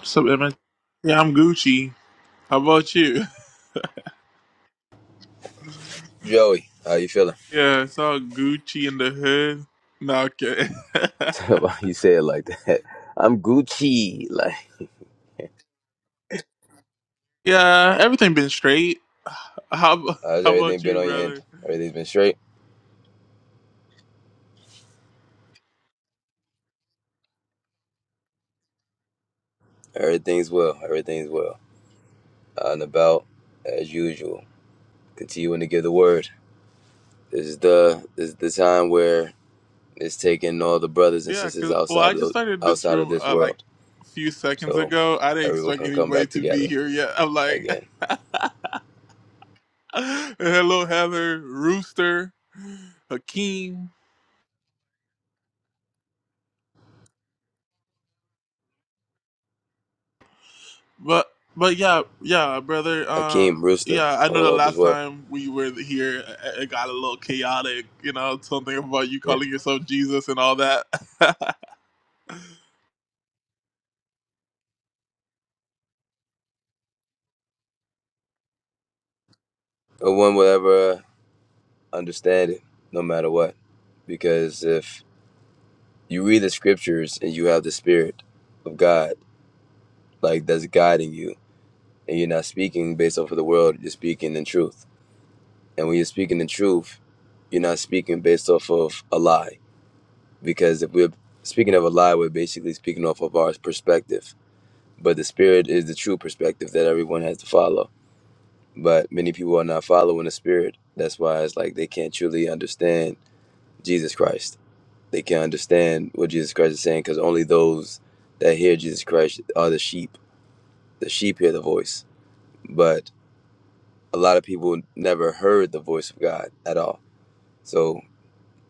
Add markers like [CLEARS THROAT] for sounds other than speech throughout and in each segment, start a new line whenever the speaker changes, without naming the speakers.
What's up, Emma? Yeah, I'm Gucci. How about you? [LAUGHS]
Joey, how you feeling?
Yeah, it's all Gucci in the hood. No, okay.
[LAUGHS] Why you say it like that. I'm Gucci. Like
[LAUGHS] yeah, everything been straight. How ab- [LAUGHS]
How's
how
everything
about
been
you,
on your end?
brother?
Everything's been straight? Everything's well. Everything's well. Out and about as usual. Continuing to give the word. This is the this is the time where it's taking all the brothers and
Yeah,
sisters
cause well, I
outside of
just
the,
started this
outside of
room
this
uh, like
world.
a few seconds
So
ago. I didn't
everyone
expect
can come
anybody
back
to be
together
here yet. I'm like,
again.
[LAUGHS] hello, Heather, Rooster, Hakeem. But but yeah yeah brother uh
Hakeem, Rooster,
yeah I know the
all up as
last
well.
time we were here it it got a little chaotic you know something about you
yeah,
calling yourself Jesus and all that [LAUGHS]
No one will ever understand it, no matter what. Because if you read the scriptures and you have the spirit of God, like that's guiding you, and you're not speaking based off of the world. You're speaking in truth, and when you're speaking in truth, you're not speaking based off of a lie, because if we're speaking of a lie, we're basically speaking off of our perspective. But the spirit is the true perspective that everyone has to follow. But many people are not following the spirit. That's why it's like they can't truly understand Jesus Christ. They can't understand what Jesus Christ is saying because only those that hear Jesus Christ are the sheep The sheep hear the voice, but a lot of people never heard the voice of God at all. So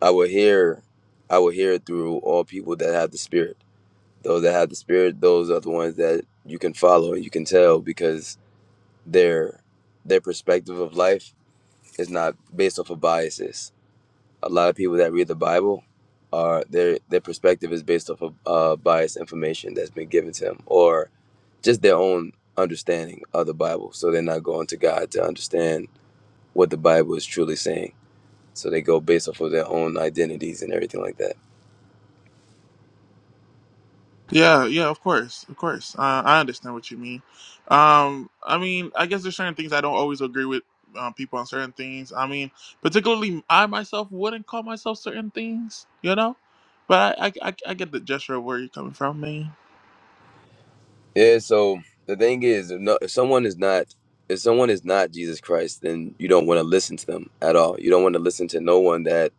I will hear, I will hear it through all people that have the Spirit. Those that have the Spirit, those are the ones that you can follow and you can tell because their their perspective of life is not based off of biases. A lot of people that read the Bible are their their perspective is based off of uh, biased information that's been given to them, or just their own understanding of the Bible. So they're not going to God to understand what the Bible is truly saying. So they go based off of their own identities and everything like that.
yeah yeah of course of course uh, I understand what you mean um I mean I guess there's certain things I don't always agree with um, people on certain things I mean particularly I myself wouldn't call myself certain things you know but I I, I, I get the gesture of where you're coming from man
Yeah. So the thing is, if, no, if someone is not if someone is not Jesus Christ, then you don't want to listen to them at all. You don't want to listen to no one that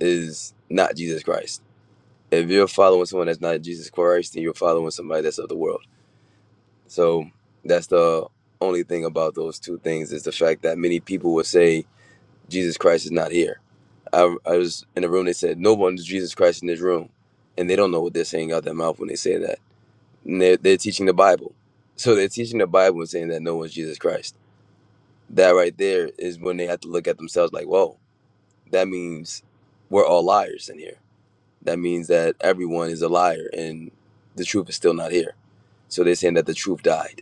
is not Jesus Christ. If you're following someone that's not Jesus Christ, then you're following somebody that's of the world. So that's the only thing about those two things is the fact that many people will say Jesus Christ is not here. I, I was in a room. They said no one is Jesus Christ in this room, and they don't know what they're saying out their mouth when they say that. And they're, they're teaching the Bible, so they're teaching the Bible and saying that no one's Jesus Christ. That right there is when they have to look at themselves like, whoa, that means we're all liars in here. That means that everyone is a liar, and the truth is still not here. So they're saying that the truth died,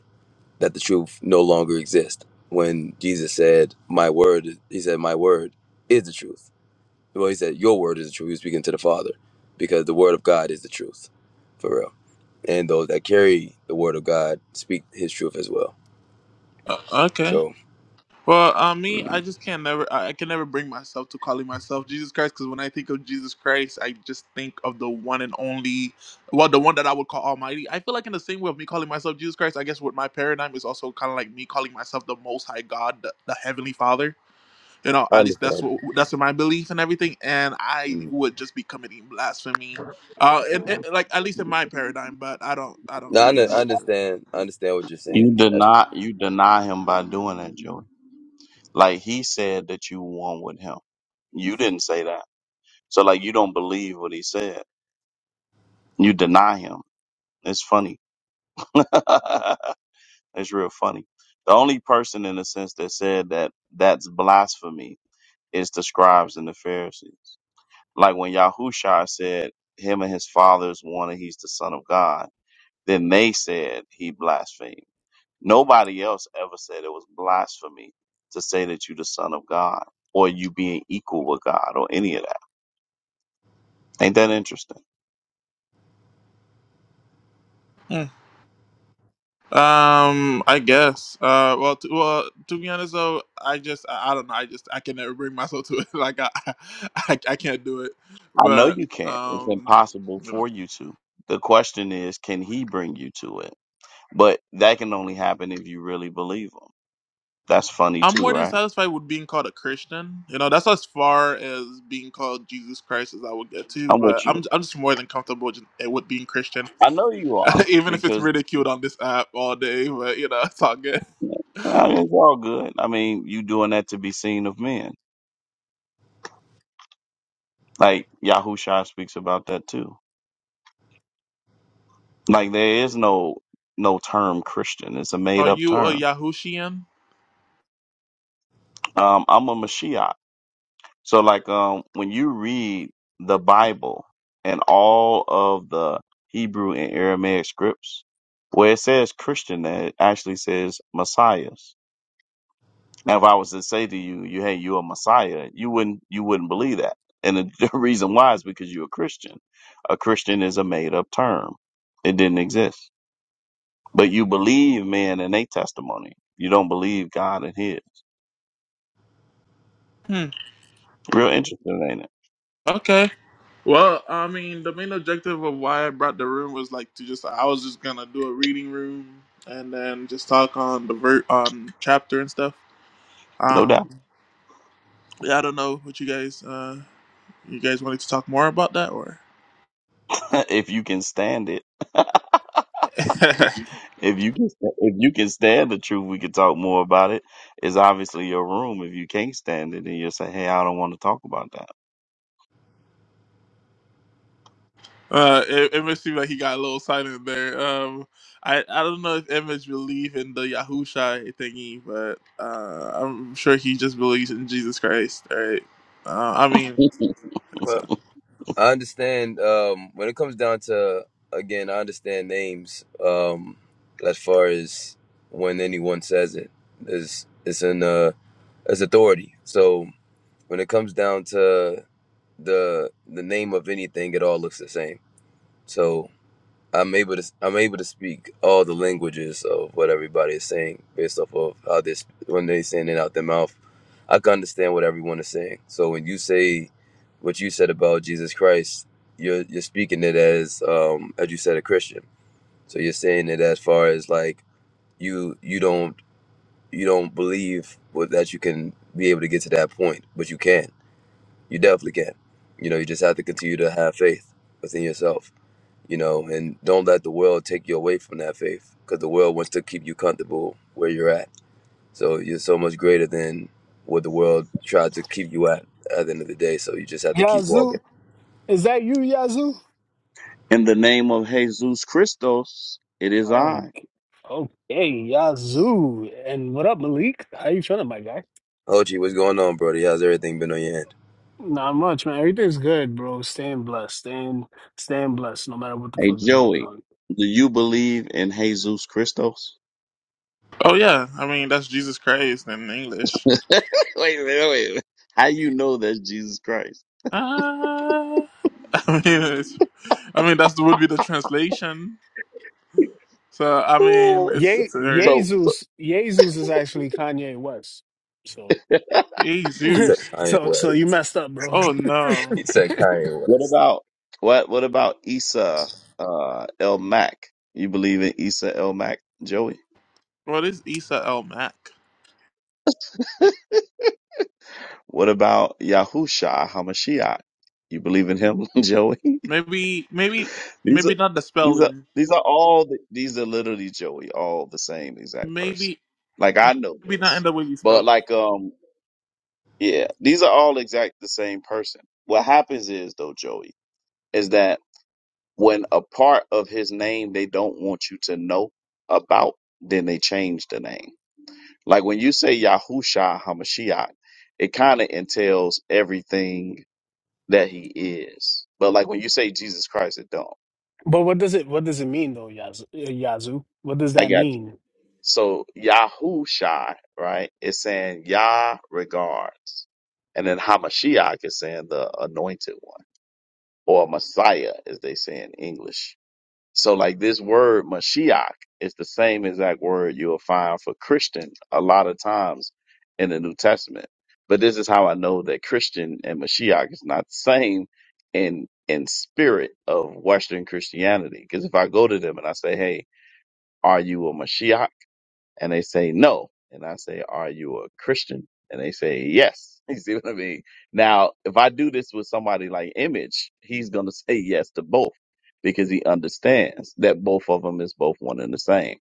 that the truth no longer exists. When Jesus said, "My word," he said, "My word is the truth." well he said your word is the truth he was speaking to the father because the word of god is the truth for real and those that carry the word of god speak his truth as well
uh, okay
so
Well, uh, me, I
mm,
just can't never, I, I can never bring myself to calling myself Jesus Christ because when I think of Jesus Christ, I just think of the one and only, well, the one that I would call Almighty. I feel like in the same way of me calling myself Jesus Christ, I guess what my paradigm is also kind of like me calling myself the Most High God, the, the Heavenly Father. You know,
i
at least that's
understand
what that's my belief and everything. And I
mm.
would just be committing blasphemy, uh, and, and like at least in my paradigm. But I don't, I don't
no I,
really
under-
know
I
what
understand i understand what you're saying
You
That's,
deny you deny him by doing that, Joey. Like he said that you won with him. You didn't say that. So like you don't believe what he said. You deny him. It's funny. [LAUGHS] it's real funny. The only person in a sense that said that that's blasphemy is the scribes and the Pharisees. Like when Yahushua said him and his fathers wanted he's the son of God, then they said he blasphemed. Nobody else ever said it was blasphemy to say that you the son of God or you being equal with God or any of that. Ain't that interesting?
you're. Um, I guess. Uh, well, t- well, to be honest though, I just, I, I don't know. I just, I can never bring myself to it. [LAUGHS] Like, I, I, I can't do it.
I know
But,
you can't. It's
um,
impossible
you know,
for you to. The question is, can he bring you to it? But that can only happen if you really believe him. That's funny
I'm more
too,
than
right?
satisfied with being called a Christian. You know, that's as far as being called Jesus Christ as I would get to.
I'm
But
with you.
I'm, I'm just more than comfortable just, eh, with being Christian,
I know you are
[LAUGHS] even if it's
because
ridiculed on this app all day. But you know, it's all good.
I mean, it's all good. I mean, you doing that to be seen of men. Like Yahusha speaks about that too. Like there is no no term Christian. It's a
[LAUGHS]
made
Are
up
you a
term.
Yahushian?
Um, I'm a Mashiach. So like um when you read the Bible and all of the Hebrew and Aramaic scripts, where it says Christian, that it actually says Messiahs. Now if I was to say to you, you hey, you're a Messiah, you wouldn't you wouldn't believe that. And the [LAUGHS] the reason why is because you're a Christian. A Christian is a made up term. It didn't exist. But you believe man and they testimony. You don't believe God and his.
Hmm.
Real interesting, ain't it?
Okay. Well, I mean, the main objective of why I brought the room was like to just I was just gonna do a reading room and then just talk on the ver- on chapter and stuff.
No doubt.
Um, yeah, I don't know what you guys uh you guys wanted to talk more about that or
[LAUGHS] if you can stand it. [LAUGHS]
[LAUGHS]
if you can if you can stand the truth, we can talk more about it. It's obviously your room. If you can't stand it, then you'll say, Hey, I don't want to talk about
uh it, it must seem like he got a little silent there. Um, I I don't know if Image believe in the Yahusha thingy, but uh I'm sure he just believes in Jesus Christ. All Right? Uh, I mean.
that.
so
well i understand um when it comes down to again i understand names um as far as when anyone says it is it's an uh it's authority so when it comes down to the the name of anything it all looks the same so i'm able to i'm able to speak all the languages of what everybody is saying based off of how this when they saying it out their mouth i can understand what everyone is saying so when you say what you said about jesus christ you're you're speaking it as um as you said a christian so you're saying it as far as like you you don't you don't believe what- that you can be able to get to that point but you can you definitely can. You know, you just have to continue to have faith within yourself, you know, and don't let the world take you away from that faith because the world wants to keep you comfortable where you're at. So you're so much greater than what the world tried to keep you at at the end of the day. So you just have to keep
Yazoo,
walking.
is that you, Yazoo?
[LAUGHS] In the name of Jesus Christos, it is
Oh,
I.
okay, Yazoo. And what up, Malik? How you feeling, my guy?
Ochi, what's going on, Brody? How's everything been on your end?
Not much, man. Everything's good, bro. Staying blessed, staying, staying blessed, no matter what the
Hey
fuck is going
Joey,
on.
do you believe in Jesus Christos?
Oh yeah, I mean that's Jesus Christ in
[LAUGHS]
English.
wait a minute, wait a minute. How you know that's Jesus Christ?
Ah, [LAUGHS] I mean, it's, I mean that's would be the translation. So I mean,
[LAUGHS]
it's
Ye-
it's already
So
Jesus, Jesus is actually Kanye West. So,
Jesus.
He
[LAUGHS]
said Kanye
so, so
West. [LAUGHS]
you messed up, bro. [LAUGHS]
Oh no,
He said Kanye
what
West.
about what what about Issa uh El Mac? You believe in Issa El Mac, Joey?
what is Isa El Mac?
What about Yahusha Hamashiach? You believe in him, [LAUGHS] Joey?
Maybe, maybe,
These
maybe
are
not the
these are
spelling.
these are all the, these are literally Joey, all the same exact person.
Maybe,
Like I know
maybe not in
this.
the way you spell.
But
it.
like um yeah, these are all exact the same person. What happens is though, Joey, is that When a part of his name they don't want you to know about, then they change the name. Like when you say Yahusha Hamashiach, it kind of entails everything that he is. But like when you say Jesus Christ, it don't.
But what does it, what does it mean though, Yazoo? Yazoo? What does
I
that
got you.
mean?
So Yahusha, right? It's saying Yah regards. And then Hamashiach is saying the anointed one or Messiah, as they say in English. So like this word Mashiach is the same exact word you'll find for Christian a lot of times in the New Testament. But this is how I know that Christian and Mashiach is not the same in in spirit of Western Christianity. Because if I go to them and I say, Hey, are you a Mashiach? and they say no. And I say, are you a Christian? And they say, yes. [LAUGHS] You see what I mean? Now, if I do this with somebody like Image, he's going to say yes to both because he understands that both of them is both one and the same.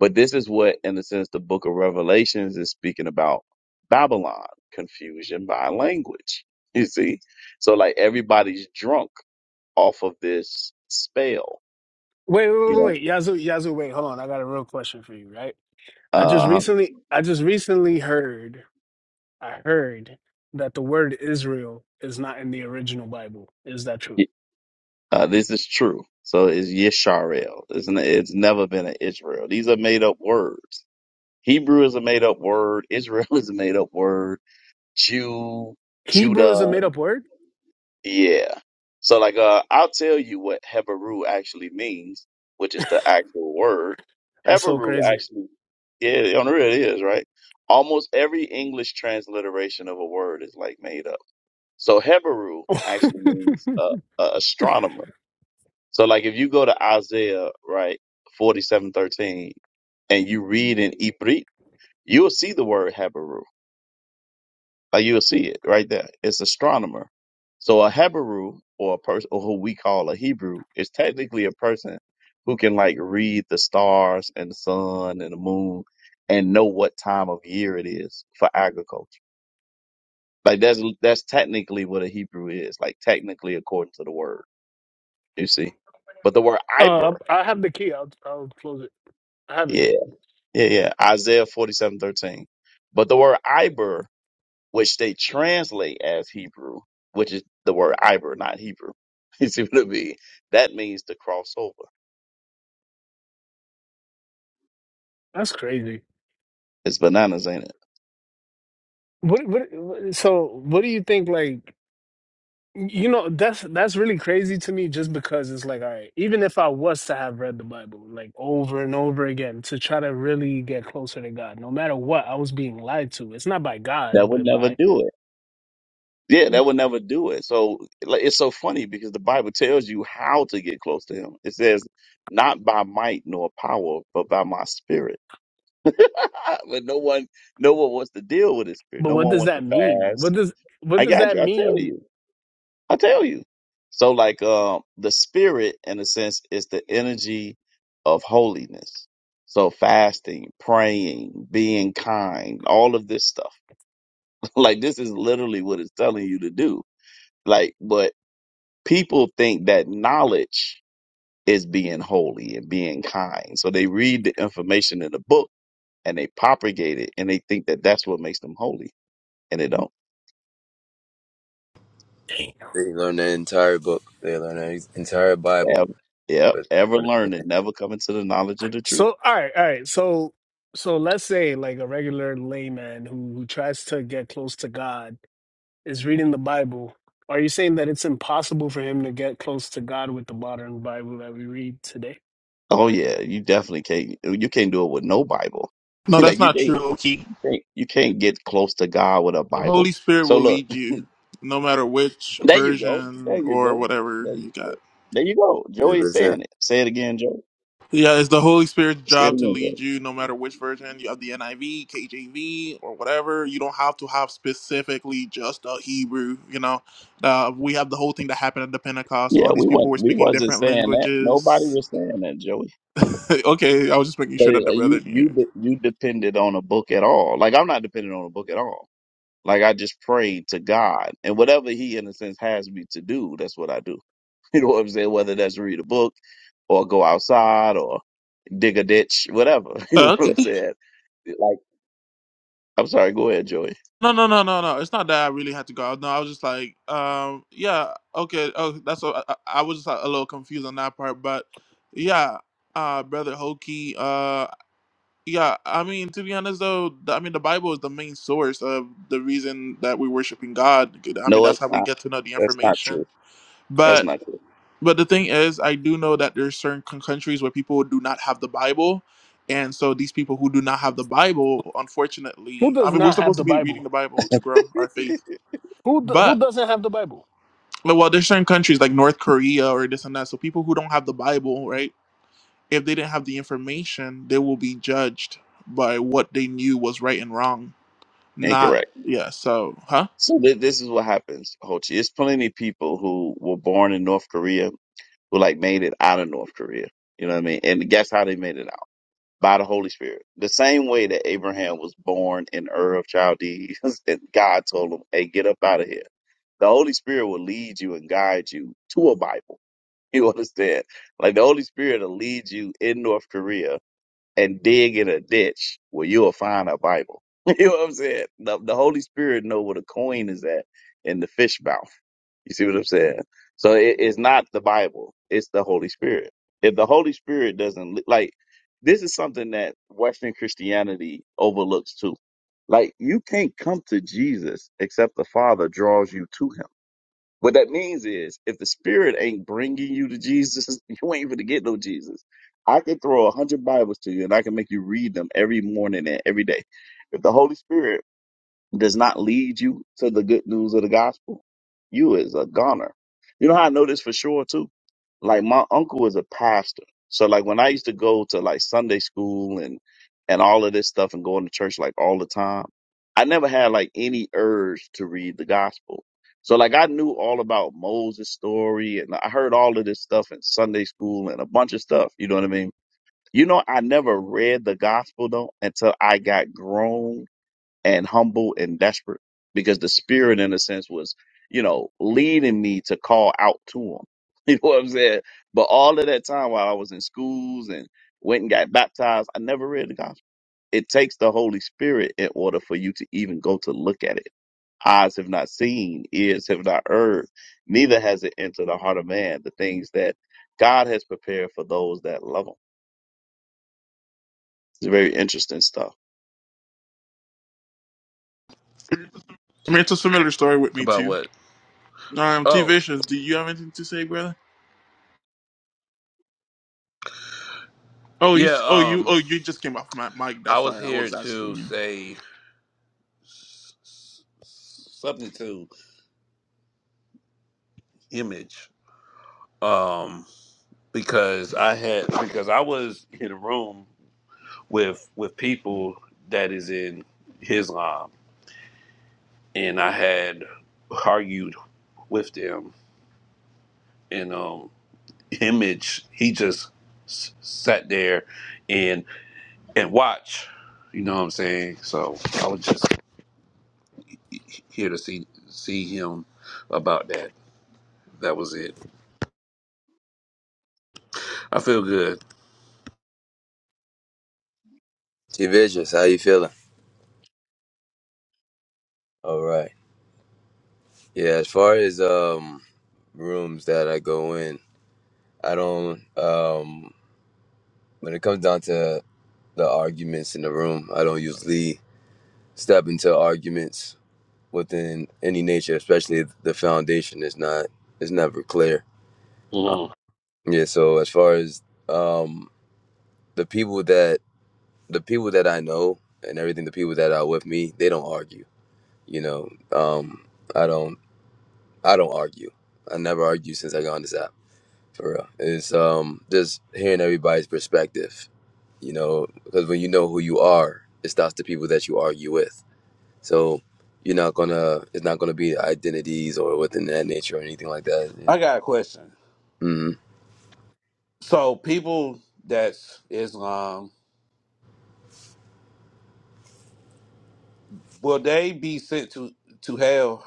But this is what, in a sense, the book of Revelations is speaking about Babylon, confusion by language. [LAUGHS] You see? So like everybody's drunk off of this spell,
Wait, wait,
you
wait,
know,
wait, Yazoo, Yazoo, wait, hold on. I got a real question for you, right? I just
uh, huh.
recently I just recently heard I heard that the word Israel is not in the original Bible. Is that true?
Uh, this is true. So it's Yisharel. It's, n- it's never been an Israel. These are made up words. Hebrew is a made up word. Israel [LAUGHS] is a made up word. Jew,
Hebrew is a
Judah.
made up word?
Yeah. So like, uh, I'll tell you what Hebrew actually means, which is the actual word.
That's so
Hebrew
crazy.
actually, yeah, on the real it is, right? Almost every English transliteration of a word is like made up. So Hebrew
[LAUGHS] uh,
actually means, uh, uh, astronomer so like if you go to Isaiah, right, forty seven thirteen, and you read in Ibrit, you'll see the word Habaru. Like you'll see it right there. It's astronomer. So a Habaru or a person or who we call a Hebrew is technically a person who can like read the stars and the sun and the moon and know what time of year it is for agriculture. Like that's that's technically what a Hebrew is, like technically according to the word, you see. But the word Iber,
I have the key. I'll I'll close it. I have it.
yeah, Yeah, yeah. Isaiah forty-seven thirteen. But the word Iber, which they translate as Hebrew, which is the word Iber, not Hebrew. [LAUGHS] You see what I mean? That means to cross over.
That's crazy.
It's bananas, ain't it?
What what what- so what do you think like You know, that's that's really crazy to me just because it's like, all right, even if I was to have read the Bible like over and over again to try to really get closer to God, no matter what, I was being lied to. It's not by
That
God,
would
but
never
by
do it. Yeah, that would never do it. So like, it's so funny because the Bible tells you how to get close to him. It says, not by might nor power, but by my spirit. [LAUGHS] but no one, no one wants to deal with his spirit.
but
No
what
one
does
wants to
that mean? What
fast.
does what
I
does
got
that
you. I tell
mean?
you. I tell you. So like um the spirit in a sense is the energy of holiness. So fasting, praying, being kind, all of this stuff. [LAUGHS] like this is literally what it's telling you to do. Like but people think that knowledge is being holy and being kind. So they read the information in the book and they propagate it and they think that that's what makes them holy and they don't
They learn the entire book. They learn the entire Bible.
ever, ever,
But
ever
one
learn it, never come into the knowledge of the truth.
So all right, all right. So so let's say like a regular layman who who tries to get close to God is reading the Bible. Are you saying that it's impossible for him to get close to God with the modern Bible that we read
Oh yeah, you definitely can't. You can't do it with no Bible. [LAUGHS]
No,
like
that's
you
not true.
can't,
Loki.
you can't, you can't get close to God with a
The
Bible.
Holy Spirit
So
will
look,
lead you, no matter which
[LAUGHS] there you go, there
version
you
or
go,
whatever
there
you
you,
got.
there you go.
hundred
Joey's
percent.
saying it. Say it again, Joey.
Yeah, it's the Holy Spirit's
Say it
job to
again,
lead
Joey.
you no matter which version you have the NIV, KJV, or whatever. You don't have to have specifically just a Hebrew, you know. Uh, we have the whole thing that happened at the Pentecost.
Yeah,
All these
we
people
was
were
we
speaking
wasn't
different
saying that. Nobody
languages.
was saying that, Joey.
[LAUGHS] okay, I was just making
So
sure that the
like, you
brethren
you
here.
de- you depended on a book at all. Like I'm not dependent on a book at all. Like I just pray to God and whatever He in a sense has me to do, that's what I do. [LAUGHS] You know what I'm saying? Whether that's read a book or go outside or dig a ditch, whatever. [LAUGHS] You know what
Okay.
I'm saying? Like, I'm sorry, go ahead, Joey.
No, no, no, no, no. It's not that I really had to go out. No, I was just like, um, yeah, okay. Oh, that's what I, I I was just like, a little confused on that part, but yeah, uh, brother Hokie, uh, yeah. I mean, to be honest though, the, I mean, the Bible is the main source of the reason that we're worshiping God. I mean,
No,
that's
it's
how we
not.
get to know the
That's not true.
information.
That's
But
not true.
but the thing is, I do know that there's certain con- countries where people do not have the Bible, and so these people who do not have the Bible,
Who
unfortunately, I
does
mean, we're
not have
supposed to
the
be reading
Bible?
the Bible to grow our faith,
Who d-
but
who doesn't have the Bible?
but, well, there's certain countries like North Korea or this and that. So people who don't have the Bible, right? If they didn't have the information, they will be judged by what they knew was right and wrong. Not
Incorrect.
yeah. So huh?
So th- this is what happens, Ho Chi. It's plenty of people who were born in North Korea who like made it out of North Korea. You know what I mean? And guess how they made it out? By the Holy Spirit. The same way that Abraham was born in Ur of Chaldees [LAUGHS] and God told him, hey, get up out of here. The Holy Spirit will lead you and guide you to a Bible. [LAUGHS] You understand? Like the Holy Spirit will lead you in North Korea and dig in a ditch where you'll find a Bible. [LAUGHS] you know what I'm saying? The, the Holy Spirit know where the coin is at in the fish mouth. You see what I'm saying? So it, it's not the Bible; it's the Holy Spirit. If the Holy Spirit doesn't li- like, this is something that Western Christianity overlooks too. Like, you can't come to Jesus except the Father draws you to Him what that means is, if the Spirit ain't bringing you to Jesus, [LAUGHS] you ain't even to get no Jesus. I can throw a hundred Bibles to you, and I can make you read them every morning and every day. If the Holy Spirit does not lead you to the good news of the gospel, you is a goner. You know how I know this for sure too? Like my uncle was a pastor. So like when I used to go to like Sunday school and and all of this stuff and going to church like all the time, I never had like any urge to read the gospel. So like I knew all about Moses' story and I heard all of this stuff in Sunday school and a bunch of stuff. You know what I mean? You know, I never read the gospel though until I got grown and humble and desperate because the spirit in a sense was you know leading me to call out to him [LAUGHS] you know what i'm saying but all of that time while i was in schools and went and got baptized i never read the gospel it takes the holy spirit in order for you to even go to look at it eyes have not seen ears have not heard neither has it entered the heart of man the things that god has prepared for those that love him it's very interesting stuff
I mean, it's a similar story with me
About
too.
what?
Um, T
Oh,
Vicious, do you have anything to say, brother? Oh, you.
yeah.
s- Oh, you.
Um,
Oh, you just came off my mic.
I
That's
was
why I
here
was
to
asking you.
say s- s- something to image. Um, because I had because I was in a room with with people that is in Islam, and I had argued with them, and um, image he just s- sat there and and watch. You know what I'm saying? So I was just here to see see him about that. That was it. I feel good.
T Vicious, how you feeling? All right. Yeah, as far as um rooms that I go in, I don't um when it comes down to the arguments in the room, I don't usually step into arguments within any nature, especially if the foundation is not is never clear. Uh,
Mhm.
yeah, so as far as um the people that the people that I know and everything, the people that are with me, they don't argue. You know, um, I don't, I don't argue. I never argue since I got on this app. For real, it's um, just hearing everybody's perspective. You know, because when you know who you are, it stops the people that you argue with. So you're not gonna, it's not gonna be identities or within that nature or anything like that.
I got a question.
Mm-hmm.
So people that's Islam, will they be sent to to hell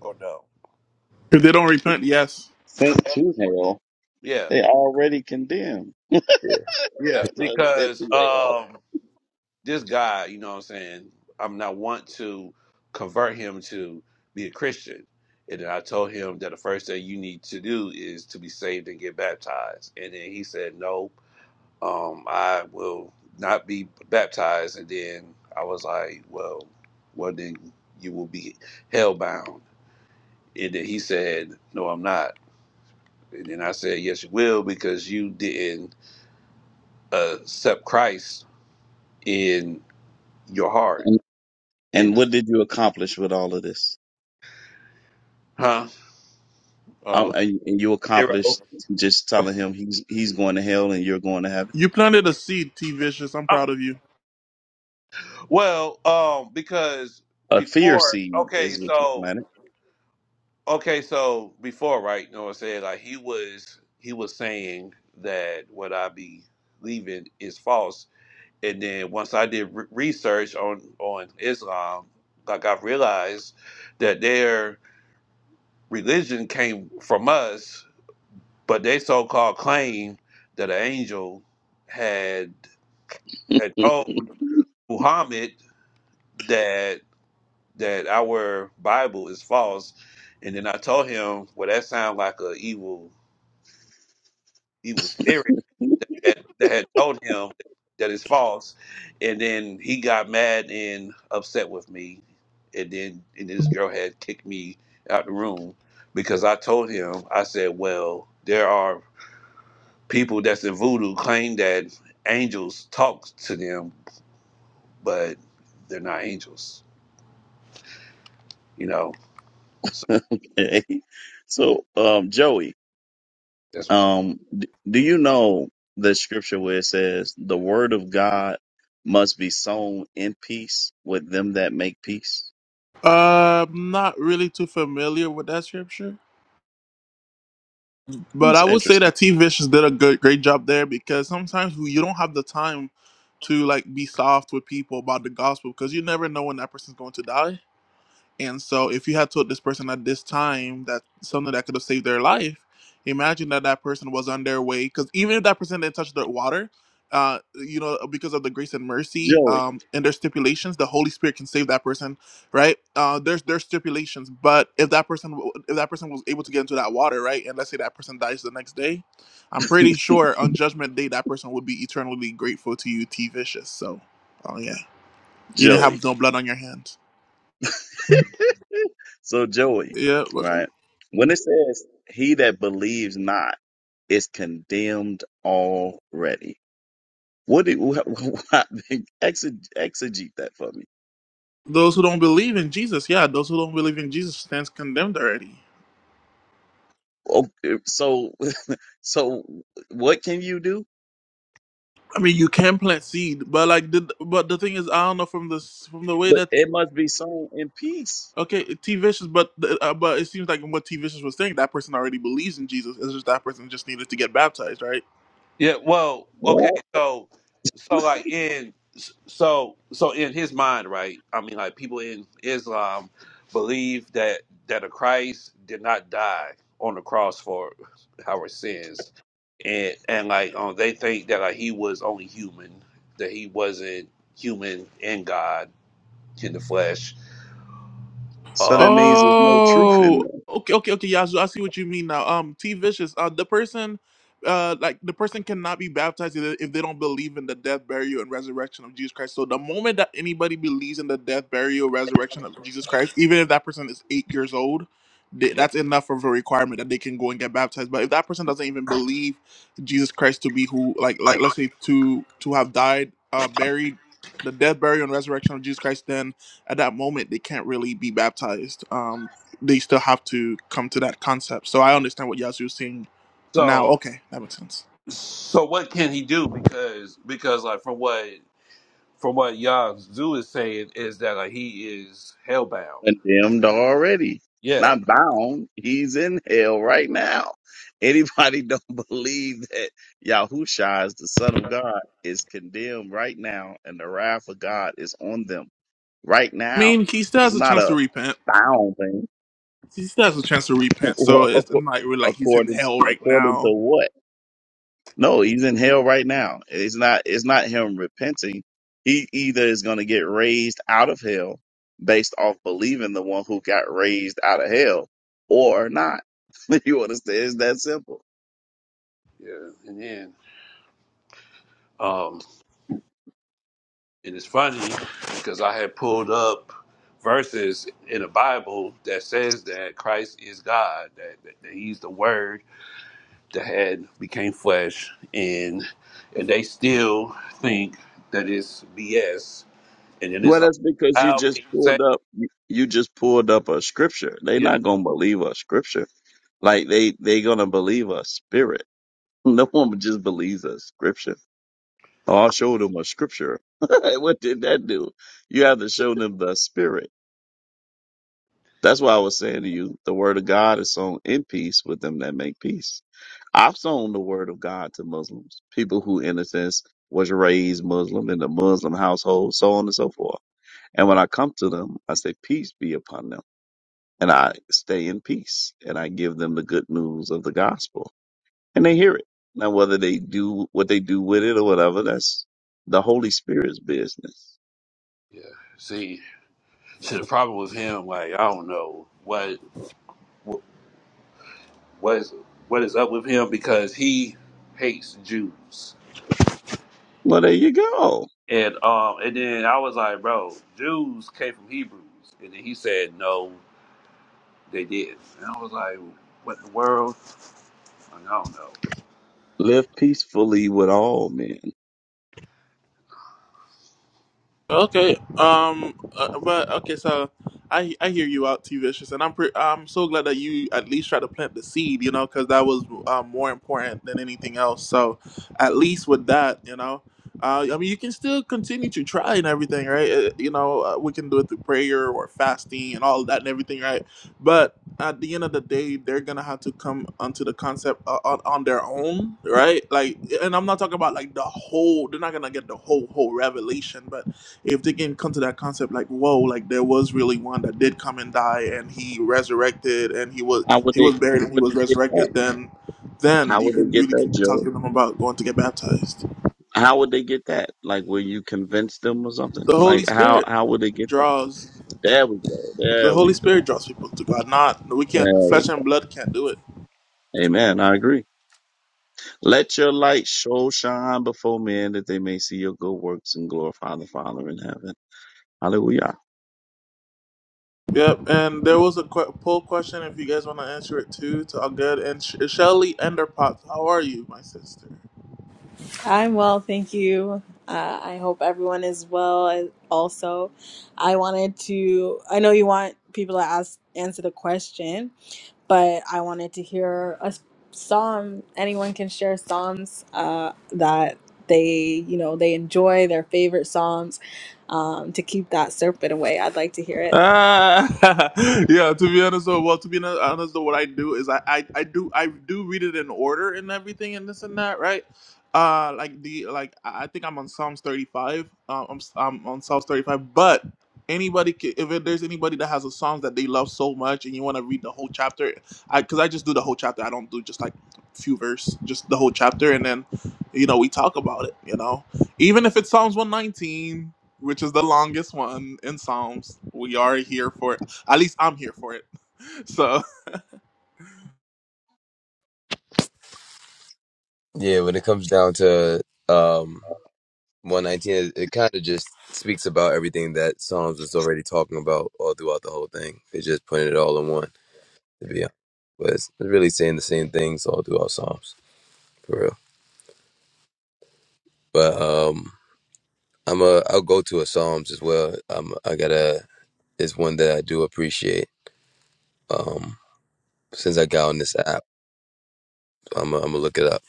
or no?
If they don't repent, yes.
sent to hell
Yeah,
they already condemned
Yeah.
yeah.
That was a bit
Because
too way off.
um, this guy, you know what I'm saying. I'm not want to convert him to be a Christian, and then I told him that the first thing you need to do is to be saved and get baptized, and then he said no. um, I will not be baptized. And then I was like, well, well, then you will be hellbound. And then he said, no, I'm not. And then I said, yes, you will, because you didn't uh, accept Christ in your heart.
And,
And,
and what did you accomplish with all of this?
huh?
Um,
Oh,
and, and you
zero.
accomplished just
[LAUGHS]
telling him he's he's going to hell and you're going to heaven.
You planted a seed, T. Vicious. I'm
Um,
proud of you.
well, um, because
A fear
before,
seed
okay,
is what
so
you
Okay, so before, right? You know what I'm saying? Like he was he was saying that what I be leaving is false, and then once I did re- research on on Islam, like I realized that their religion came from us, but they so called claim that an angel had had
planted.
told Muhammad that that our Bible is false, and then I told him, well, that sounds like a evil he was married that, that had told him that it's false, and then he got mad and upset with me, and then and this girl had kicked me out the room because I told him I said, well, there are people that's in voodoo claim that angels talk to them, but they're not angels, you know. So
[LAUGHS] okay. So, um, Joey,
that's
um, d- do you know the scripture where it says the word of God must be sown in peace with them that make peace?
Uh, I'm not really too familiar with that scripture, but
That's
I would say
interesting.
that T. Vicious did a good, great job there because sometimes we- you don't have the time to like be soft with people about the gospel because you never know when that person's going to die. And so, if you had told this person at this time that something that could have saved their life, imagine that that person was on their way. Because even if that person didn't touch the water, uh, you know, because of the grace and mercy
Joey,
um, and their stipulations, the Holy Spirit can save that person, right? Uh, there's there's stipulations, but if that person w- if that person was able to get into that water, right, and let's say that person dies the next day, I'm pretty sure on Judgment Day that person would be eternally grateful to you, T. Vicious. So, oh yeah, you didn't have
Joey.
no blood on your hands.
[LAUGHS] So Joey,
Yeah,
right? When it says he that believes not is condemned already. What do you [LAUGHS] exeg- exegete that for me?
Those who don't believe in Jesus, yeah, those who don't believe in Jesus stands condemned already.
Okay, so [LAUGHS] so what can you do?
I mean, you can plant seed, but like, the, but the thing is, I don't know from this from the way
But
that
it must be sown in peace.
okay, T Vicious, but uh, but it seems like what T Vicious was saying, that person already believes in Jesus. It's just that person just needed to get baptized, right?
Yeah, well, okay,
Right?
so so like in so so in his mind, right? I mean like people in Islam believe that that a Christ did not die on the cross for our sins. And and like um they think that like he was only human, that he wasn't human and God in the flesh.
So that
Um
means there's no truth in
Oh,
there.
okay, okay, okay. Yeah, so I see what you mean now. Um, T Vicious, uh, the person, uh, like the person cannot be baptized if they if they don't believe in the death, burial, and resurrection of Jesus Christ. So the moment that anybody believes in the death, burial, resurrection of Jesus Christ, even if that person is eight years old, they,
Yeah.
that's enough of a requirement that they can go and get baptized. But if that person doesn't even believe Jesus Christ to be who, like, like let's say to to have died, uh, buried, the death, burial, and resurrection of Jesus Christ, then at that moment they can't really be baptized. Um, they still have to come to that concept. So I understand what Yazoo is saying now.
so
Okay, that makes sense.
so what can he do because because like from what from what Yazoo is saying is that uh, he is hellbound.
condemned already.
Yeah,
Not bound. He's in hell right now. Anybody don't [LAUGHS] believe that Yahusha is the Son of God is condemned right now and the wrath of God is on them right
I
now.
mean, he still
It's
has a
not
chance to
a
repent.
bound thing. [LAUGHS]
He still has a chance to repent. So
Well,
it's
ac-
not really like he's in
according
hell right
according
now.
to what? No, he's in hell right now. It's not it's not him repenting. He either is going to get raised out of hell based off believing the one who got raised out of hell or not. [LAUGHS] you understand? It's that simple.
yeah. And then um, and it's funny because I had pulled up verses in the Bible that says that Christ is God, that, that, that He's the Word that had became flesh, and and they still think that it's BS. And then it's
Well,
like,
that's because you
how can
just
you say?
pulled up you just pulled up a scripture. They're
Yeah,
not going to believe a scripture. Like they they going to believe a spirit. [LAUGHS] No one just believes a scripture. Oh, I'll show them a scripture. [LAUGHS] what did that do? You have to show them the spirit. That's why I was saying to you, the word of God is sown in peace with them that make peace. I've sown the word of God to Muslims, people who, in a sense, was raised Muslim in a Muslim household, so on and so forth. And when I come to them, I say, peace be upon them. And I stay in peace and I give them the good news of the gospel and they hear it. Now, whether they do what they do with it or whatever, that's the Holy Spirit's business.
yeah. See, [LAUGHS] see, the problem with him, like I don't know what. what is what is up with him because he hates Jews.
Well, there you go.
And um and then I was like, bro, Jews came from Hebrews. And then he said, no, they did. And I was like, what in the world? Like, I don't know.
Live peacefully with all men.
Okay. Um. Uh, but okay. So I I hear you out, T Vicious, and I'm pre- I'm so glad that you at least tried to plant the seed. You know, because that was uh, more important than anything else. So at least with that, you know. Uh, I mean, you can still continue to try and everything, right? Uh, you know, uh, we can do it through prayer or fasting and all that and everything, right? But at the end of the day, they're gonna have to come onto the concept uh, on, on their own, right? Like, and I'm not talking about like the whole. They're not gonna get the whole whole revelation, but if they can come to that concept like whoa like there was really one that did come and die and he resurrected and he was
How would
he
they?
was buried
How
and he
would
was
they get
resurrected
that?
then then
How
you
would they
can
get
really
that,
talk
Joe?
to them about going to get baptized
How would they get that? Like, will you convince them or something?
the holy
Like, how
spirit
how would they get that?
draws
There we go.
the
There
holy
we go.
spirit draws people to god not we can't
There we
flesh and blood can't do it
go. Amen. I agree. Let your light so shine before men that they may see your good works and glorify the Father in heaven. Hallelujah.
yep and there was a que- poll question if you guys want to answer it too to all good and Sh- shelly enderpot how are you my sister
I'm well, thank you. Uh, I hope everyone is well as- also. I wanted to, I know you want people to ask, answer the question, but I wanted to hear a s- psalm. Anyone can share psalms uh, that they, you know, they enjoy, their favorite psalms um, to keep that serpent away. I'd like to hear it.
Ah, [LAUGHS] yeah, to be honest, though, well, to be honest, honest though, what I do is I, I, I do I do read it in order and everything and this and that, right? Uh, like the like I I think I'm on Psalms 35. Um, I'm, s- I'm on Psalms 35. But anybody, ca- if it- there's anybody that has a song that they love so much and you want to read the whole chapter, I because I just do the whole chapter. I don't do just like few verse, just the whole chapter, and then you know we talk about it. You know, even if it's Psalms 119 which is the longest one in Psalms. We are here for it. At least I'm here for it. [LAUGHS] So,
Yeah. When it comes down to um 119 it, it kind of just speaks about everything that psalms was already talking about all throughout the whole thing they just putting it all in one to be honest but it's it's really saying the same things all throughout psalms for real but um i'm a i'll go to a psalms as well um i gotta it's one that i do appreciate um since i got on this app i'm gonna I'm gonna look it up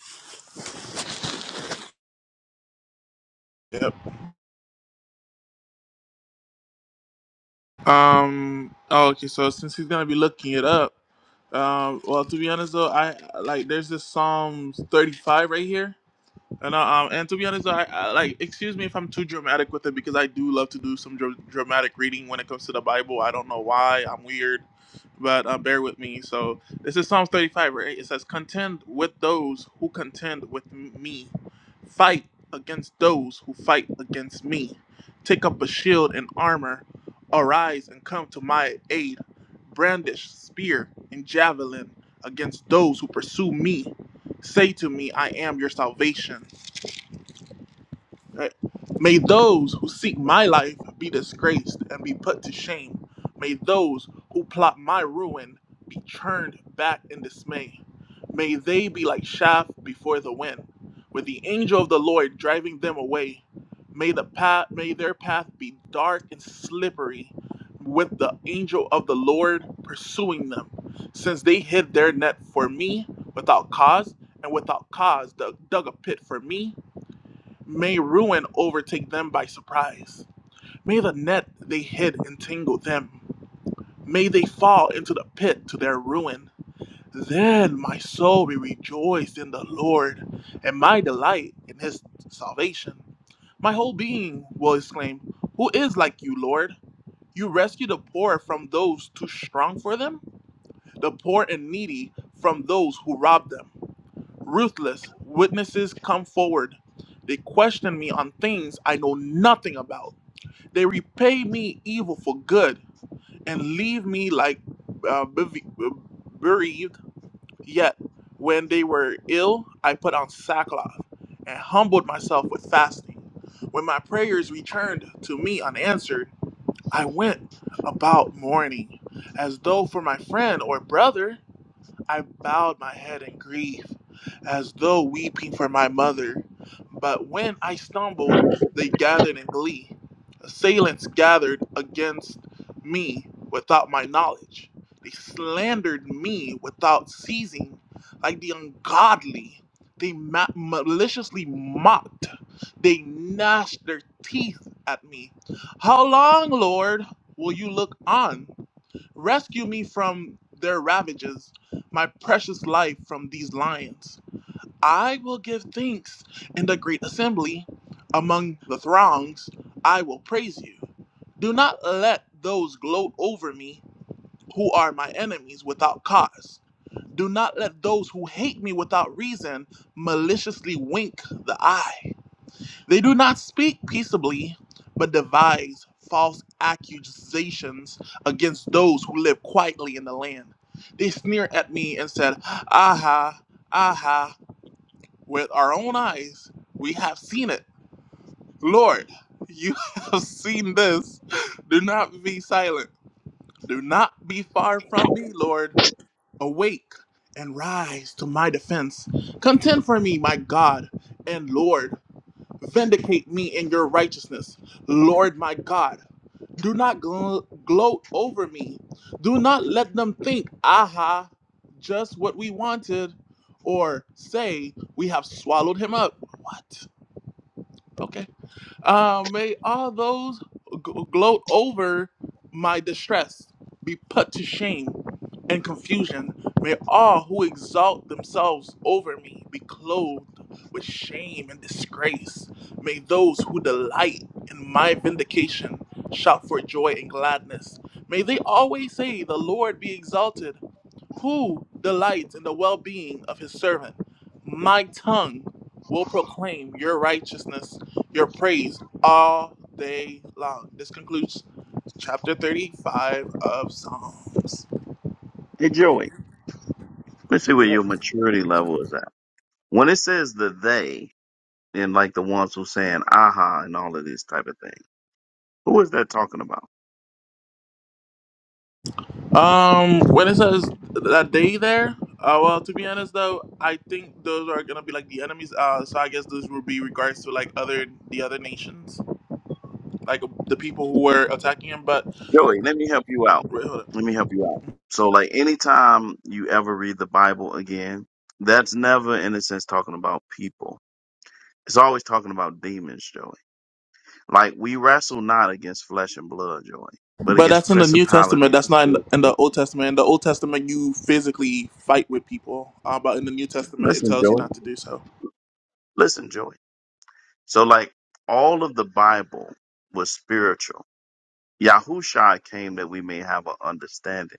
yep. Um. Oh, okay. So since he's gonna be looking it up, um. Well, to be honest though, I like there's this Psalms 35 right here. And uh, um, and to be honest, I, I like excuse me if I'm too dramatic with it because I do love to do some dr- dramatic reading when it comes to the Bible. I don't know why I'm weird, but uh, bear with me. So this is Psalms 35, right? It says, "Contend with those who contend with m- me, fight against those who fight against me. Take up a shield and armor, arise and come to my aid. Brandish spear and javelin against those who pursue me." Say to me, I am your salvation. Right? May those who seek my life be disgraced and be put to shame. May those who plot my ruin be turned back in dismay. May they be like chaff before the wind, with the angel of the Lord driving them away. May the path may their path be dark and slippery, with the angel of the Lord pursuing them, since they hid their net for me without cause, and without cause dug, dug a pit for me May ruin overtake them by surprise. May the net they hid entangle them. May they fall into the pit to their ruin. Then my soul will rejoice in the Lord, and my delight in his salvation. My whole being will exclaim, Who is like you, Lord? You rescue the poor from those too strong for them, the poor and needy from those who rob them. Ruthless witnesses come forward. They question me on things I know nothing about. They repay me evil for good and leave me like uh, bev- bereaved. Yet when they were ill, I put on sackcloth and humbled myself with fasting. When my prayers returned to me unanswered, I went about mourning as though for my friend or brother. I bowed my head in grief, as though weeping for my mother. But when I stumbled, they gathered in glee. Assailants gathered against me without my knowledge. They slandered me without ceasing, like the ungodly. They ma- maliciously mocked. They gnashed their teeth at me. How long, Lord, will you look on? Rescue me from their ravages, my precious life from these lions. I will give thanks in the great assembly. Among the throngs, I will praise you. Do not let those gloat over me who are my enemies without cause. Do not let those who hate me without reason maliciously wink the eye. They do not speak peaceably, but devise false accusations against those who live quietly in the land. They sneer at me and said, Aha, aha, with our own eyes we have seen it. Lord, you [LAUGHS] have seen this. Do not be silent. Do not be far from me, Lord. Awake and rise to my defense. Contend for me, my God and Lord. Vindicate me in your righteousness, Lord my God. Do not glo- gloat over me. Do not let them think, aha, just what we wanted, or say, we have swallowed him up. What? Okay. Uh, may all those gl- gloat over my distress be put to shame and confusion. May all who exalt themselves over me be clothed with shame and disgrace. May those who delight in my vindication shout for joy and gladness. May they always say, The Lord be exalted who delights in the well being of his servant. My tongue will proclaim your righteousness, your praise all day long. This concludes chapter 35 of Psalms.
Hey, Joey, let's see where your maturity level is at. When it says the they, and like the ones who saying aha and all of these type of things, who is that talking about?
Um, when it says that day there, uh, well, to be honest though, I think those are gonna be like the enemies. Uh, so I guess those would be regards to like other the other nations, like the people who were attacking him. But
Joey, let me help you out.
wait, hold up.
Let me help you out. So, like, anytime you ever read the Bible again, that's never, in a sense, talking about people. It's always talking about demons, Joey. Like, we wrestle not against flesh and blood, Joey, but
But that's
against
in the New Testament.
principalities
That's
and
not in the,
spiritual.
in the
wickedness.
Old Testament. In the Old Testament, you physically fight with people. Uh, but in the New Testament, it
Listen,
tells you
Joey.
not to do so.
Listen, Joey. So, like, all of the Bible was spiritual. Yahushua came that we may have an understanding.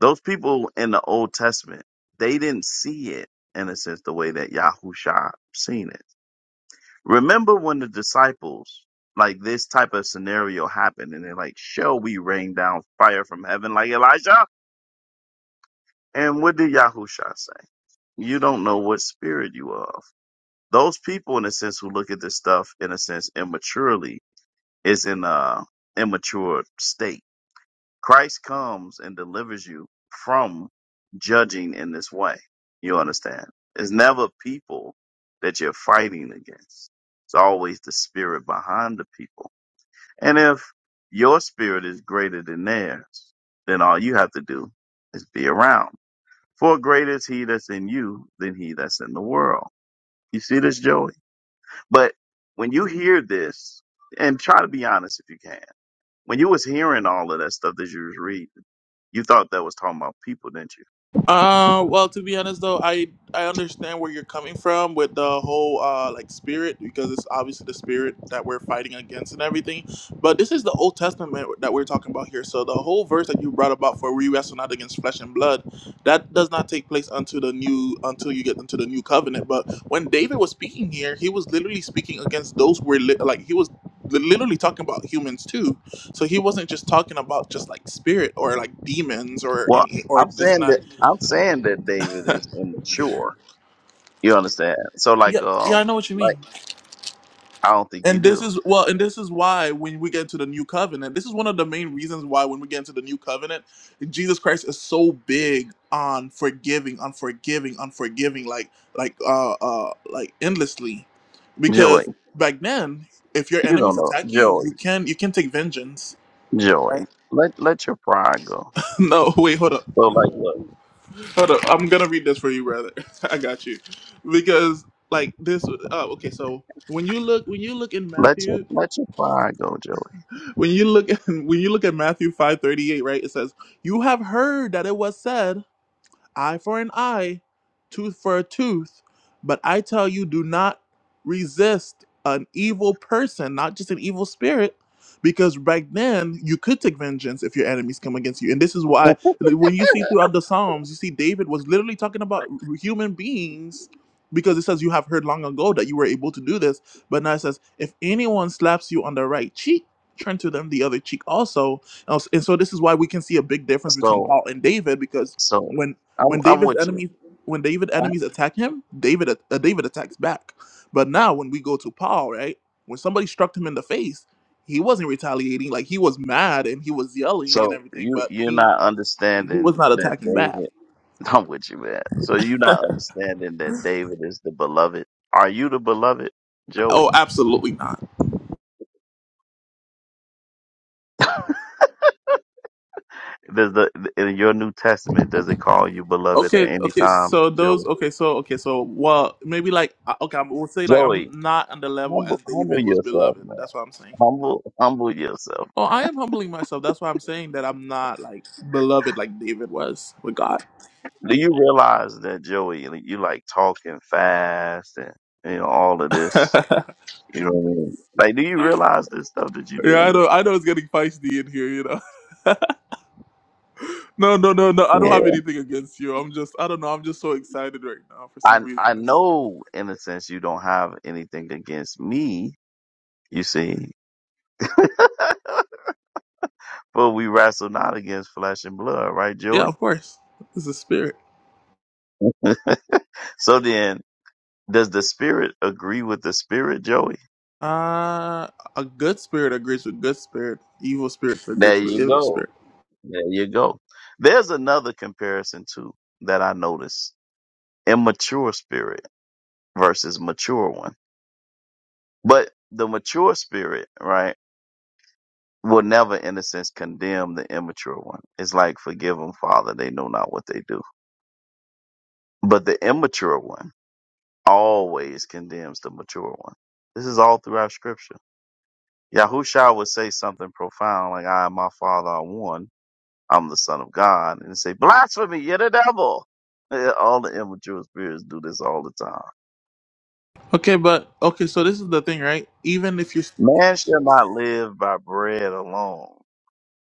Those people in the Old Testament, they didn't see it in a sense the way that Yahusha seen it. Remember when the disciples, like this type of scenario happened, and they're like, Shall we rain down fire from heaven like Elijah? And what did Yahusha say? You don't know what spirit you are of. Those people, in a sense, who look at this stuff, in a sense, immaturely, is in a immature state Christ comes and delivers you from judging in this way. You understand? It's never people that you're fighting against. It's always the spirit behind the people. And if your spirit is greater than theirs, then all you have to do is be around. For greater is he that's in you than he that's in the world. You see this, Joey? But when you hear this, and try to be honest if you can when you was hearing all of that stuff that you was reading, you thought that was talking about people, didn't you?
Uh, well, to be honest though, I I understand where you're coming from with the whole uh like spirit because it's obviously the spirit that we're fighting against and everything. But this is the Old Testament that we're talking about here. So the whole verse that you brought about for we wrestle not against flesh and blood, that does not take place unto the new until you get into the new covenant. But when David was speaking here, he was literally speaking against those who were li- like he was li- literally talking about humans too. So he wasn't just talking about just like spirit or like demons or
Well,
any or
I'm
this and
saying
that
that I'm saying that David is immature. You understand? So
yeah,
like
yeah,
um
I know what you
like
mean.
I don't think you
And this
do.
is well, and this is why when we get into the new covenant, this is one of the main reasons why when we get into the new covenant, Jesus Christ is so big on forgiving, on forgiving, on forgiving, like like uh uh like endlessly,
Joy.
because back then, if your
You don't
enemies
know.
attack you,
Joy.
you can you can take vengeance.
Joy.
Right?
Let let your pride go.
[LAUGHS] no, wait, hold up,
So like look,
hold up. I'm gonna read this for you, brother. [LAUGHS] I got you, because like this. Uh, okay, so when you look when you look in
Let your
Matthew.
let your pride go, Joey.
when you look [LAUGHS] at when you look at Matthew five thirty eight, right? It says, "You have heard that it was said." eye for an eye, tooth for a tooth. But I tell you, do not resist an evil person, not just an evil spirit, because back then you could take vengeance if your enemies come against you. And this is why,
[LAUGHS]
when you see throughout the Psalms, you see David was literally talking about human beings. Because it says you have heard long ago that you were able to do this, but now it says if anyone slaps you on the right cheek, turn to them the other cheek also. And so this is why we can see a big difference between
So
Paul and David because
so
when
I'm
when
I'm
David's
with you.
enemies, when David enemies attack him, David uh, David attacks back. But now when we go to Paul, right? When somebody struck him in the face, he wasn't retaliating. Like he was mad and he was yelling and
So
everything,
you
but
you're
he
not
he was
understanding
not
that
attacking
David.
back.
[LAUGHS] I'm with you, man. So you not understanding that David is the beloved. Are you the beloved,
Oh,
Joey?
absolutely not.
Does the in your New Testament does it call you beloved
Okay,
at any
okay.
time,
So those,
Joey?
okay, so okay, so well, maybe like uh, okay, I will say like I'm
Joey,
not on the level as
humble humble
David was
yourself,
beloved.
man.
That's what I'm saying.
Humble humble yourself.
Oh, I am humbling myself. That's why I'm saying that I'm not like beloved like David was with God.
Do you realize that Joey, Like, you like talking fast and you know all of this?
[LAUGHS]
You know what I mean? Like, do you realize this stuff that you're
Yeah,
doing?
I know. I know it's getting feisty in here. You know. [LAUGHS] No, no, no, no. I don't
Yeah,
have anything against you. I'm just. I don't know. I'm just so excited right now for some
I
reason.
I
It's,
know in a sense you don't have anything against me. You see, For we wrestle not against flesh and blood, right,
yeah, of
Joey?
course. It's a spirit.
So then, does the spirit agree with the spirit, Joey?
Uh, a good spirit agrees with good spirit. Evil spirit
There
agrees with
you
evil
go.
spirit.
There you go. There's another comparison too that I noticed. Immature spirit versus mature one. But the mature spirit, right, will never in a sense condemn the immature one. It's like forgive them, Father, they know not what they do. But the immature one always condemns the mature one. This is all throughout scripture. Yahusha would say something profound like, I and my father are one. I'm the son of God. And say, blasphemy, you're the devil. Yeah, All the immature spirits do this all the time.
Okay, but okay. So this is the thing, right? Even if you
Man shall not live by bread alone,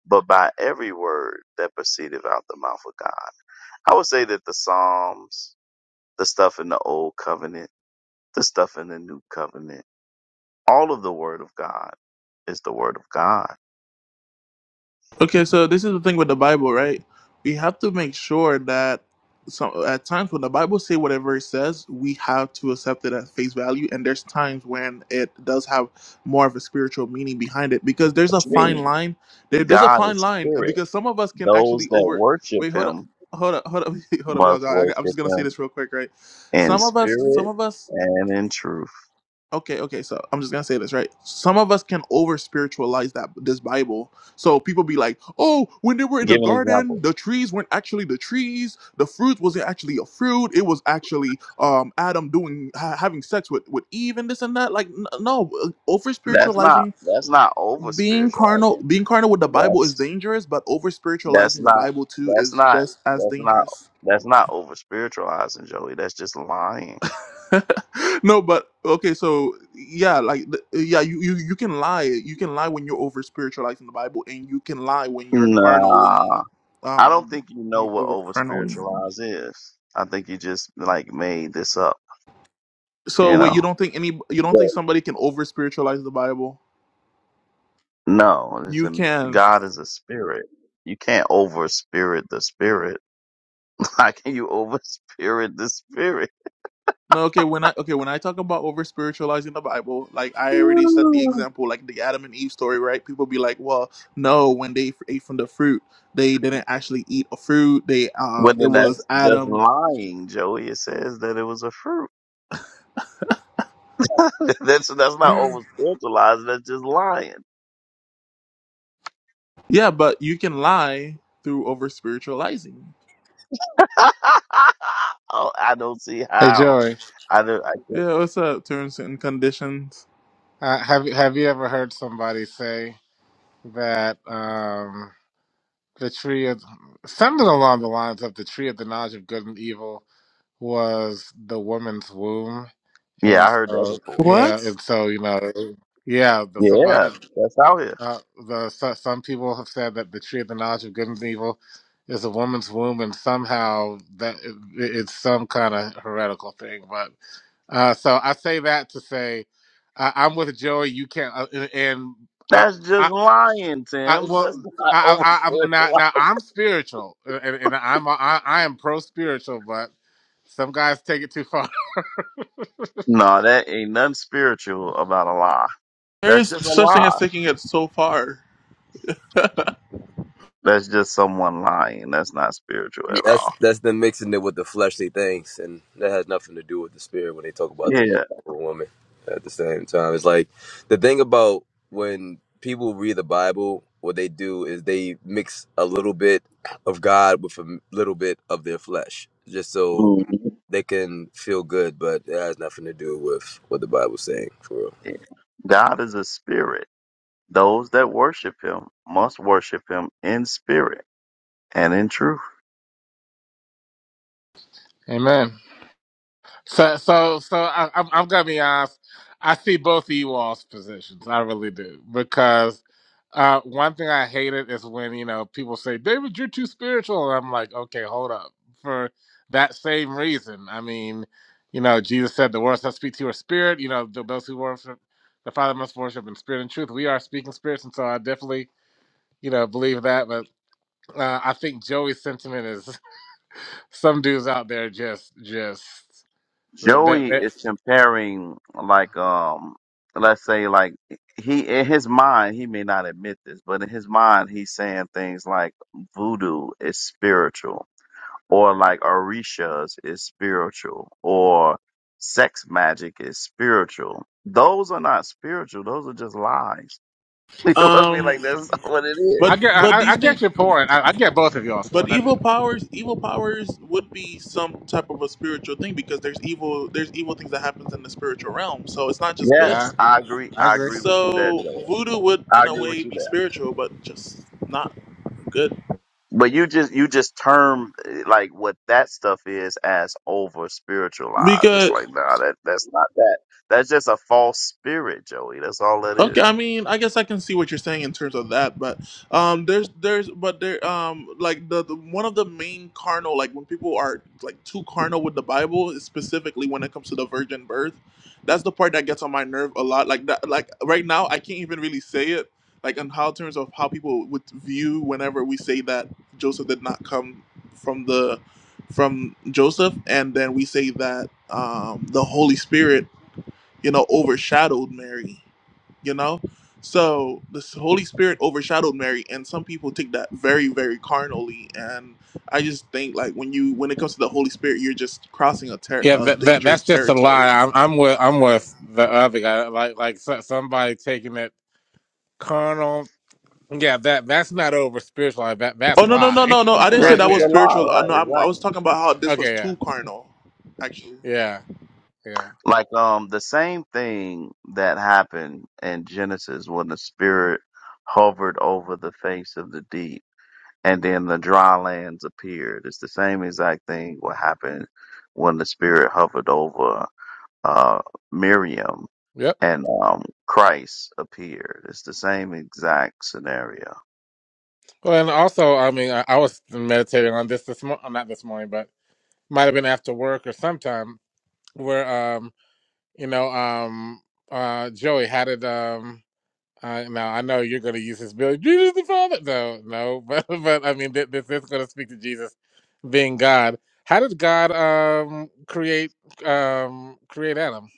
but by every word that proceedeth out the mouth of God. I would say that the Psalms, the stuff in the old covenant, the stuff in the new covenant, all of the word of God is the word of God.
Okay, so this is the thing with the Bible, right? We have to make sure that some at times when the Bible say whatever it says, we have to accept it at face value. And there's times when it does have more of a spiritual meaning behind it because there's a
What you
fine
mean?
line. There, there's a
God
fine
is
line uh,
spirit.
because some of us can
Those
actually
that
over.
worship
Wait, hold up.
him
Hold up, hold up, [LAUGHS] hold up, y'all.
must
y'all. I, got- I'm just
worship
gonna say
him
this real quick, right?
in
Some of us, some
spirit
of us
and in truth.
okay okay so i'm just gonna say this right some of us can over spiritualize that this bible so people be like oh when they were in
Give
the
an example.
garden the trees weren't actually the trees the fruit wasn't actually a fruit it was actually um adam doing ha- having sex with with eve and this and that like n- no over
That's not
spiritualizing
that's not over
being carnal
spiritualizing.
being carnal with the bible is
That's
dangerous but over
that's
spiritualizing the
not
bible too
that's
is
not
just as
that's not
dangerous
that's not over spiritualizing, Joey. That's just lying.
[LAUGHS] no, but okay, so yeah, like th- yeah, you, you you can lie. You can lie when you're over spiritualizing the Bible, and you can lie when you're carnally,
Nah. I don't
um,
think you
when
know
you're
what
over
over
carnally.
spiritualize is. I think you just like made this up,
So
you
wait, you
know.
don't think any? You don't
But
think somebody can over spiritualize the Bible?
no, it's
You can.
God is a spirit. You can't over spirit the spirit. [LAUGHS] How can you over spirit the spirit?
No, okay. When I okay when I talk about over spiritualizing the Bible, like I already said the
Ooh.
example, like the Adam and Eve story, right? People be like, well, no, when they f- ate from the fruit, they didn't actually eat a fruit. They uh,
But
it
then
was
that's just
Adam
lying, Joey. It says that it was a fruit. [LAUGHS] that's that's not over spiritualizing. That's just lying.
Yeah, but you can lie through over spiritualizing.
[LAUGHS] oh, I don't see
Hey
how.
Joey,
I don't. I can't.
Yeah, what's up? Terms and conditions.
uh, have have you ever heard somebody say that um, the tree of something along the lines of the tree of the knowledge of good and evil was the woman's womb,
Yeah,
and
I heard that
so
before.
What?
yeah, and so you know, yeah, the
Yeah,
somebody.
that's out here.
Uh, the so, some people have said that the tree of the knowledge of good and evil is a woman's womb, and somehow that it, it's some kind of heretical thing. But uh, so I say that to say I, I'm with Joey. You can't, uh, and and I,
That's just
I,
lying,
I
Tim's.
well.
That's [LAUGHS] not
I, I,
over
I- I'm now.
spiritualizing.
Now I'm spiritual, uh, and, and I'm I, I am pro spiritual, but some guys take it too far.
No, that ain't nothing spiritual about a lie.
There
That's
is
just a
such thing as
lie.
taking it so far. [LAUGHS]
That's just someone lying. That's not spiritual at
That's
all.
that's them mixing it with the fleshly things, and that has nothing to do with the spirit when they talk about the
Yeah.
woman. At the same time, it's like the thing about when people read the Bible, what they do is they mix a little bit of God with a little bit of their flesh, just so
Mhm.
they can feel good. But it has nothing to do with what the Bible's saying. For real.
God is a spirit. Those that worship him must worship him in spirit and in truth.
[LAUGHS] Amen. So, so, so I, I'm, I'm gonna be honest. I see both of you all's positions. I really do because uh, one thing I hated is when you know people say, "David, you're too spiritual," and I'm like, "Okay, hold up." For that same reason, I mean, you know, Jesus said, "The words that speak to your spirit, you know, th- those who worship the Father must worship in spirit and truth." We are speaking spirits, and so I definitely, you know, believe that. But uh, I think Joey's sentiment is [LAUGHS] some dudes out there just, just that
Joey
that.
is comparing like um let's say like he in his mind he may not admit this, but in his mind he's saying things like voodoo is spiritual or like orishas is spiritual or sex magic is spiritual. Those are not spiritual, those are just lies. [LAUGHS] You know what I mean?
um,
Like that's [LAUGHS] not what it
I
is.
but
get, I,
but
I
these
I
things,
get your point. I, I get both of y'all's
but
point. I
evil
do.
powers, evil powers would be some type of a spiritual thing because there's evil, there's evil things that happens in the spiritual realm. So it's not just
Yeah,
good.
Yes, I agree.
I
I
agree.
agree with you there,
So
Joel.
voodoo would,
I
in a
agree with
way,
you
be
there.
spiritual, but just not good
But you just you just term eh, like what that stuff is as over spiritualized. It's
because
like nah, that that's not that. That's just a false spirit, Joey. That's all that
Okay,
is.
I mean, I guess I can see what you're saying in terms of that, but um, there's there's but there um like the, the one of the main carnal like when people are like too carnal with the Bible, is specifically when it comes to the virgin birth, that's the part that gets on my nerve a lot. Like that, like right now I can't even really say it like in how terms of how people would view whenever we say that Joseph did not come from the from Joseph, and then we say that um the Holy Spirit you know, overshadowed Mary, you know? So the Holy Spirit overshadowed Mary and some people take that very, very carnally. And I just think like when you when it comes to the Holy Spirit, you're just crossing a, ter-
Yeah,
a
that, that
dangerous
that's just a lie.
territory.
I'm, I'm with, I'm with the other guy. Like, like so, somebody taking it carnal. Yeah, that that's not over spiritual. That that's
Oh no no no
lying
no no! I
[LAUGHS]
didn't say
There's
right
that
just
was
a
there.
lie,
spiritual. Uh,
right?
no, I'm, I was
Exactly.
talking about how this was
Okay, yeah,
too carnal, actually.
yeah, yeah.
Like um, the same thing that happened in Genesis when the spirit hovered over the face of the deep. and then the dry lands appeared. It's the same exact thing what happened when the spirit hovered over uh, Miriam
Yep.
and um, Christ appeared. It's the same exact scenario.
Well, and also, I mean, I, I was meditating on this this morning. Not this morning, but might have been after work or sometime where, um, you know, um, uh, Joey, how did um. I now I know you're going to use this bill. Jesus the Father. No, no, [LAUGHS] but but I mean th- this is going to speak to Jesus being God. How did God um create um create Adam?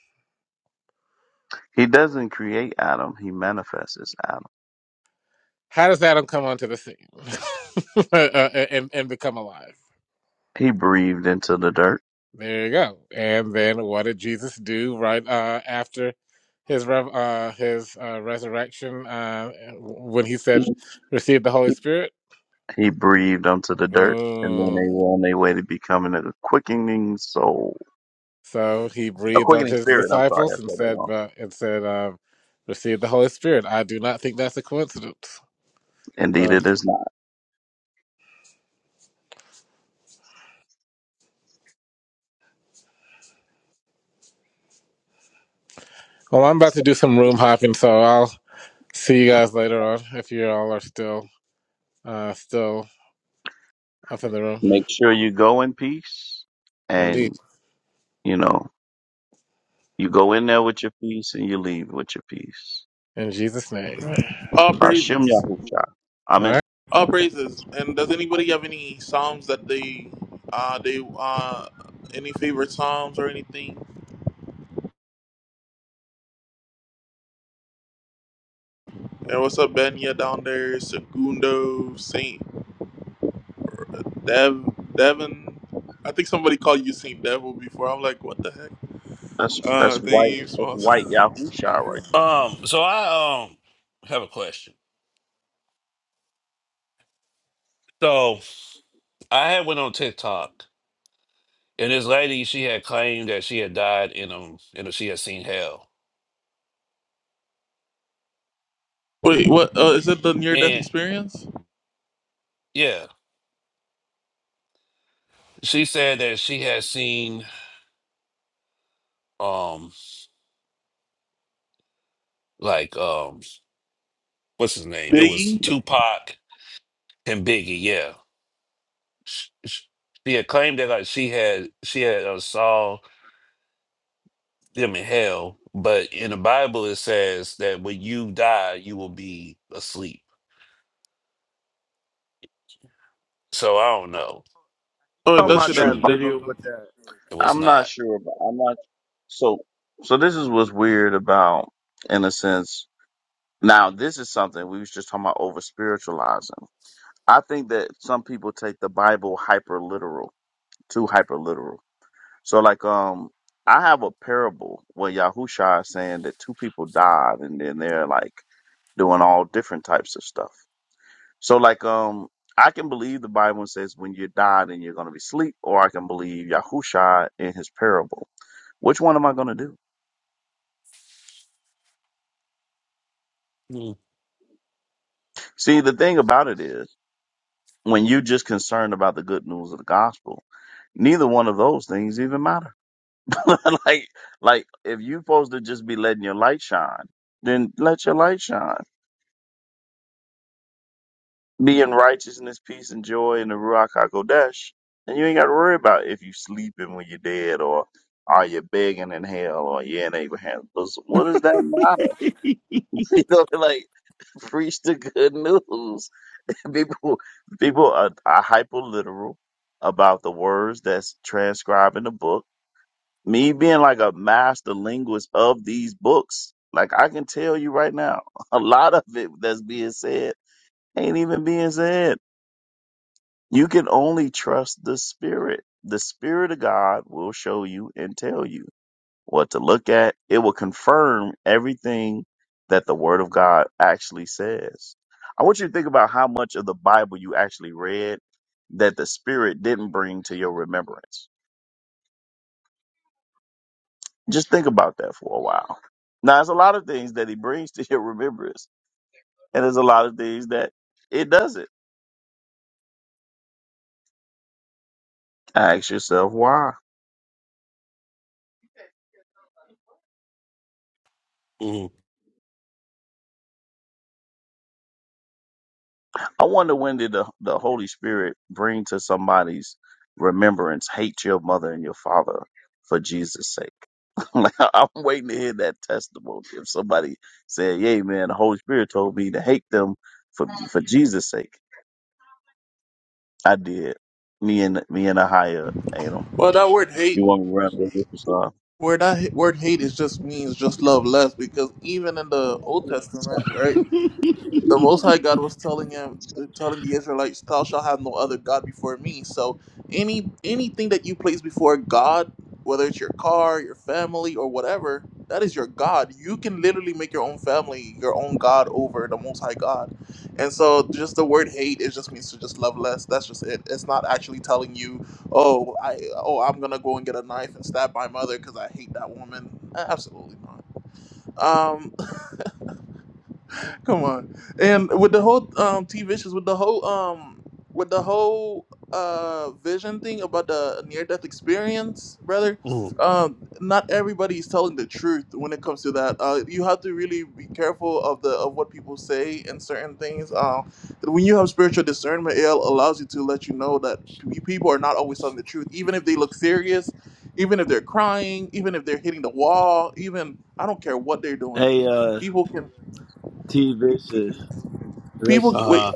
He doesn't create Adam; he manifests Adam.
How does Adam come onto the scene [LAUGHS] uh, and and become alive?
He breathed into the dirt.
There you go. And then what did Jesus do right uh after his rev- uh his uh, resurrection uh when he said receive the Holy Spirit?
He breathed onto the dirt, and then
Boom.
they were on their way to becoming a quickening soul,
So he
a
breathed
quickening
onto his
spirit. I'm sorry, I
disciples and
said that
said,
wrong.
but, and said, um, receive the Holy Spirit. I do not think that's a coincidence.
Indeed,
So,
it is not.
well, I'm about to do some room hopping, so I'll see you guys later on if you all are still, uh, still up in the room.
Make sure you go in peace,
Indeed.
and You know, you go in there with your peace and you leave with your peace.
In Jesus' name.
All
Hashem
praises,
Yahusha.
All right.
Amen.
all praises. And does anybody have any psalms that they, uh, they, uh, any favorite psalms or anything? And what's up, Benya down there? Segundo, Saint Dev, Devin. I think somebody called you Saint Devil before. I'm like, what the heck?
That's that's
Uh,
white.
name
That's
smalls.
white Yahusha right
Um, so I um have a question. So I had went on TikTok and this lady she had claimed that she had died in um you know she had seen hell.
[LAUGHS] Wait, what? Uh, is it the near death
And
experience?
yeah, she said that she had seen um like um what's his name? It was
Biggie?
Tupac and Biggie. Yeah, Sh- sh- she had claimed that like she had she had uh, saw them in hell, but in the Bible it says that when you die, you will be asleep. So I don't know
Oh, it
Talking
what
does
is
there.
say
about
that
And
the
that
true
dead
video
knows not.
with that.
and what's
I'm not
not.
sure, but I'm not. So so this is what's weird about, in a sense. Now this is something we was just talking about over spiritualizing. I think that some people take the Bible hyper literal, too hyper literal. So like um I have a parable where Yahusha is saying that two people died and then they're like doing all different types of stuff. So like um I can believe the Bible says when you die then you're gonna be asleep, or I can believe Yahusha in his parable. Which one am I gonna do?
Mm,
See the thing about it is when you're just concerned about the good news of the gospel, neither one of those things even matter. [LAUGHS] like like if you're supposed to just be letting your light shine, then let your light shine Be in righteousness, peace, and joy in the Ruach HaKodesh. And you ain't got to worry about if you sleeping when you're dead or are you begging in hell or you're in Abraham's bosom. What does that matter? [LAUGHS] You know, like, preach the good news. [LAUGHS] People, people are, are hyperliteral about the words that's transcribed in the book. Me being like a master linguist of these books, like I can tell you right now, [LAUGHS] a lot of it that's being said ain't even being said You can only trust the Spirit. The Spirit of God will show you and tell you what to look at. It will confirm everything that the Word of God actually says. I want you to think about how much of the Bible you actually read that the Spirit didn't bring to your remembrance. Just think about that for a while. Now, there's a lot of things that He brings [LAUGHS] to your remembrance, and there's a lot of things that it doesn't. Ask yourself why.
mm,
I wonder when did the, the Holy Spirit bring to somebody's remembrance, hate your mother and your father for Jesus' sake. [LAUGHS] like, I- I'm waiting to hear that testimony. If somebody said, "Yay, man, the Holy Spirit told me to hate them for for Jesus' sake," I did. Me and me and a higher, you know.
Well, that word
You
hate,
want me to run with this or
where that h- word hate is just means just love less because even in the Old Testament, right?
something?
the Most High God was telling him, telling the Israelites, "Thou shalt have no other god before me." So, any anything that you place before God, whether it's your car, your family, or whatever, that is your god. You can literally make your own family your own god over the Most High God. And so, just the word hate it just means to just love less. That's just it. It's not actually telling you, "Oh, I oh I'm gonna go and get a knife and stab my mother because I hate that woman." Absolutely not. Um, [LAUGHS] Come on. And with the whole um T Vicious, with the whole um with the whole uh vision thing about the near death experience, brother,
mm.
um not everybody is telling the truth when it comes to that. Uh you have to really be careful of the of what people say and certain things. Um when you have spiritual discernment, it allows you to let you know that pe- people are not always telling the truth, even if they look serious, even if they're crying, even if they're hitting the wall, even I don't care what they're doing.
Hey, uh,
People can
T Vicious.
people
Let's-
wait
Uh,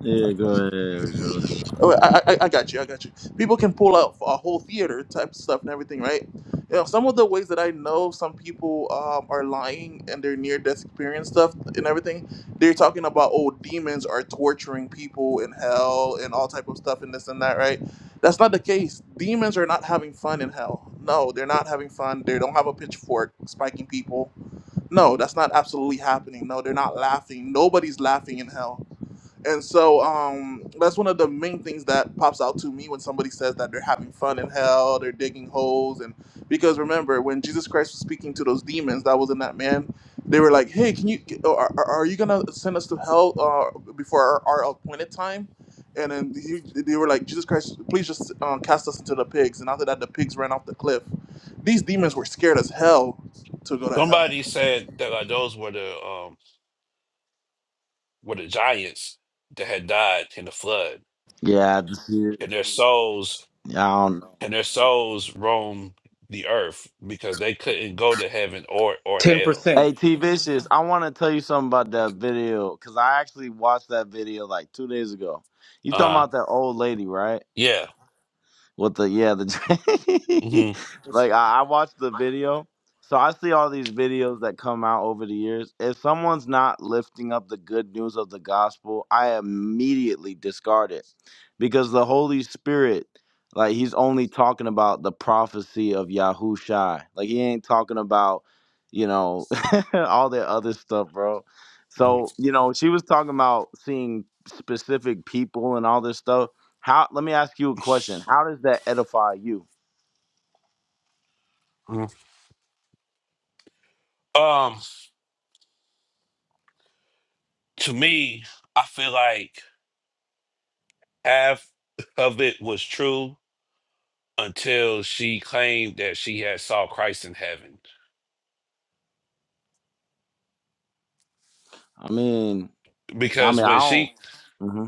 yeah, go ahead, Joey.
oh, I, I I got you i got you people can pull out a whole theater type of stuff and everything right you know some of the ways that i know some people um, are lying and their near death experience stuff and everything they're talking about oh demons are torturing people in hell and all type of stuff and this and that right that's not the case demons are not having fun in hell no they're not having fun they don't have a pitchfork spiking people no that's not absolutely happening no they're not laughing nobody's laughing in hell And so um, that's one of the main things that pops out to me when somebody says that they're having fun in hell, they're digging holes, and because remember when Jesus Christ was speaking to those demons that was in that man, they were like, "Hey, can you are, are you gonna send us to hell uh, before our, our appointed time?" And then he, they were like, "Jesus Christ, please just uh, cast us into the pigs." And after that, the pigs ran off the cliff. These demons were scared as hell to go to hell.
somebody said that like, those were the um, were the giants that had died in the flood,
Yeah, I just see it.
and their souls
Yeah, I don't know.
and their souls roam the earth because they couldn't go to heaven or or hell.
10%.
Hey, T Vicious, I want to tell you something about that video because I actually watched that video like two days ago. You talking
Uh,
about that old lady, right?
yeah.
With the yeah, the
hmm
[LAUGHS]
this
like I, I watched the video. So I see all these videos that come out over the years. If someone's not lifting up the good news of the gospel, I immediately discard it. Because the Holy Spirit, like he's only talking about the prophecy of Yahushai. Like he ain't talking about, you know, [LAUGHS] all that other stuff, bro. So, you know, she was talking about seeing specific people and all this stuff how? Let me ask you a question. How does that edify you?
Um, to me, I feel like half of it was true until she claimed that she had saw Christ in heaven.
I mean, I
Because
mean, I
when
don't.
she
hmm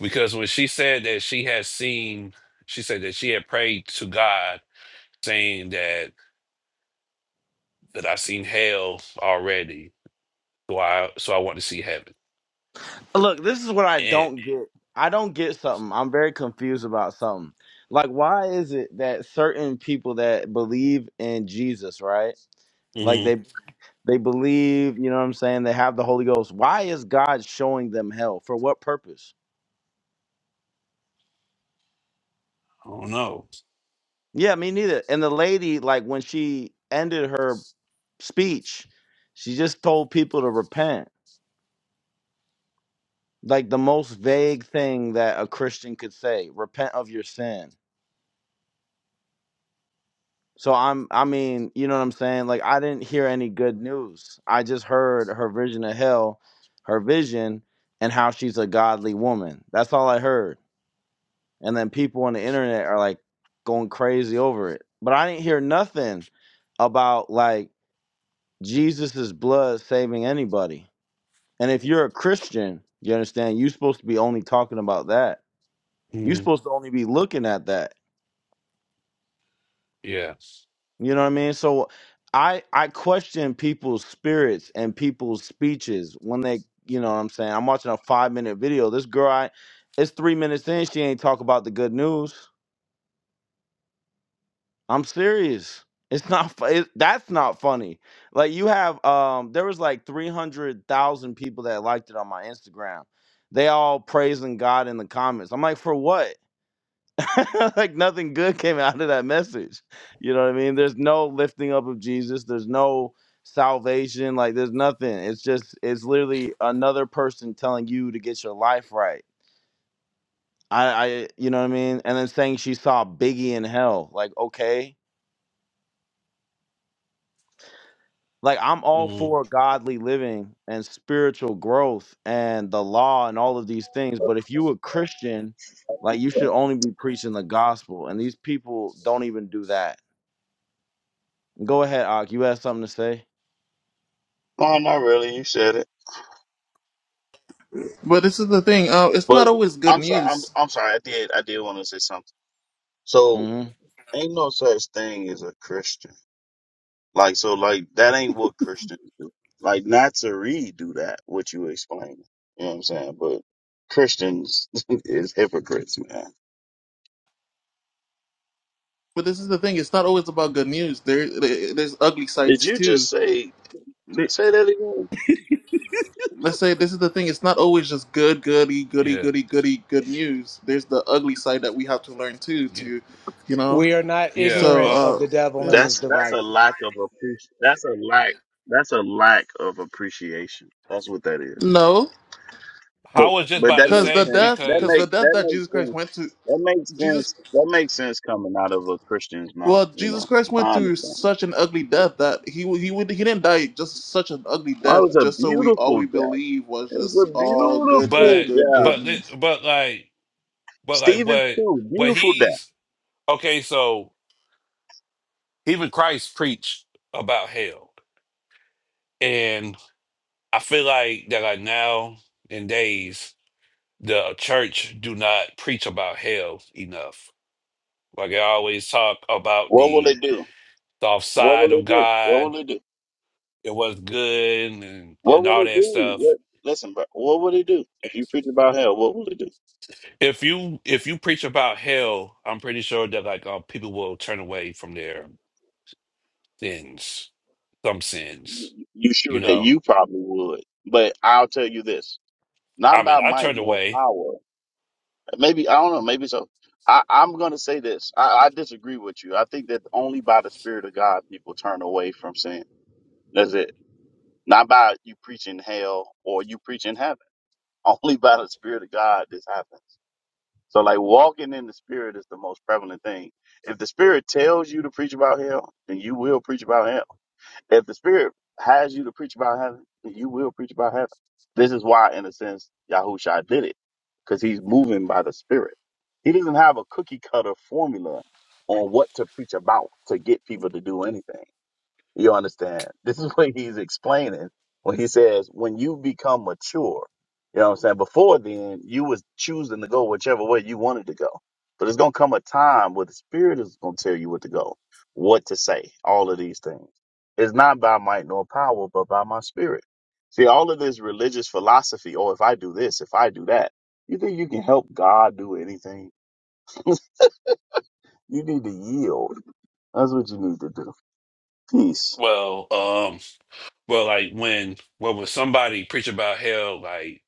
because when she said that she had seen, she said that she had prayed to God saying that that I seen hell already, so I so I want to see heaven.
Look, this is what I
And
don't get. I don't get something. I'm very confused about something. Like, why is it that certain people that believe in Jesus, right?
mm-hmm,
Like they they believe, you know what I'm saying? They have the Holy Ghost. Why is God showing them hell? For what purpose?
Oh no.
Yeah, me neither. And the lady, like when she ended her speech, she just told people to repent. like the most vague thing that a Christian could say, repent of your sin. So I'm I mean, you know what I'm saying? Like I didn't hear any good news. I just heard her vision of hell, her vision and how she's a godly woman. That's all I heard. And then people on the internet are like going crazy over it. But I didn't hear nothing about like Jesus's blood saving anybody. And if you're a Christian, you understand, you're supposed to be only talking about that. You're
Mm,
supposed to only be looking at that
yeah.
You know what I mean? So I I question people's spirits and people's speeches when they you know what I'm saying. I'm watching a five minute video. This girl I it's three minutes in, she ain't talk about the good news. I'm serious. It's not fu- it, that's not funny. Like you have um there was like three hundred thousand people that liked it on my Instagram. They all praising God in the comments. I'm like, for what? [LAUGHS] like nothing good came out of that message. You know what I mean? There's no lifting up of Jesus. There's no salvation. Like there's nothing. It's just it's literally another person telling you to get your life right. I, I you know what I mean? And then saying she saw Biggie in hell. Like, okay. Like I'm all
Mm,
for godly living and spiritual growth and the law and all of these things. But if you a Christian, like you should only be preaching the gospel. And these people don't even do that Go ahead, Ak. You had something to say?
No, not really. You said it.
But this is the thing: uh, it's not
But
always good
I'm sorry. I'm
news
I'm sorry. I did. I did want to say something. So
hmm
ain't no such thing as a Christian. Like so, like that ain't what Christians do. Like Nazarene do that, what you explain. You know what I'm saying? But Christians [LAUGHS] is hypocrites, man.
But this is the thing. It's not always about good news. There, there's ugly
Did
sides
you
too.
just say
There-
say that again?
Let's say this is the thing. It's not always just good, goody, goody,
yeah.
goody, goody, good news. There's the ugly side that we have to learn too.
Yeah.
To, you know.
We are not
Yeah.
So,
ignorant
Well,
of
uh,
the devil and
yeah.
his
That's that's a
devices.
lack of appreciation. That's a lack. That's a lack of appreciation. That's what that is.
No,
But
I was just
but
about
that
to
because
makes
the
say
sense.
death,
That
because
because,
the
make
death
that
that Jesus
makes
Christ went
sense.
to,
That makes
Jesus.
sense. That makes sense coming out of a Christian's mouth.
Well,
You
Jesus
know,
Christ went
I
through
understand.
such an ugly death that he w- he would he didn't die just such an ugly
Oh, it
death
was a
just so we all
beautiful
we
day.
believe was
It was a
just all good, good,
beautiful
but,
good,
death.
but,
good.
thi- but like, but like
Stephen
what,
too,
what
beautiful death.
he's okay. So even Christ preached about hell. And I feel like that like now in days, the church do not preach about hell enough. Like I always talk about
What will
the,
it do?
the
What
offside
will
of
it do? What
God.
will it do?
It was good and,
What
and
will
all
it
that
do?
stuff
What? Listen, bro. What will it do if you preach about hell? What will it do?
If you if you preach about hell, I'm pretty sure that like uh, people will turn away from their sins, some
You
sins.
you
You
sure that
know,
you probably would, but I'll tell you this:
I
not
mean,
by
I
might
turned
nor
away.
power. Maybe I don't know. Maybe so. I, I'm going to say this. I, I disagree with you. I think that only by the Spirit of God people turn away from sin. That's it. Not by you preaching hell or you preaching heaven. Only by the Spirit of God this happens. So like walking in the Spirit is the most prevalent thing. If the Spirit tells you to preach about hell, then you will preach about hell. If the Spirit has you to preach about heaven, then you will preach about heaven. This is why, in a sense, Yahusha did it because he's moving by the Spirit. He doesn't have a cookie cutter formula on what to preach about to get people to do anything. You understand? This is [LAUGHS] what he's explaining when he says, when you become mature, you know what I'm saying? Before then, you was choosing to go whichever way you wanted to go. But it's going to come a time where the Spirit is going to tell you what to go, what to say, all of these things. It's not by might nor power, but by my Spirit. See, all of this religious philosophy, oh, if I do this, if I do that, you think you can help God do anything? You need to yield. That's what you need to do. Peace.
Well, um, well, like when well when somebody preach about hell, like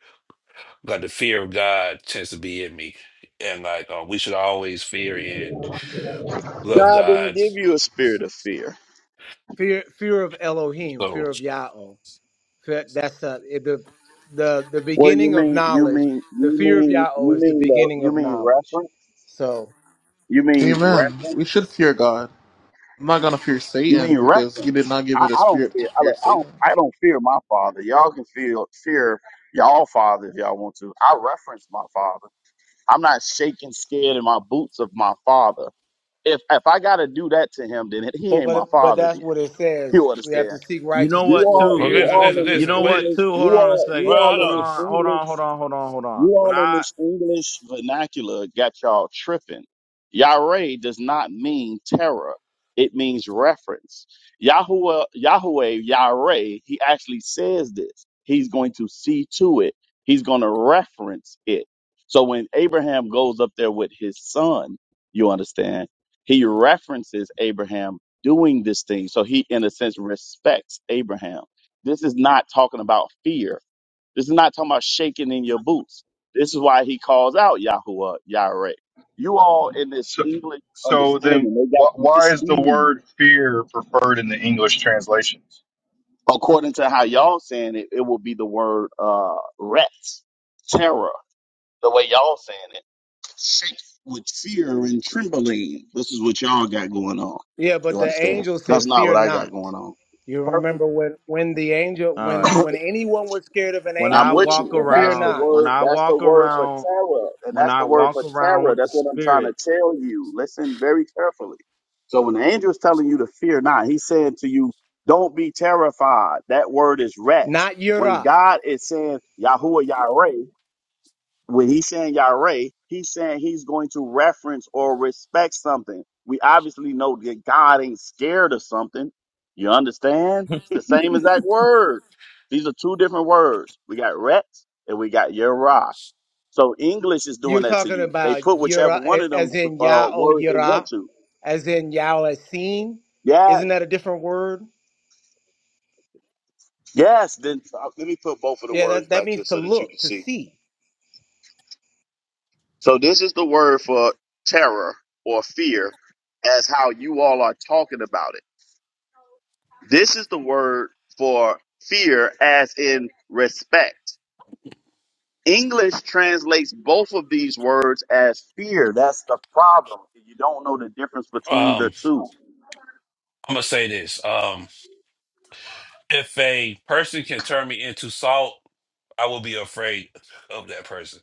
like the fear of God tends to be in me, and like uh, we should always fear and love
God didn't
God.
give you a spirit of fear.
Fear fear of Elohim,
So
fear of Yahweh. Fe- That's uh, the, the, the
Well, you
beginning of
mean you
knowledge.
mean
The
you
fear of
mean
Yahweh
you
is the
mean the
beginning
you
of
mean
knowledge.
reference?
So,
You mean
Amen. We should
reference?
fear God. I'm not gonna fear
You mean
Satan because you did
reference?
not give me
I,
the
I don't
spirit to
fear. I,
fear
look, I don't.
Satan.
I don't fear my father. Y'all can feel fear y'all father if y'all want to. I reference my father. I'm not shaking, scared in my boots of my father. If if I gotta do that to him, then he
but,
ain't my
but, but
father.
that's
Then
what it
[LAUGHS]
says.
you
We have
understand?
to seek
You know
You
righteousness
what,
with
all,
well,
too?
fear
you
and
listen,
all
listen,
in
trembling.
this
You
listen.
know
Wait,
what,
English.
too?
You
Hold on a
all, you
well,
second.
I
all
Hold
in
don't.
on,
this
hold on,
English.
hold on, hold on, hold on.
You
When
all in
I,
this English vernacular got y'all tripping. Yahweh does not mean terror. It means reference. Yahuwah, Yahweh, Yahweh, he actually says this. He's going to see to it. He's going to reference it. So when Abraham goes up there with his son, you understand, he references Abraham doing this thing. So he, in a sense, respects Abraham. This is not talking about fear this is not talking about shaking in your boots. This is why he calls out Yahuwah, Yireh. You all in this
So,
English
so then,
understanding, they got
wh-
to
why is the
deceive.
word fear preferred in the English translations?
According to how y'all saying it, it will be the word uh rest, terror, the way y'all saying it. Shake with fear and trembling. This is what y'all got going on.
Yeah, but
You
the
understand?
angel said,
That's not what
"Fear
I got
not."
going on.
You remember
Perfect.
when when the angel
all
when
[CLEARS THROAT]
right.
[COUGHS]
when anyone was scared of an
When
I'm
I
angel,
with you.
walk
And
fear
that's the
around,
not,
when
word,
I
that's the
walk
word for
around,
terror. And
when
that's
I
the word
walk
for
around
terror.
with the
That's what I'm trying
spirit.
to tell you. Listen very carefully. So when the angel is telling you to fear not, he's saying to you, don't be terrified. That word is ret.
not
When
Yirah.
God is saying Yahuwah Yireh when he's saying Yahweh, he's saying he's going to reference or respect something. We obviously know that God ain't scared of something. You understand? It's the same exact word. These are two different words. We got Ret and we got Yerah. So English is
You're
doing that to
talking
you. They
about
put whichever
Yira,
one of them
as in
uh,
Yah o
words they want
Yira,
to.
as in Yao as seen.
Yeah.
Isn't that a different word?
Yes. Then uh, let me put both of the
Yeah,
words
that, that
back here
means to
so that you can
look, to
see.
see.
So this is the word for terror or fear as how you all are talking about it. This is the word for fear as in respect. English translates both of these words as fear. That's the problem. You don't know the difference between the
Um,
two.
I'm gonna say this. Um, If a person can turn me into salt, I will be afraid of that person.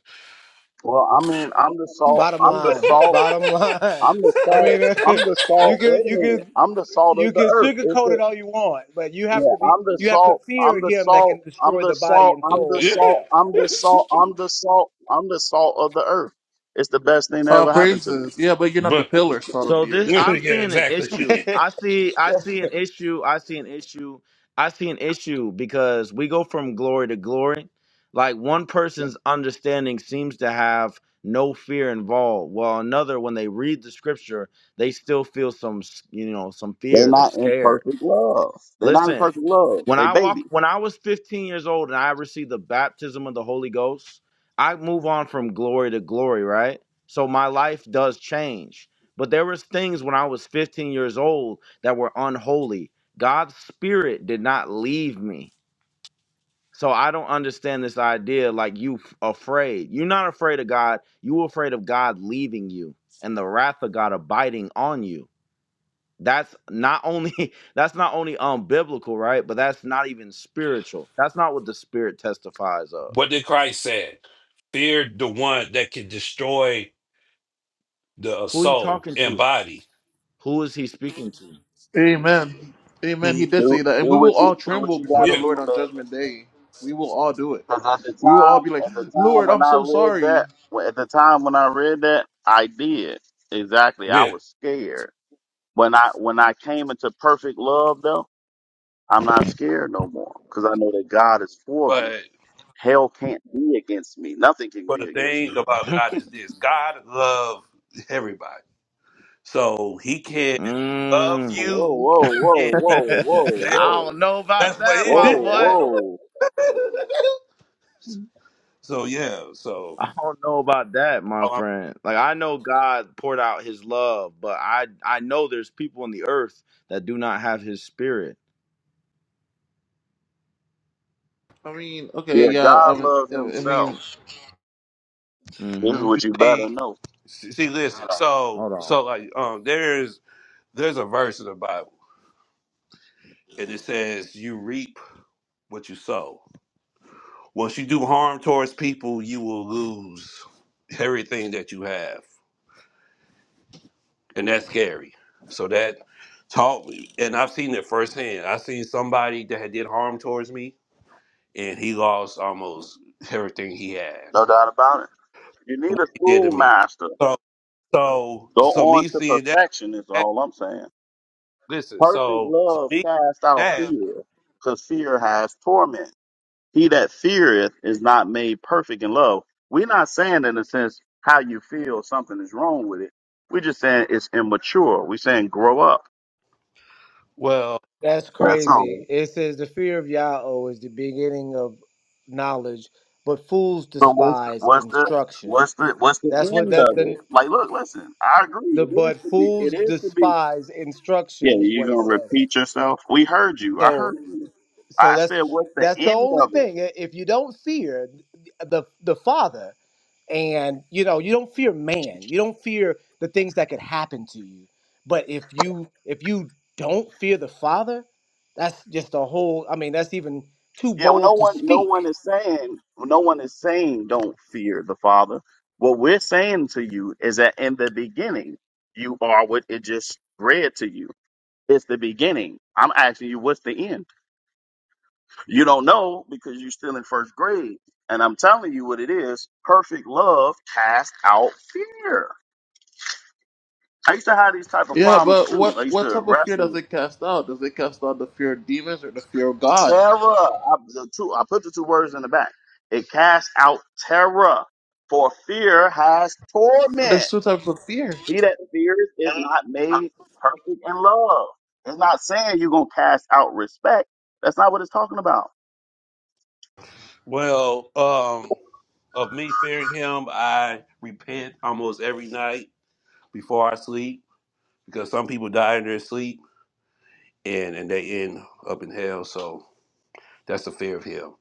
Well, I mean, I'm the salt,
Bottom
I'm the
line,
salt,
bottom [LAUGHS] line.
I'm the
I
salt,
mean, [LAUGHS]
I'm the
you
salt. Wait
can
a
you
minute.
can
I'm the salt of
you
the
can
earth. It's
sugarcoat it
the
all you want, but you have
yeah,
to be
I'm the
you have to
salt,
fear
I'm the
him that
salt,
can
I'm
destroy
the
the body
salt,
and
I'm
[LAUGHS]
the
soul in
salt,
hell.
I'm the salt, I'm the salt, I'm the salt of the earth. It's the best thing that
Uh
ever happened to me.
praises. Yeah, but you're not the
but
pillar, salt of
So
the
[LAUGHS]
this,
earth.
yeah,
I'm seeing an
exactly.
issue. I see, I see an issue. I see an issue. I see an issue because we go from glory to glory. Like one person's understanding seems to have no fear involved, while another, when they read the scripture, they still feel some, you know, some
They're
fear. They're
not in
scared.
perfect love. They're not in
Listen,
perfect love.
when
They
I walk
baby.
when I was 15 years old and I received the baptism of the Holy Ghost, I move on from glory to glory, right? So my life does change. But there was things when I was 15 years old that were unholy. God's spirit did not leave me. So I don't understand this idea like you f- afraid. You're not afraid of God, you afraid of God leaving you and the wrath of God abiding on you that's not only [LAUGHS] that's not only unbiblical, right but that's not even spiritual that's not what the spirit testifies of
What did Christ say? Fear the one that can destroy the uh,
who are you
soul
talking
and
to
body.
who is he speaking to
Amen. Amen. He
Mhm.
did
Do
say that. And
do
we will
what you
all
do what
tremble
you
before the
gotta
Yeah,
Lord
do,
on
baby.
judgment day. We will all do it.
Because at the
We will all
time,
be like,
at the time
Lord,
when
I'm
I
so
read
sorry.
that, when- at the time when I read that, I did exactly. I
yeah.
was scared when I when I came into perfect love. Though I'm not scared no more because I know that God is for me.
But
Hell can't be against me. Nothing can
but
be
the
against
thing
me.
about God is this: God loves everybody, so He can love
mm.
Whoa,
you,
whoa, whoa,
and he,
whoa, whoa,
[LAUGHS]
that-
i don't
whoa,
know about
that's what.
that
It
my
whoa,
boy
whoa.
is. [LAUGHS] so yeah, so.
i don't know about that my friend like i know god poured out his love but i i know there's people on the earth that do not have his spirit
I mean, okay,
Yeah,
yeah, I
God
mean,
loves
I
Himself.
mean,
This is
mm-hmm
what you better
See,
know.
see, listen. So,
hold
so like, um, there's there's a verse in the Bible, and it says, "You reap what you sow." Once you do harm towards people, you will lose everything that you have, and that's scary. So that taught me, and I've seen it firsthand. I seen somebody that had did harm towards me, and he lost almost everything he had.
No doubt about it. You need
What
a
he did to me.
schoolmaster.
So, so,
Go
so
on
me
to
seeing that.
perfection is
that-
all I'm saying.
Listen,
Perfect
so, so
love
me
casts out
that.
fear, because fear has torment. He that feareth is not made perfect in love. We're not saying in a sense how you feel something is wrong with it. We're just saying it's immature. We're saying grow up.
Well,
[LAUGHS] That's
That's
crazy.
all.
It says the fear of Yahweh is the beginning of knowledge, but fools
So what's the,
despise
what's the
instruction.
what's the what's the
That's what
end
that
of
the
it? Like, look, listen. I
the
agree. It is
but
to be. It
fools
is to be.
despise
Yeah,
instruction is
you
what it
gonna
says.
repeat yourself? We heard you. I heard
So
you.
so
I
that's
said, what's the
that's the
end
only
of it?
thing. I- If you don't fear the the Father, and you know you don't fear man, you don't fear the things that could happen to you. But if you if you don't fear the Father, that's just a whole. I mean, that's even too
Yeah, well, no
bold to
one, no
speak.
one is saying, no one is saying, don't fear the Father. What we're saying to you is that in the beginning, you are what it just read to you. It's the beginning. I'm asking you, what's the end? You don't know because you're still in first grade. And I'm telling you what it is. Perfect love casts out fear. I used to have these type of
yeah,
problems
but
too. I
what
used
what
to
type of fear
wrestle
does it cast out? Does it cast out the fear of demons or the fear of God?
terror. I, the two, I put the two words in the back. It casts out terror, for fear has torment.
There's two types of fear.
He that fears is not made perfect in love. It's not saying you're gonna cast out respect. That's not what it's talking about.
well, um, of me fearing him, I repent almost every night before I sleep because some people die in their sleep and and they end up in hell. So that's the fear of him,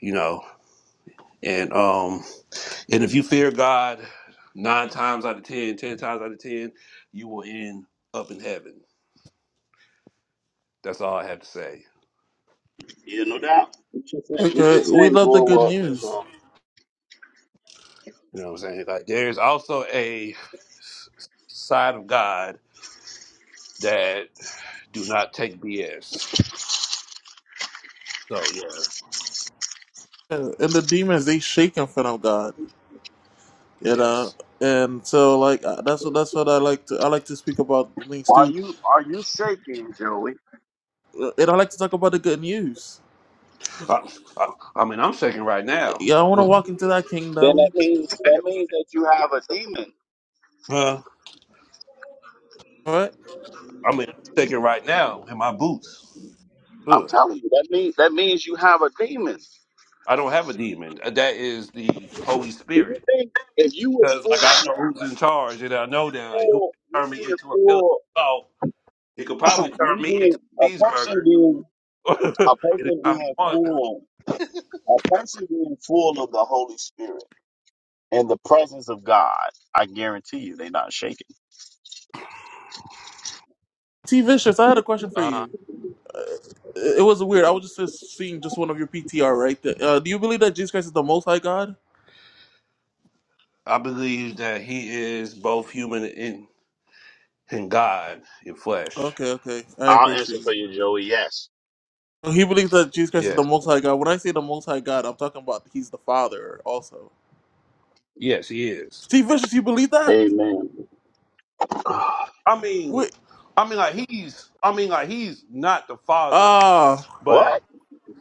you know. And um, and if you fear God, nine times out of ten, ten times out of ten, you will end up in heaven. That's all I have to say.
Yeah, no doubt. We're just saying, we're
Okay,
just
we
saying
love the good
grow up. That's
news.
all.
You know what I'm saying? Like there's also a s- side of God that do not take BS. So yeah,
Yeah, and the demons they shake in front of God, you know.
yes.
And so, like uh, that's what that's what I like to I like to speak about the things
Are
too,
you are you shaking, Joey?
Uh, and I like to talk about the good news.
I, I, I mean, I'm shaking right now.
Yeah, I want to
Ugh.
walk into that
Then
kingdom.
that means that means that you have a demon.
Huh?
All right,
I mean, I'm shaking right now in my boots.
I'm
Ugh.
telling you, that means that means you have a demon.
I don't have a demon. Uh, That is the Holy
Do you
Spirit.
think if you was
Because
full?
like I know who's in charge, and I know that like who
full,
can
you
turn me
being
into a pillar
full,
of salt. He could
[CLEARS THROAT]
probably turn
you
me into
being
a
a person
cheeseburger
being
[LAUGHS]
a person
anytime he
being
wants.
full, a person being full of the Holy Spirit and the presence of God. I guarantee you, they're not shaking.
T Vicious, I had a question for
Uh,
you. It it was weird. I was just just seeing just one of your PTR right there. Uh, do you believe that Jesus Christ is the Most High God?
I believe that he is both human and, and God in flesh.
Okay, okay, I
I'll answer
appreciate you.
for you, Joey. Yes.
He believes that Jesus Christ is the
Yes,
Most High God. When I say the Most High God, I'm talking about He's the Father also.
yes, he is.
T Vicious, you believe that?
Amen. [SIGHS]
I mean,
Wait,
I mean, like he's, I mean, like he's not the father,
ah.
but
what?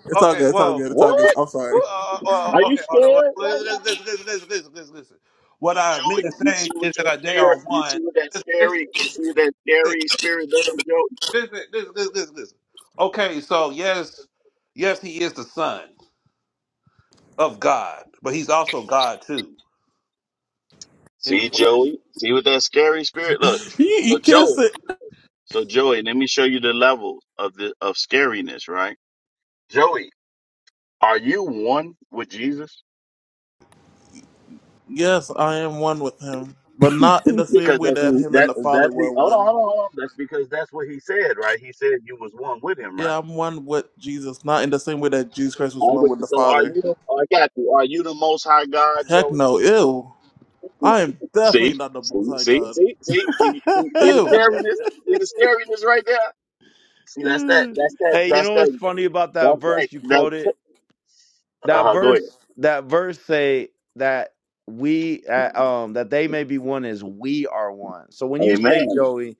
It's all
okay,
good. It's all
well,
good. It's all good.
What?
I'm
uh,
sorry.
uh,
Are
uh,
you
okay, hold on. Well,
scared right
Listen,
now?
listen, listen, listen, listen, listen, listen. What
So,
I mean
Joey,
to
you
say
see what
is that
you're
like, they are
scared? You
one.
see what that
Listen,
scary? You see what that
listen,
scary spirit does, Joey?
listen, listen, listen, listen. Okay, so yes, yes, he is the son of God, but he's also God too in the
See,
flesh.
Joey? See what that scary spirit? Look.
You,
So,
you not
Joey.
say
So Joey, let me show you the level of the of scariness, right? Joey, are you one with Jesus?
Yes, I am one with him, but not in the same
Because
way
that's
that him and
that
the Father
that's the
were
hold on,
one.
hold on, hold on. That's because that's what he said, right? He said you was one with him, right?
Yeah, I'm one with Jesus, not in the same way that Jesus Christ was
I'm
one
with
with
you.
the
So are
Father.
you? oh, I got you. Are you the Most High God,
Heck
Joey?
no. Ew. I am definitely
See,
not the Most
see,
High
see,
God.
see, see, see, see, see
on
the
Ew.
scariness, see the scariness right there. See, that's that, that's
[LAUGHS]
that,
hey you
that's
know what's
that,
funny about that
that's
verse you
that.
quoted
That
that
uh, go ahead.
verse that verse say that we uh, um that they may be one as we are one so when you say
Amen.
joey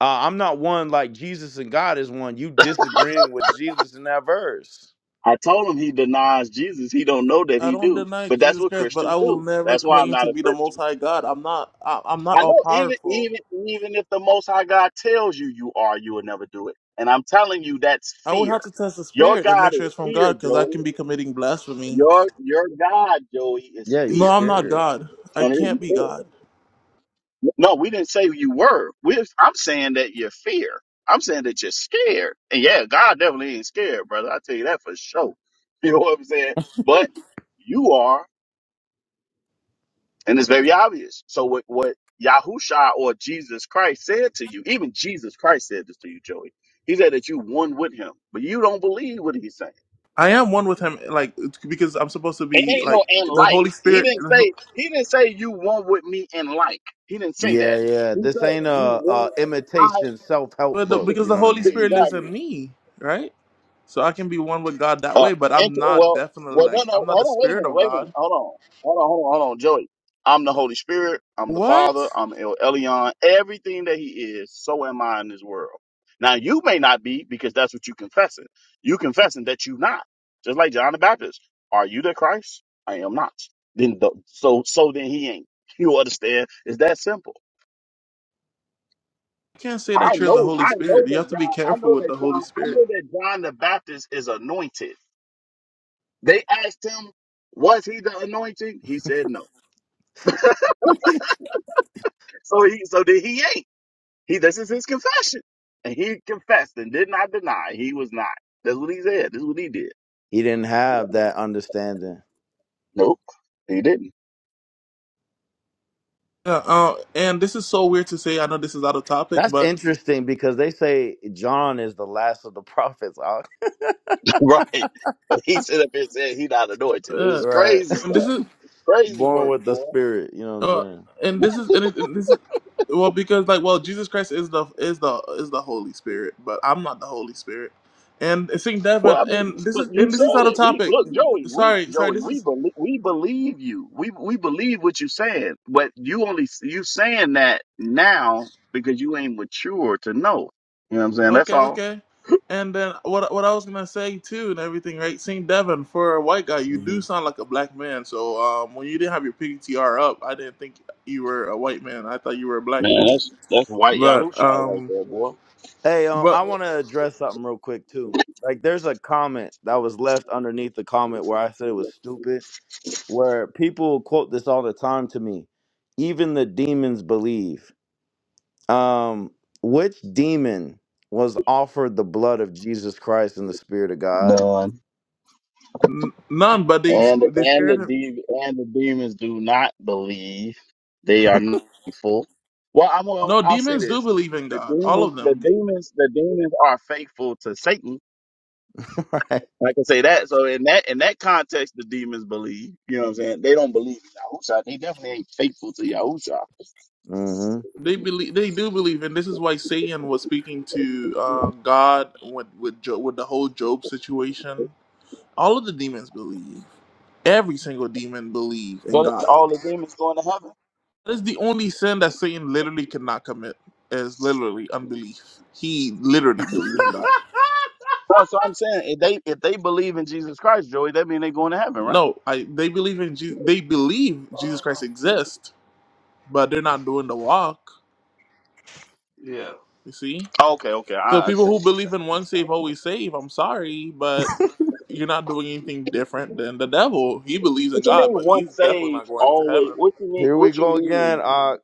uh, i'm not one like jesus and god is one you disagreeing with jesus in that verse
I told him he denies Jesus. He don't know that
I
he
don't
do.
deny
But that's
Jesus
what
Christ, but I
Christians
will
do.
never
That's why I'm
claim
not
to
a
be the Most
Christian.
High God. I'm not. I, I'm not
I
all
know even
powerful.
even even if the most high God tells you you are, you will never do it. And I'm telling you that's
I would
fear.
have to test the
Your
spirit and make
God
sure
is
it's from
fear,
God, because I
Joey.
can be committing blasphemy.
Your your God, Joey, is
yeah you
No,
fear.
I'm not
scared
God. I
And it is
can't be God.
fear. No, we didn't say you were. We I'm saying that you're fear. I'm saying that you're scared. And yeah, God definitely ain't scared, brother. I tell you that for sure. [LAUGHS] You know what I'm saying? But you are. And it's very obvious. So what, what Yahusha or Jesus Christ said to you, even Jesus Christ said this to you, Joey. He said that you one with him, but you don't believe what he's saying.
I am one with him, like because I'm supposed to
It
be
ain't no
like
and
the
like.
Holy
He
Spirit,
didn't say he didn't say you one with me and like. He didn't say
yeah
that.
yeah
He
this
said
ain't
you
a,
one
a
I
imitation self-help
but the,
book
because
you
the
know what i
Holy
[LAUGHS]
mean
Spirit
you,
lives
exactly.
in me, right? So I can be one with God that
Uh,
way, but
int-
I'm not
well,
definitely
well,
like
no, no.
I'm not the
Hold on. Wait a
Spirit
minute.
of
Wait a minute.
God.
Hold on. Hold on. Hold on. Hold on, Joey. I'm the Holy Spirit. I'm the Father.
What?
I'm El Elyon. Everything that He is, so am I in this world. Now you may not be because that's what you confessing. You confessing that you not. Just like John the Baptist. Are you the Christ? I am not. Then the, so so then he ain't. [LAUGHS] You understand? It's that simple.
You can't say
I
that you're the
know.
Holy
I know
Spirit. You
that
have to be
John. I
careful
know
with
that
the Holy
John. I
Spirit.
know that John the Baptist is anointed. They asked him, was he the anointing? He said no. So he so did he ain't. He this is his confession. And he confessed and did not deny he was not. That's what he said. This is what he did.
he didn't have that understanding
Nope. He didn't.
Uh, uh, and this is so weird to say. I know this is out of topic,
that's
but
interesting because they say john is the last of the prophets
[LAUGHS] right. He stood up and said he not anointed. It
[LAUGHS]
uh,
was
right
crazy
and this
stuff.
is
Crazy
born
work,
with the
boy.
spirit you know what
Uh,
i'm
and this is and, it, and this is well because like well Jesus Christ is the is the is the Holy Spirit, but I'm not the Holy Spirit. And Saint
Well,
Devin,
I mean,
and this
but
is
you
and this
said
is out of
it. We
topic.
look, Joey. We
Sorry, sorry.
Joey.
This
We
is
believe. We believe you. We we believe what you said. But you only you saying that now because you ain't mature to know. You know what I'm saying? That's
okay,
all.
okay. And then what what I was gonna say too and everything, right? Saint Devin, for a white guy, you
saying
do sound like a black man. So um, when you didn't have your PTR up, I didn't think you were a white man. I thought you were a black
Man,
man.
that's that's white
But
Yahoo shot right
um,
there, boy.
Hey, um, I
but
want to address something real quick too. Like, there's a comment that was left underneath the comment where I said it was stupid. Where people quote this all the time to me. Even the demons believe. Um, which demon was offered the blood of Jesus Christ and the Spirit of God?
None.
n- none. But they
And
they
and the
scared him.
de- and the demons do not believe. They are not faithful. Well, I'm gonna.
No,
I'll say
demons do
this.
believe in
The
God. All
demons.
of
The
them.
demons. The demons are faithful to Satan
[LAUGHS] right.
I can say that. So in that in that context, the demons believe. You know what I'm saying? They don't believe in Yahusha. They definitely ain't faithful to Yahusha.
hmm
They believe. They do believe, and this is why Satan was speaking to uh, God with with Job, with the whole Job situation. All of the demons believe. Every single demon believe in
So th-
God.
all the demons going to heaven.
That is the only sin that Satan literally cannot commit. Is literally unbelief. He literally believes in God.
No, so I'm saying if they if they believe in Jesus Christ, Joey, that mean they going to heaven, right?
No, I. They believe in. Jesus, they believe Jesus Christ exists, but they're not doing the walk.
Yeah,
You see.
Oh, okay, okay,
So
I
people
understand
who
what you're
believe
saying.
in one save always save. I'm sorry, but You're not doing anything different than the devil. He believes in
What you
God,
mean
but
once
he's definitely
saved,
not going to
always?
heaven.
What you mean?
Here we
What you
go again.
mean?
Uh,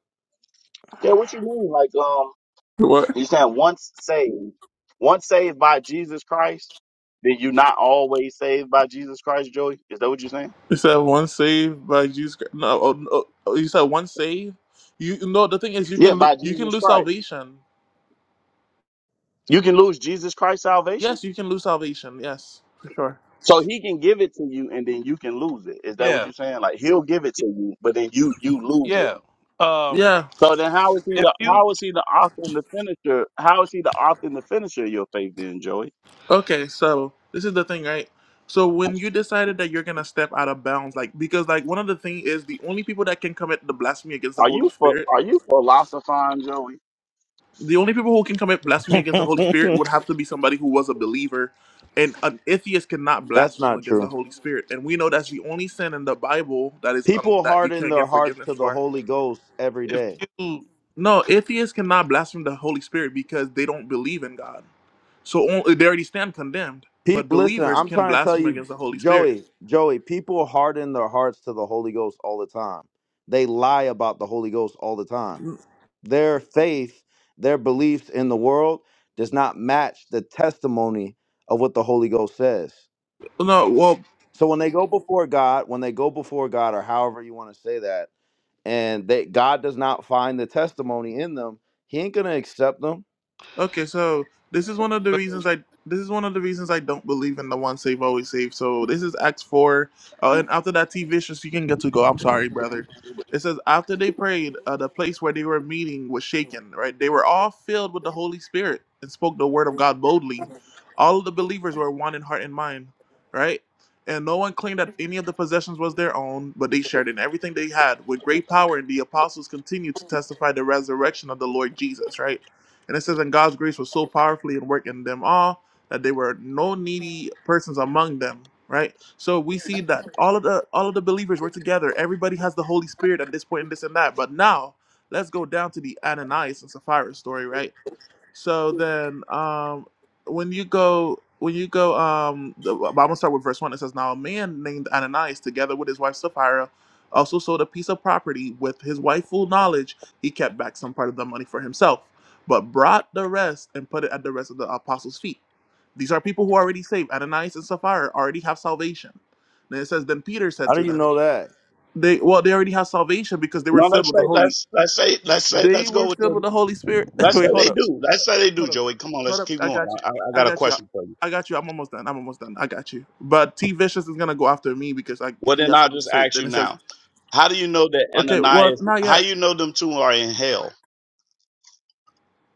Yeah, what you mean? Like um,
What?
you saying once saved, once saved by Jesus Christ, then you not always saved by Jesus Christ, Joey? Is that what you're saying?
You said one saved by Jesus Christ. No, oh, oh, oh, you said one saved. You no. The thing is, you
Yeah,
can lo-
by
you can
Jesus
lose
Christ.
salvation.
You can lose Jesus Christ's salvation.
Yes, you can lose salvation. Yes, for sure.
So he can give it to you and then you can lose it. Is that what
yeah,
you're saying? Like he'll give it to you, but then you you lose it.
yeah. Um,
Yeah.
So then how is he
if
the
you,
how is he the author and the finisher? How is he the author and the finisher of your faith then, Joey?
Okay. So this is the thing, right? So when you decided that you're gonna step out of bounds, like because like one of the thing is the only people that can commit the blasphemy against the
Are
Holy
you ph-
Spirit
are you philosophizing, Joey?
the only people who can commit blasphemy against the Holy Spirit
[LAUGHS]
would have to be somebody who was a believer. And an atheist cannot
that's
blaspheme
not
against the
true.
Holy Spirit. And we know that's the only sin in the Bible that is um,
People
that you
harden
can't
their
get
hearts
forgiveness
to the
for.
Holy Ghost every
if
day.
you,
No, atheists cannot blaspheme the Holy Spirit because they don't believe in God. So only, they already stand condemned. But
People, listen,
believers
I'm
can
trying to tell
blaspheme
you,
against the Holy Spirit.
Joey, Joey, people harden their hearts to the Holy Ghost all the time. They lie about the Holy Ghost all the time. Their faith, their beliefs in the world does not match the testimony of what the Holy Ghost says.
No, well,
So when they go before God, when they go before God, or however you want to say that, and that God does not find the testimony in them, He ain't gonna accept them.
Okay, so this is one of the reasons I this is one of the reasons I don't believe in the one save always save. So this is Acts four, uh, and after that, T vicious you can get to go. I'm sorry, brother. It says after they prayed, uh, the place where they were meeting was shaken. Right, they were all filled with the Holy Spirit and spoke the word of God boldly. All of the believers were one in heart and mind. Right. And no one claimed that any of the possessions was their own, but they shared in everything they had with great power. And the apostles continued to testify the resurrection of the Lord Jesus. Right and it says, And God's grace was so powerfully at work in them all that there were no needy persons among them. Right? So we see that all of the all of the believers were together. Everybody has the Holy Spirit at this point and this and that. But now let's go down to the Ananias and Sapphira story, right? So then, um, when you go, when you go, um, the, I'm gonna start with verse one. It says, "Now a man named Ananias, together with his wife Sapphira, also sold a piece of property. With his wife full knowledge, he kept back some part of the money for himself, but brought the rest and put it at the rest of the apostles' feet." These are people who already saved. Ananias and Sapphira already have salvation. Then it says, "Then Peter said
How do
to
you
them,
know that?
They well, they already have salvation because they were
No,
filled
let's
with the
say
Holy.
let's let's say let's say
They
let's go
were
with
filled
the
with the Holy Spirit. [LAUGHS]
let's say
Wait, hold
they
up.
do. Let's say they do,
Hold up.
Joey. Come on,
Hold
let's
up.
keep
I
going.
got you.
I, I I
I
got a
got you. I,
question for you.
I got you. I'm almost done. I'm almost done. I got you. But T Vicious is gonna go after me because I,
Well,
he
then
has
I'll
something to
just
say.
ask
Then
you
it says,
now. How do you know that
okay, well,
Ananias?
not
How
yet.
you know them two are in hell?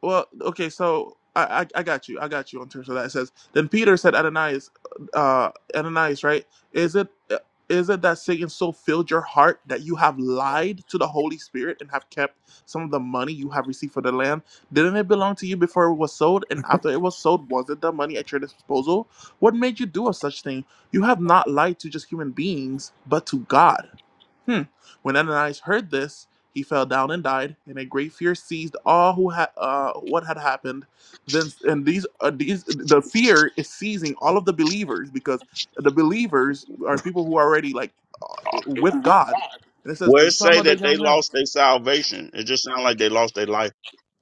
Well, okay, so I, I I got you. I got you in terms of that. It says then Peter said Ananias, uh, Ananias, right? Is it uh, is it that Satan so filled your heart that you have lied to the Holy Spirit and have kept some of the money you have received for the land? Didn't it belong to you before it was sold? And after it was sold, was it the money at your disposal? What made you do a such thing? You have not lied to just human beings, but to God. Hmm. When Ananias heard this, he fell down and died, and a great fear seized all who had uh, what had happened. Then and these uh, these the fear is seizing all of the believers because the believers are people who are already like uh, with God. And it says
Where
then
it
some
say
of the
that they
young men.
lost their salvation, it just sounds like they lost their life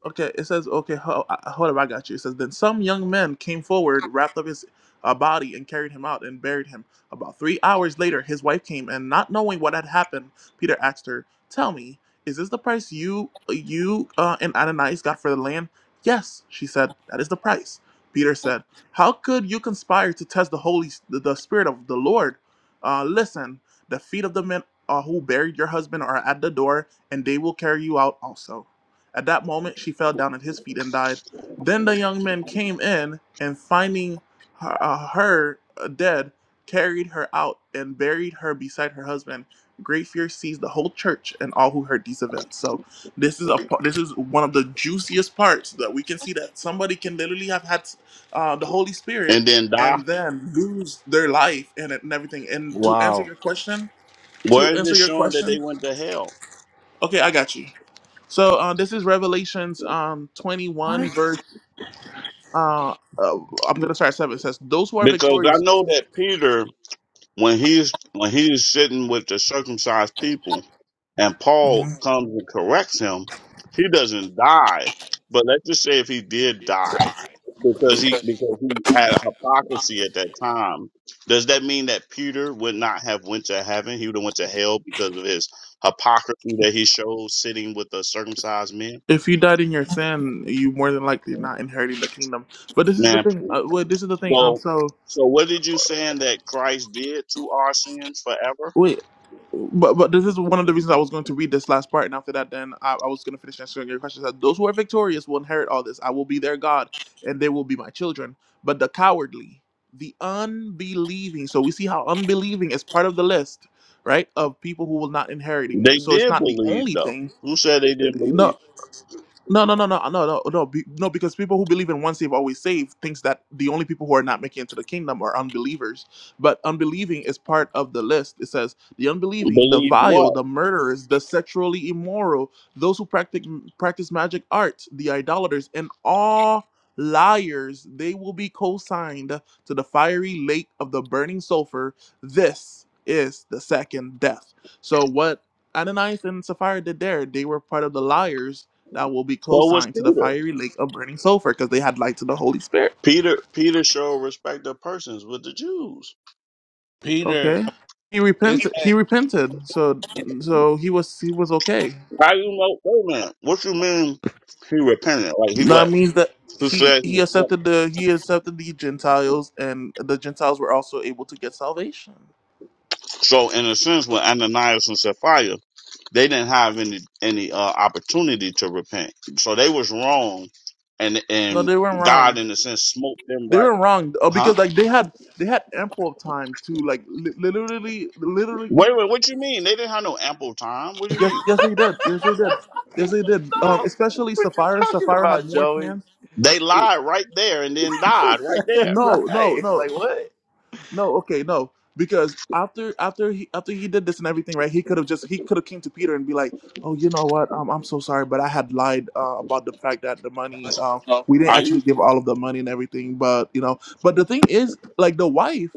Okay, it says, okay, ho- uh, uh, hold up, I got you. It says, then some young men came forward, wrapped up his uh, body, and carried him out and buried him. About three hours later, his wife came, and not knowing what had happened, Peter asked her, Tell me, is this the price you uh, you uh, and Ananias got for the land? Yes, she said, that is the price. Peter said, How could you conspire to test the Holy, the, the Spirit of the Lord? Uh, listen, the feet of the men uh, who buried your husband are at the door, and they will carry you out also. At that moment, she fell down at his feet and died. Then the young men came in and, finding her, uh, her uh, dead, carried her out and buried her beside her husband. Great fear seized the whole church and all who heard these events. So, this is a this is one of the juiciest parts that we can see that somebody can literally have had uh, the Holy Spirit
and then die.
and then lose their life and, and everything. And to answer
Wow.
your question, to
Where is
answer
it
your
showing that they
question,
went to hell?
okay, I got you. So uh, this is Revelations um, 21, verse. Uh, uh, I'm going to start at 7. It says, Those who are
Because I
victorious,
know that Peter when he's when he's sitting with the circumcised people and Paul
hmm
comes and corrects him, he doesn't die. But let's just say if he did die because he because he had hypocrisy at that time, does that mean that Peter would not have went to heaven? He would have went to hell because of his hypocrisy that he showed sitting with the circumcised men?
if you died in your sin, you more than likely not inheriting the kingdom. But this is the
Man,
thing. Uh, well, this is the thing. Um,
so
So.
so what did you saying that Christ did to our sins forever?
Wait, but but this is one of the reasons I was going to read this last part, and after that, then I, I was going to finish answering your questions. That those who are victorious will inherit all this. I will be their God, and they will be my children. But the cowardly, the unbelieving, so we see how unbelieving is part of the list, right? Of people who will not inheriting.
They
So it's
did
not the
believe
only
though.
thing.
Who said they
uh,
didn't
No,
believe?
no, no, no, no, no, no, no, be, no. Because people who believe in once saved, always saved, thinks that the only people who are not making it to the kingdom are unbelievers. But unbelieving is part of the list. It says the unbelieving, the
Believe what?
vile, the murderers, the sexually immoral, those who practice practice magic arts, the idolaters, and all liars. They will be co-signed to the fiery lake of the burning sulfur. This is the second death. So what Ananias and Sapphira did there, they were part of the liars that will be
So was
co-signed to the
Peter.
fiery lake of burning sulfur because they had light to the Holy Spirit.
Peter Peter showed respect of persons with the Jews.
Peter,
Okay. He
it's.
repented. He repented. So so he was he was okay.
How you know? Wait a minute. What you mean? He repented. Like he
That
what?
means that
Who
he
said he
he
was
accepted the he accepted the Gentiles and the Gentiles were also able to get salvation.
so? In a sense, with Ananias and Sapphira, they didn't have any any uh, opportunity to repent. So they was wrong, and
No,
and
they weren't
God,
wrong.
in a sense, smoked them
They
right.
were wrong uh,
Huh?
because like they had they had ample time to like li- literally literally
Wait, wait. What you mean? They didn't have no ample time. What do you
yes
mean?
yes they did yes they did yes they did um
No,
especially
what you
Sapphira
talking
Sapphira had
about,
more
Joey?
chance
They
wait
lied right there and then
[LAUGHS] right?
died right there.
no no no
Like what?
No, okay, no. Because after after he after he did this and everything, right? He could have just he could have came to Peter and be like, "Oh, you know what? Um, I'm so sorry, but I had lied uh, about the fact that the money. Um,
Oh.
we didn't
Are you?
actually give all of the money and everything, but you know. But the thing is, like the wife,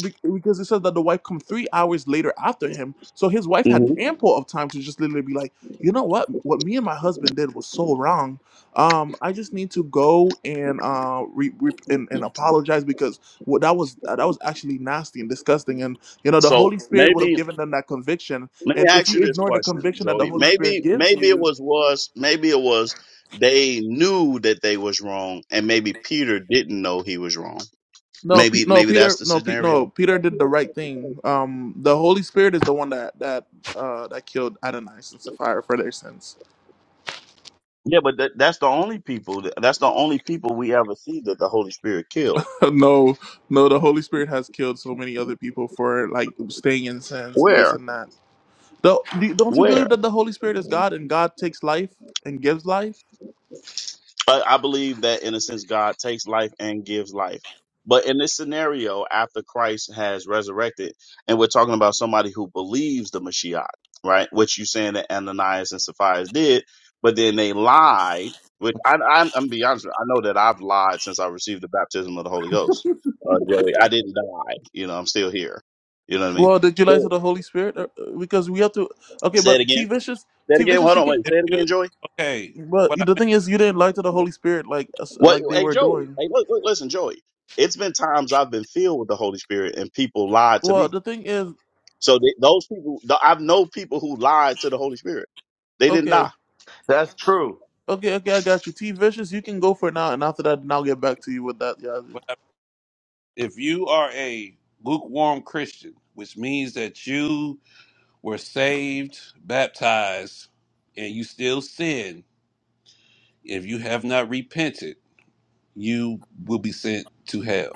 be- because it says that the wife come three hours later after him, so his wife had
hmm
ample of time to just literally be like, you know what? What me and my husband did was so wrong. Um, I just need to go and uh re, re- and, and apologize because well, that was uh, that was actually nasty and disgusting, and you know the
So
Holy Spirit would have
maybe
given them that conviction.
let me
And if
ask you
you
this
ignore the
question,
conviction that the
Joey.
Holy Spirit
Maybe
gives
maybe it
you,
was was maybe it was they knew that they was wrong, and maybe Peter didn't know he was wrong.
no, Pe-
Maybe
no,
maybe that's
Peter,
the
no, Pe-
scenario.
no, Peter did the right thing. Um, the Holy Spirit is the one that that uh, that killed Adonias and Sapphira for their sins.
Yeah, but that, that's the only people. That's the only people we ever see that the Holy Spirit killed.
[LAUGHS] no, no, the Holy Spirit has killed so many other people for like staying in sins and this
Where?
and that. Don't do- don't you
Where?
believe that the Holy Spirit is God and God takes life and gives life?
But I believe that in a sense God takes life and gives life. But in this scenario, after Christ has resurrected, and we're talking about somebody who believes the Mashiach, right? Which you saying that Ananias and Sapphira did, but then they lied. Which I, I'm, I'm be honest, with you, I know that I've lied since I received the baptism of the Holy Ghost. Uh, Joey, I didn't die. You know, I'm still here. You know what I mean?
Well, did you like to the Holy Spirit? Uh, uh, Because we have to. Okay,
Say it
but T
again.
Vicious,
Say it
T
again.
Vicious,
Hold
you
on.
could.
Wait.
If
Say it
you
again, Joey.
okay,
But
what I,
the thing is, you didn't lie to the Holy Spirit like us-
What?
like they
Hey,
were
Joey.
doing.
Hey, look, look, listen, Joey. It's been times I've been filled with the Holy Spirit and people lied to
Well,
me.
the thing is,
So th- those people, th- I've known people who lied to the Holy Spirit. They didn't
okay,
die.
That's true.
okay, okay, I got you. T Vicious, you can go for now, and after that, then I'll get back to you with that. Yeah.
what I, if you are a lukewarm Christian, which means that you were saved, baptized, and you still sin, if you have not repented, you will be sent to hell.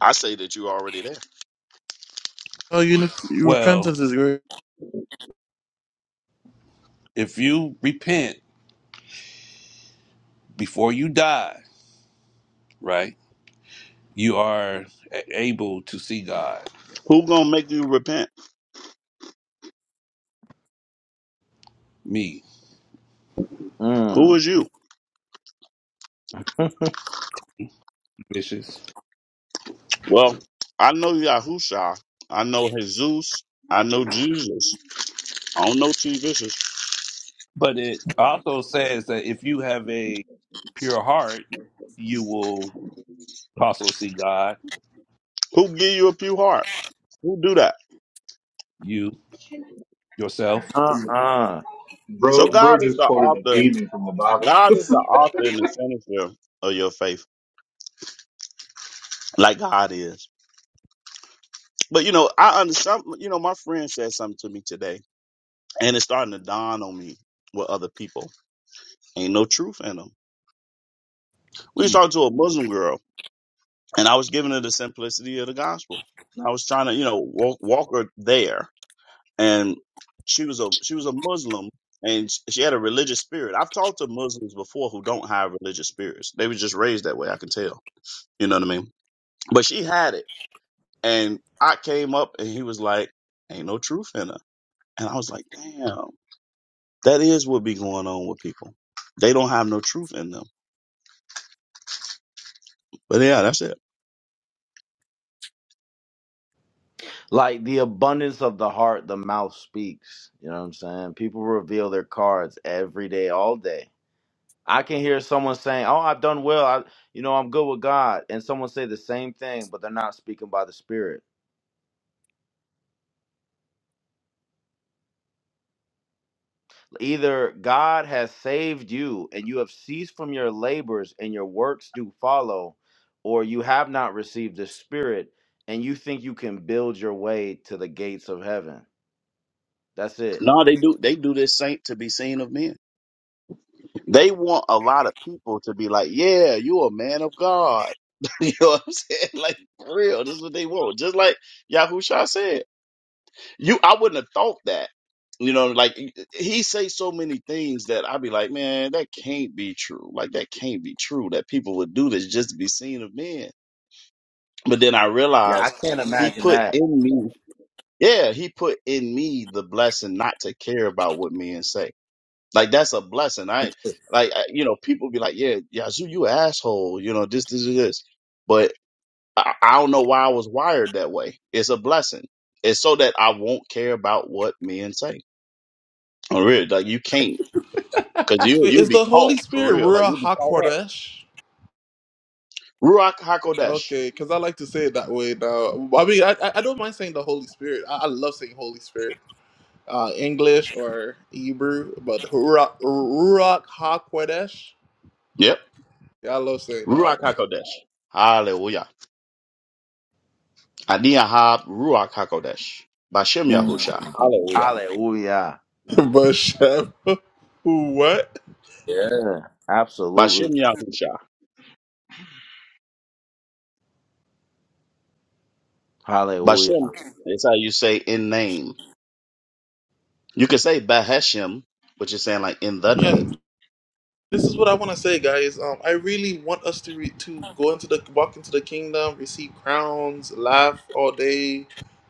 I say that you already there.
Oh, you your
Well,
repentance is great.
if you repent before you die, right, you are a- able to see God.
Who gonna make you repent?
Me,
Who
Mm.
is you?
vicious.
Well, I know Yahusha. I know Jesus. I know Jesus. I don't know T. Vicious.
But it also says that if you have a pure heart, you will. Also see God,
Who give you a pure heart? Who do that?
you, yourself.
Uh-uh.
So
Bro,
God
bro
is the
just quoted a
author.
demon from the Bible.
God
[LAUGHS]
is the author and the finisher of your faith, like God is. But you know, I understand. You know, my friend said something to me today, and it's starting to dawn on me with other people. Ain't no truth in them. We was
Mm.
talking to a Muslim girl, and I was giving her the simplicity of the gospel. And I was trying to, you know, walk, walk her there, and she was a she was a Muslim, and sh- she had a religious spirit. I've talked to Muslims before who don't have religious spirits. They were just raised that way. I can tell. You know what I mean? But she had it, and I came up, and he was like, "Ain't no truth in her," and I was like, "Damn." That is what be going on with people. They don't have no truth in them. But yeah, that's it.
Like the abundance of the heart, the mouth speaks. You know what I'm saying? People reveal their cards every day, all day. I can hear someone saying, "Oh, I've done well. I, you know, I'm good with God," and someone say the same thing, but they're not speaking by the Spirit. Either God has saved you and you have ceased from your labors and your works do follow, or you have not received the Spirit and you think you can build your way to the gates of heaven. That's it.
No, they do. They do this saint to be seen of men. They want a lot of people to be like, "Yeah, you a man of God." [LAUGHS] you know what I'm saying? Like for real, this is what they want. Just like Yahusha said, you. I wouldn't have thought that. You know, like he say so many things that I'd be like, man, that can't be true. Like that can't be true that people would do this just to be seen of men. But then I
Yeah, I
realized
can't
he
imagine
put
that.
in me. Yeah, he put in me the blessing not to care about what men say. Like that's a blessing. I like I, you know people be like, yeah, Yazoo, you an asshole. You know this, this, and this. But I, I don't know why I was wired that way. It's a blessing. It's so that I won't care about what men say. For real, like you can't because you
Wait,
you
is
be
the Holy
caught for
Spirit
real. Like
Ruah
you be caught up.
Hakodesh?
Ruach Hakodesh.
Okay, because I like to say it that way now. I mean, I I I don't mind saying the Holy Spirit. I, I love saying Holy Spirit. uh, English or Hebrew, but Ruach Ruach Hakodesh.
Yep,
Yeah, I love saying
Ruach
that.
Hakodesh. Hallelujah. Adiyahab Ruach Hakodesh. Bashem
Mm.
Yahusha. Hallelujah.
Hallelujah.
[LAUGHS] but Chef, [LAUGHS] what?
Yeah, absolutely.
Bashem Yahusha.
Hallelujah.
Bashem is how you say in name. You can say Baheshem, but you're saying like in the
Yeah,
name.
this is what I want to say, guys. Um, I really want us to re- to go into the walk into the kingdom, receive crowns, laugh all day,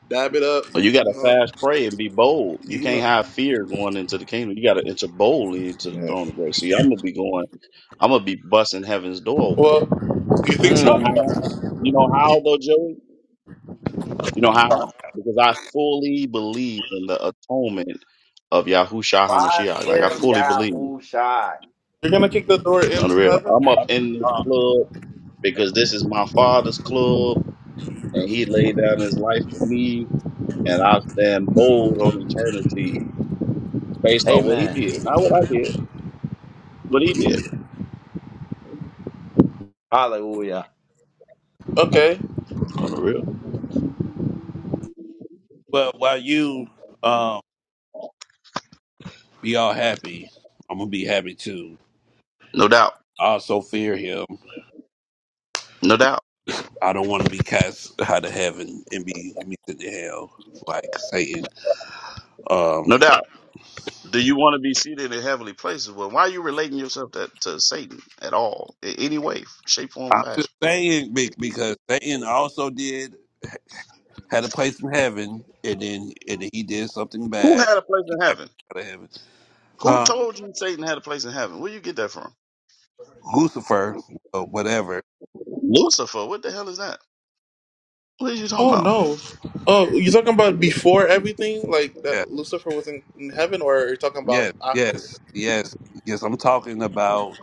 dab it up.
But you gotta
You know,
fast pray and be bold. You
you
can't
know.
have fear going into the kingdom. You gotta enter boldly into the
Yeah.
throne of grace. See, I'm gonna be going, I'm gonna be busting heaven's door open.
Well, you think
You know
so?
Mm.
how? You know
You-
how though, Joey? You know how? Because I fully believe in the atonement of Yahushua HaMashiach. Like I
Bashem
fully believe.
Yahushai.
You're gonna kick the door
No, the
into
real, I'm up
heaven?
in this
Uh,
club because this is my father's club and he laid down his life for me and I stand bold on eternity based on what he
Amen.
did. Not what I did, what he did.
Hallelujah.
Okay.
On the real.
but while you um, be all happy, I'm going to be happy too.
No doubt.
I also fear him.
No doubt.
I don't want to be cast out of heaven and be, and be sent to hell like Satan. Um,
No doubt. Do you want to be seated in heavenly places? Well, why are you relating yourself to, to Satan at all, in any way, shape, form, or
I'm just
fashion?
saying be- because Satan also did, had a place in heaven and then and then he did something
Who
bad.
had a place
He
in
got
heaven?
Out of heaven.
Who
Huh?
told you Satan had a place in heaven? Where you get that from?
Lucifer, or whatever.
Lucifer. What the hell is that? What are you talking
Oh
about?
no. Oh, you talking about before everything? Like that
Yeah.
Lucifer was in, in heaven or are you talking about
Yes,
after?
yes, yes, yes. I'm talking about.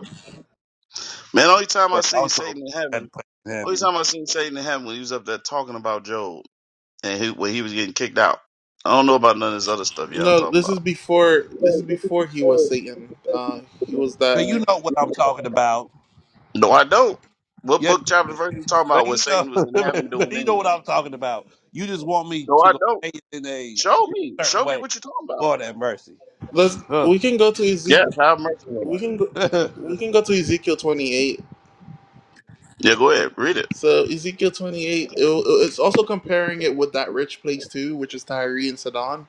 Man, only time I
prayer
seen
also
Satan in
had a
heaven,
place in
only
heaven.
time I seen Satan in heaven when he was up there talking about Job and he, when he was getting kicked out. I don't know about none of this other stuff y'all
No,
talking
this is
about.
before
Yeah,
this is
this is the
before he was
story,
Satan. Uh he was
But
that
you
uh,
know what I'm talking about.
No, I don't. What
Yes,
book, chapter,
you do.
verse you talking
But
about where
you know,
Satan was in
[LAUGHS]
heaven
but
doing
you know what
anything?
I'm talking about. You just want me
No,
to
I
go
don't.
say it in a
Show me.
certain
Show me
way.
what you're talking about.
Lord have mercy.
let's
Ugh.
we can go to Ezekiel
Yes, have mercy on
we
us.
can
[LAUGHS]
go
no,
we can go to Ezekiel twenty eight.
Yeah, go ahead. Read it.
So Ezekiel twenty eight it, it's also comparing it with that rich place too, which is Tyre and Sidon.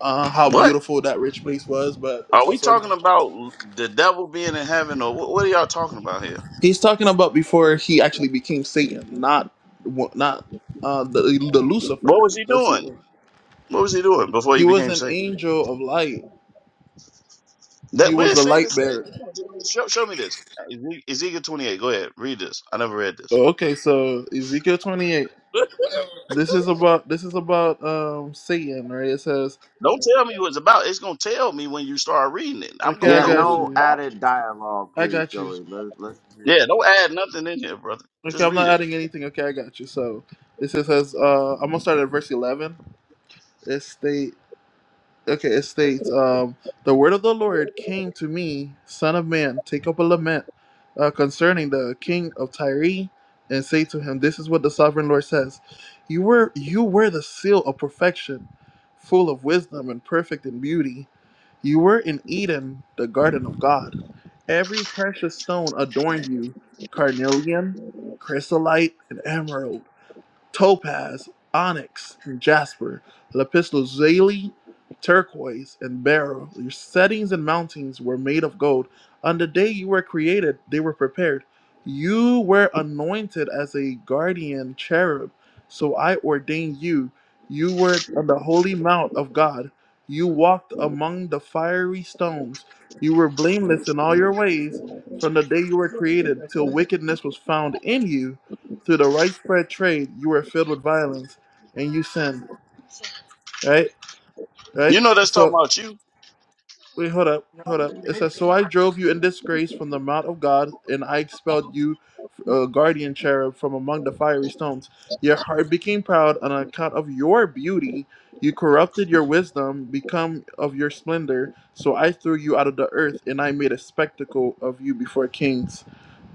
Uh how
What?
beautiful that rich place was, but it's
Are we
also
talking about the devil being in heaven or what, what are y'all talking about here?
He's talking about before he actually became Satan, not not uh, the the
What
Lucifer.
was he
That's his,
doing?
name.
What was he doing before
he
he
was
became
an
Satan?
angel of light. He
That where
was
it
the
say
light
this
bearer.
at? Show, show me this. Eze- Ezekiel 28. Go ahead, read this. I never read this.
Okay, so Ezekiel twenty eight. This is about this is about um Satan, right? It says,
Don't tell me what it's about. It's gonna tell me when you start reading it. I'm
"Okay,
gonna
I
Yeah,
know
got
what
no
it's
you.
about.
added dialogue,
I
please,
got you.
Joey. Let's, let's hear it.
Yeah, don't add nothing in here, brother.
Okay,
Just
I'm not
read it.
adding anything. Okay, I got you." So this is says uh, I'm gonna start at verse eleven. It state. okay, it states, um, the word of the Lord came to me, son of man, take up a lament uh, concerning the king of Tyre, and say to him, this is what the sovereign Lord says: You were you were the seal of perfection, full of wisdom and perfect in beauty. You were in Eden, the garden of God. Every precious stone adorned you, carnelian, chrysolite, and emerald topaz, onyx, and jasper, lapislazuli, turquoise, and beryl. Your settings and mountings were made of gold. On the day you were created, they were prepared. You were anointed as a guardian cherub, so I ordained you. You were on the holy mount of God. You walked among the fiery stones. You were blameless in all your ways from the day you were created till wickedness was found in you through the widespread trade, you were filled with violence and you sinned. Right? Right?
You know that's
So
talking about you.
Wait, hold up, hold up. It says, "So I drove you in disgrace from the mount of God, and I expelled you, uh, guardian cherub, from among the fiery stones. Your heart became proud on account of your beauty. You corrupted your wisdom, become of your splendor. So I threw you out of the earth, and I made a spectacle of you before kings.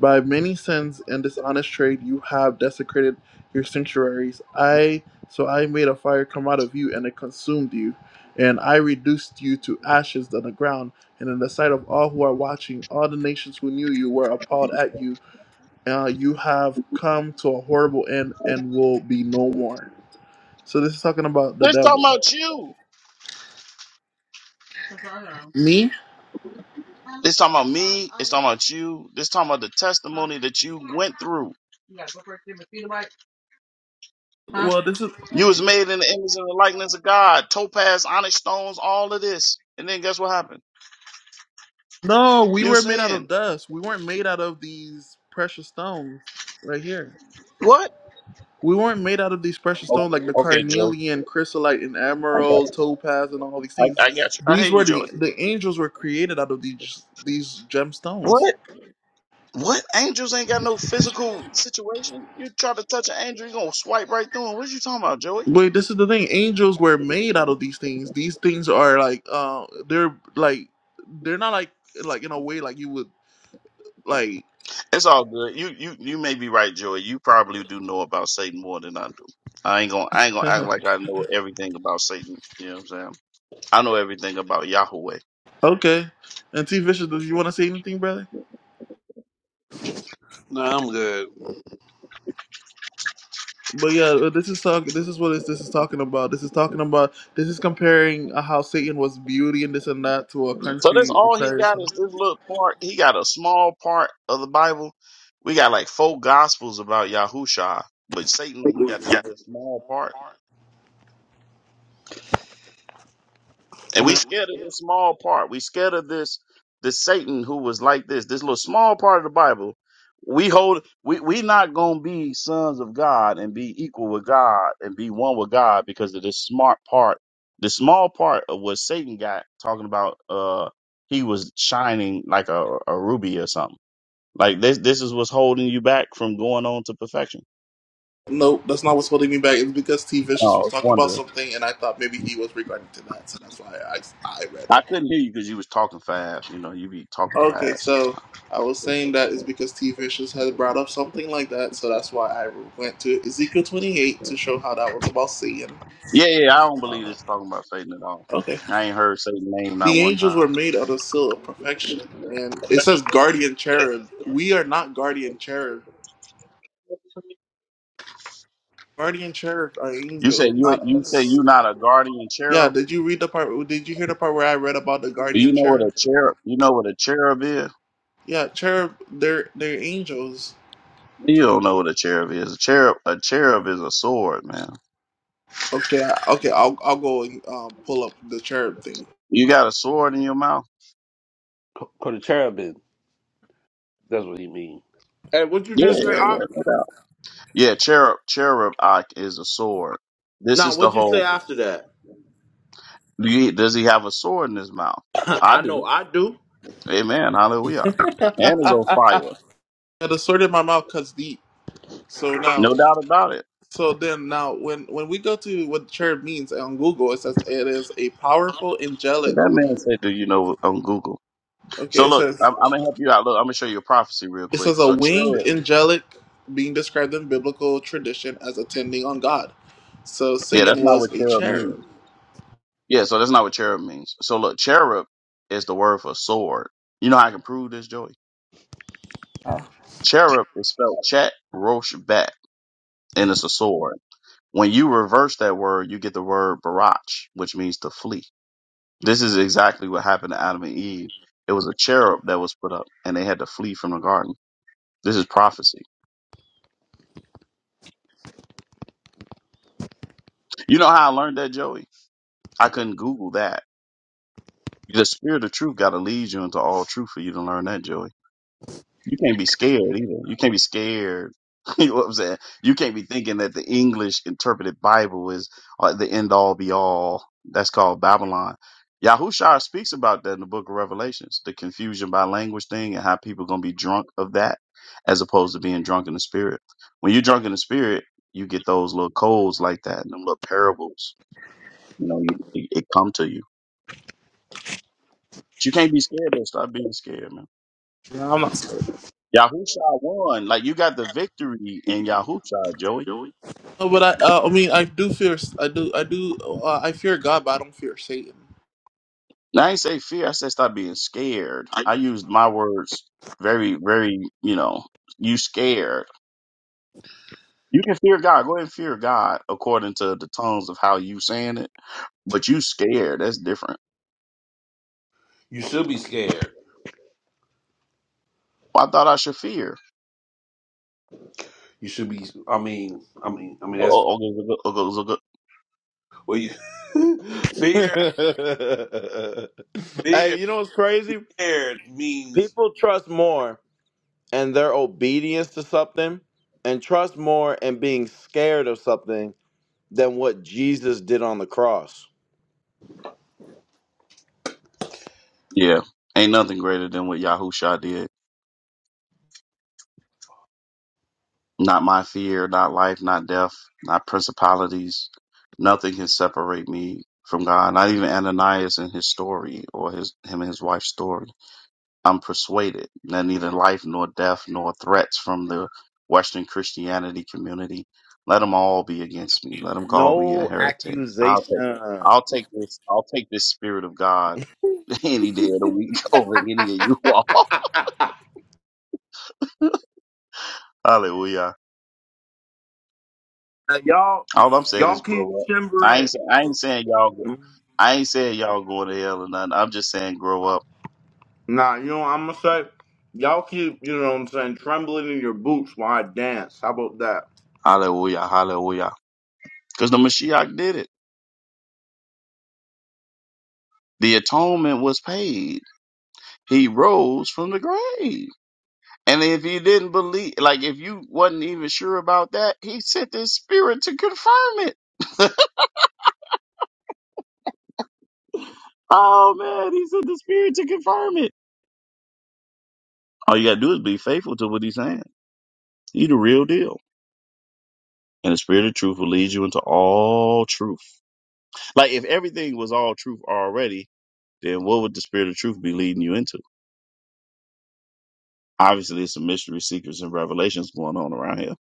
By many sins and dishonest trade, you have desecrated your sanctuaries. I so I made a fire come out of you, and it consumed you." And I reduced you to ashes on the ground, and in the sight of all who are watching, all the nations who knew you were appalled at you. Uh, you have come to a horrible end and will be no more. So this is talking about the
This talking
devil.
about you.
Me?
This talking about me. It's talking about you. This talking about the testimony that you went through.
Well, this is
You was made in the image and the likeness of God. Topaz, onyx stones, all of this. And then guess what happened?
no. We
You
were made out of
sinned.
dust. We weren't made out of these precious stones right here.
What?
We weren't made out of these precious
Okay,
stones like the
okay, Joey.
carnelian, chrysolite, and
I got
emerald,
you.
topaz, and all these
I,
things.
I got you. I
These
hear you,
were the
Jordan.
the angels were created out of these these gemstones.
What? What? Angels ain't got no physical situation. You try to touch an angel, you gonna swipe right through him. What you talking about, Joey?
Wait, this is the thing. Angels were made out of these things. These things are like uh they're like they're not like like in a way like you would like
It's all good. You you you may be right, Joey. You probably do know about Satan more than I do. I ain't gonna I ain't gonna act
[LAUGHS]
like I know everything about Satan. You know what I'm saying? I know everything about Yahweh.
okay. And T Vicious, do you wanna say anything, brother?
I'm good.
But yeah, uh, this is talk. This is what is this is talking about. This is talking about. This is comparing uh, how Satan was beauty and this and that to a
So that's
country of
all he
Paris.
got is this little part. He got a small part of the Bible. We got like four gospels about Yahusha, but Satan only got this
Yeah.
little small part.
I
And we
mean,
scared of this small part. We scared of this this Satan who was like this, this little small part of the Bible. We hold we we not gonna be sons of God and be equal with God and be one with God because of this smart part, the small part of what Satan got talking about uh he was shining like a, a ruby or something. Like this this is what's holding you back from going on to perfection.
No, that's not what's holding me back. It's because T.
Oh,
Vicious
I
was
was
talking about
wondering.
something, and I thought maybe he was regarding to that, so that's why I I read it.
I couldn't hear you because you was talking fast. You know, you be talking
Okay,
fast sometimes.
so I was saying that is because T. Vicious had brought up something like that, so that's why I went to Ezekiel twenty eight to show how that was about Satan.
Yeah, yeah, yeah, I don't believe
Uh,
it's talking about Satan at all.
Okay.
I ain't heard Satan's name not
The
one
angels
time.
were made out of seal of perfection, and it says guardian cherub. We are not guardian cherub. Guardian cherubs are
You said
angels,
you
not
you said
us.
you not a guardian
Yeah,
cherub.
did you read the part? Did you hear the part where I read about the
Do
guardian
you know what
cherub?
a cherub? You know what a cherub is?
Yeah, cherub, they're they're angels.
You don't know what a cherub is. A cherub a cherub is a sword, man.
Okay, I- okay, I'll I'll go and um, pull up the cherub thing.
You got a sword in your mouth?
for the cherubim, that's what he mean.
Hey, what you
Yeah,
just say?
yeah, yeah, no doubt. Yeah, cherub cherub Ike is a sword. This
Now,
is the
what'd you say
whole.
after that?
Do you, does he have a sword in his mouth?
[LAUGHS]
I
I know
do.
I do.
Amen. Hallelujah. And is on fire.
Yeah, the sword in my mouth cuts deep. So now,
No doubt about it.
so then now, when when we go to what cherub means on Google, it says it is a powerful angelic
That man said, "Do you know on Google?"
Okay,
So
it
look,
says
I'm, I'm gonna help you out. Look, I'm gonna show you a prophecy real
It
quick.
says a
So
winged
cherub,
angelic being described in biblical tradition as attending on God. So
yeah,
Satan
that's not
was
what
a
cherub
cherub.
means. Yeah, so that's not what cherub means. So look, cherub is the word for sword. You know how I can prove this, Joey? Cherub is spelled chat rosh bat, and it's a sword. When you reverse that word, you get the word barach, which means to flee. This is exactly what happened to Adam and Eve. It was a cherub that was put up, and they had to flee from the garden. This is prophecy. You know how I learned that, Joey? I couldn't Google that. The spirit of truth got to lead you into all truth for you to learn that, Joey. You can't be scared either. You can't be scared. [LAUGHS] you know what I'm saying? You can't be thinking that the English interpreted Bible is uh, the end all be all. That's called Babylon. Yahushua speaks about that in the book of Revelations, the confusion by language thing and how people going to be drunk of that as opposed to being drunk in the spirit. When you're drunk in the spirit, you get those little codes like that and them little parables. You know, you, it, it come to you. But you can't be scared though. Stop being scared, man.
No, I'm not scared.
Yahusha won. Like you got the victory in Yahusha, Joey.
Joey,
No, but I, uh, I mean, I do fear, I do, I do, uh, I fear God, but I don't fear Satan.
And I ain't say fear. I said stop being scared.
I
I
use.
used my words very, very, you know, you scared. You can fear God. Go ahead and fear God according to the tones of how you saying it. But you scared. That's different.
You should be scared.
Well, I thought I should fear.
You should be. I mean, I mean, I mean.
Oh,
That's
oh, oh, good, good, good, good, good.
well. You, [LAUGHS] fear,
[LAUGHS] hey,
fear,
you know what's crazy?
fear means
People trust more in their obedience to something and trust more in being scared of something than what Jesus did on the cross.
Yeah. Ain't nothing greater than what Yahusha did. Not my fear, not life, not death, not principalities. Nothing can separate me from God. Not even Ananias and his story or his him and his wife's story. I'm persuaded that neither life nor death nor threats from the Western Christianity community. Let them all be against me. Let them call me a
No
heretic. I'll
accusation.
take
Uh,
I'll take this I'll take this spirit of God [LAUGHS] any day of the week [LAUGHS] over any of you all. [LAUGHS] Hallelujah.
y'all,
All I'm saying
y'all
is
keep
grow up. I
timbering.
ain't say, I ain't saying y'all go- I ain't saying y'all going to hell or nothing. I'm just saying grow up.
Nah, you know what I'm gonna say? Y'all keep, you know what I'm saying, trembling in your boots while I dance. How about that?
Hallelujah, hallelujah. Because the Mashiach did it. The atonement was paid. He rose from the grave. And if you didn't believe, like if you wasn't even sure about that, he sent his spirit to confirm it. [LAUGHS] oh man, he sent the spirit to confirm it. All you gotta do is be faithful to what he's saying. He the real deal. And the spirit of truth will lead you into all truth. Like if everything was all truth already, then what would the spirit of truth be leading you into? Obviously, there's some mystery, secrets, and revelations going on around here.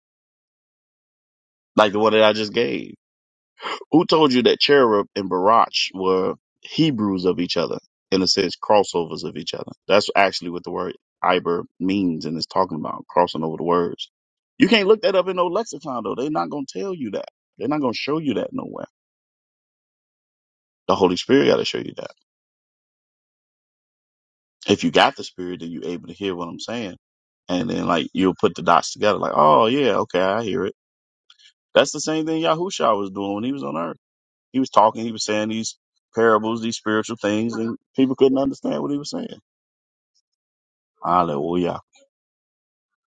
Like the one that I just gave. Who told you that Cherub and Barach were Hebrews of each other? In a sense, crossovers of each other. That's actually what the word Iber means and is talking about, crossing over the words. You can't look that up in no lexicon though. They're not gonna tell you that. They're not gonna show you that nowhere. The Holy Spirit gotta show you that. If you got the spirit, then you're able to hear what I'm saying. And then like you'll put the dots together, like, oh yeah, okay, I hear it. That's the same thing Yahusha was doing when he was on earth. He was talking, he was saying these parables, these spiritual things, and people couldn't understand what he was saying. Hallelujah.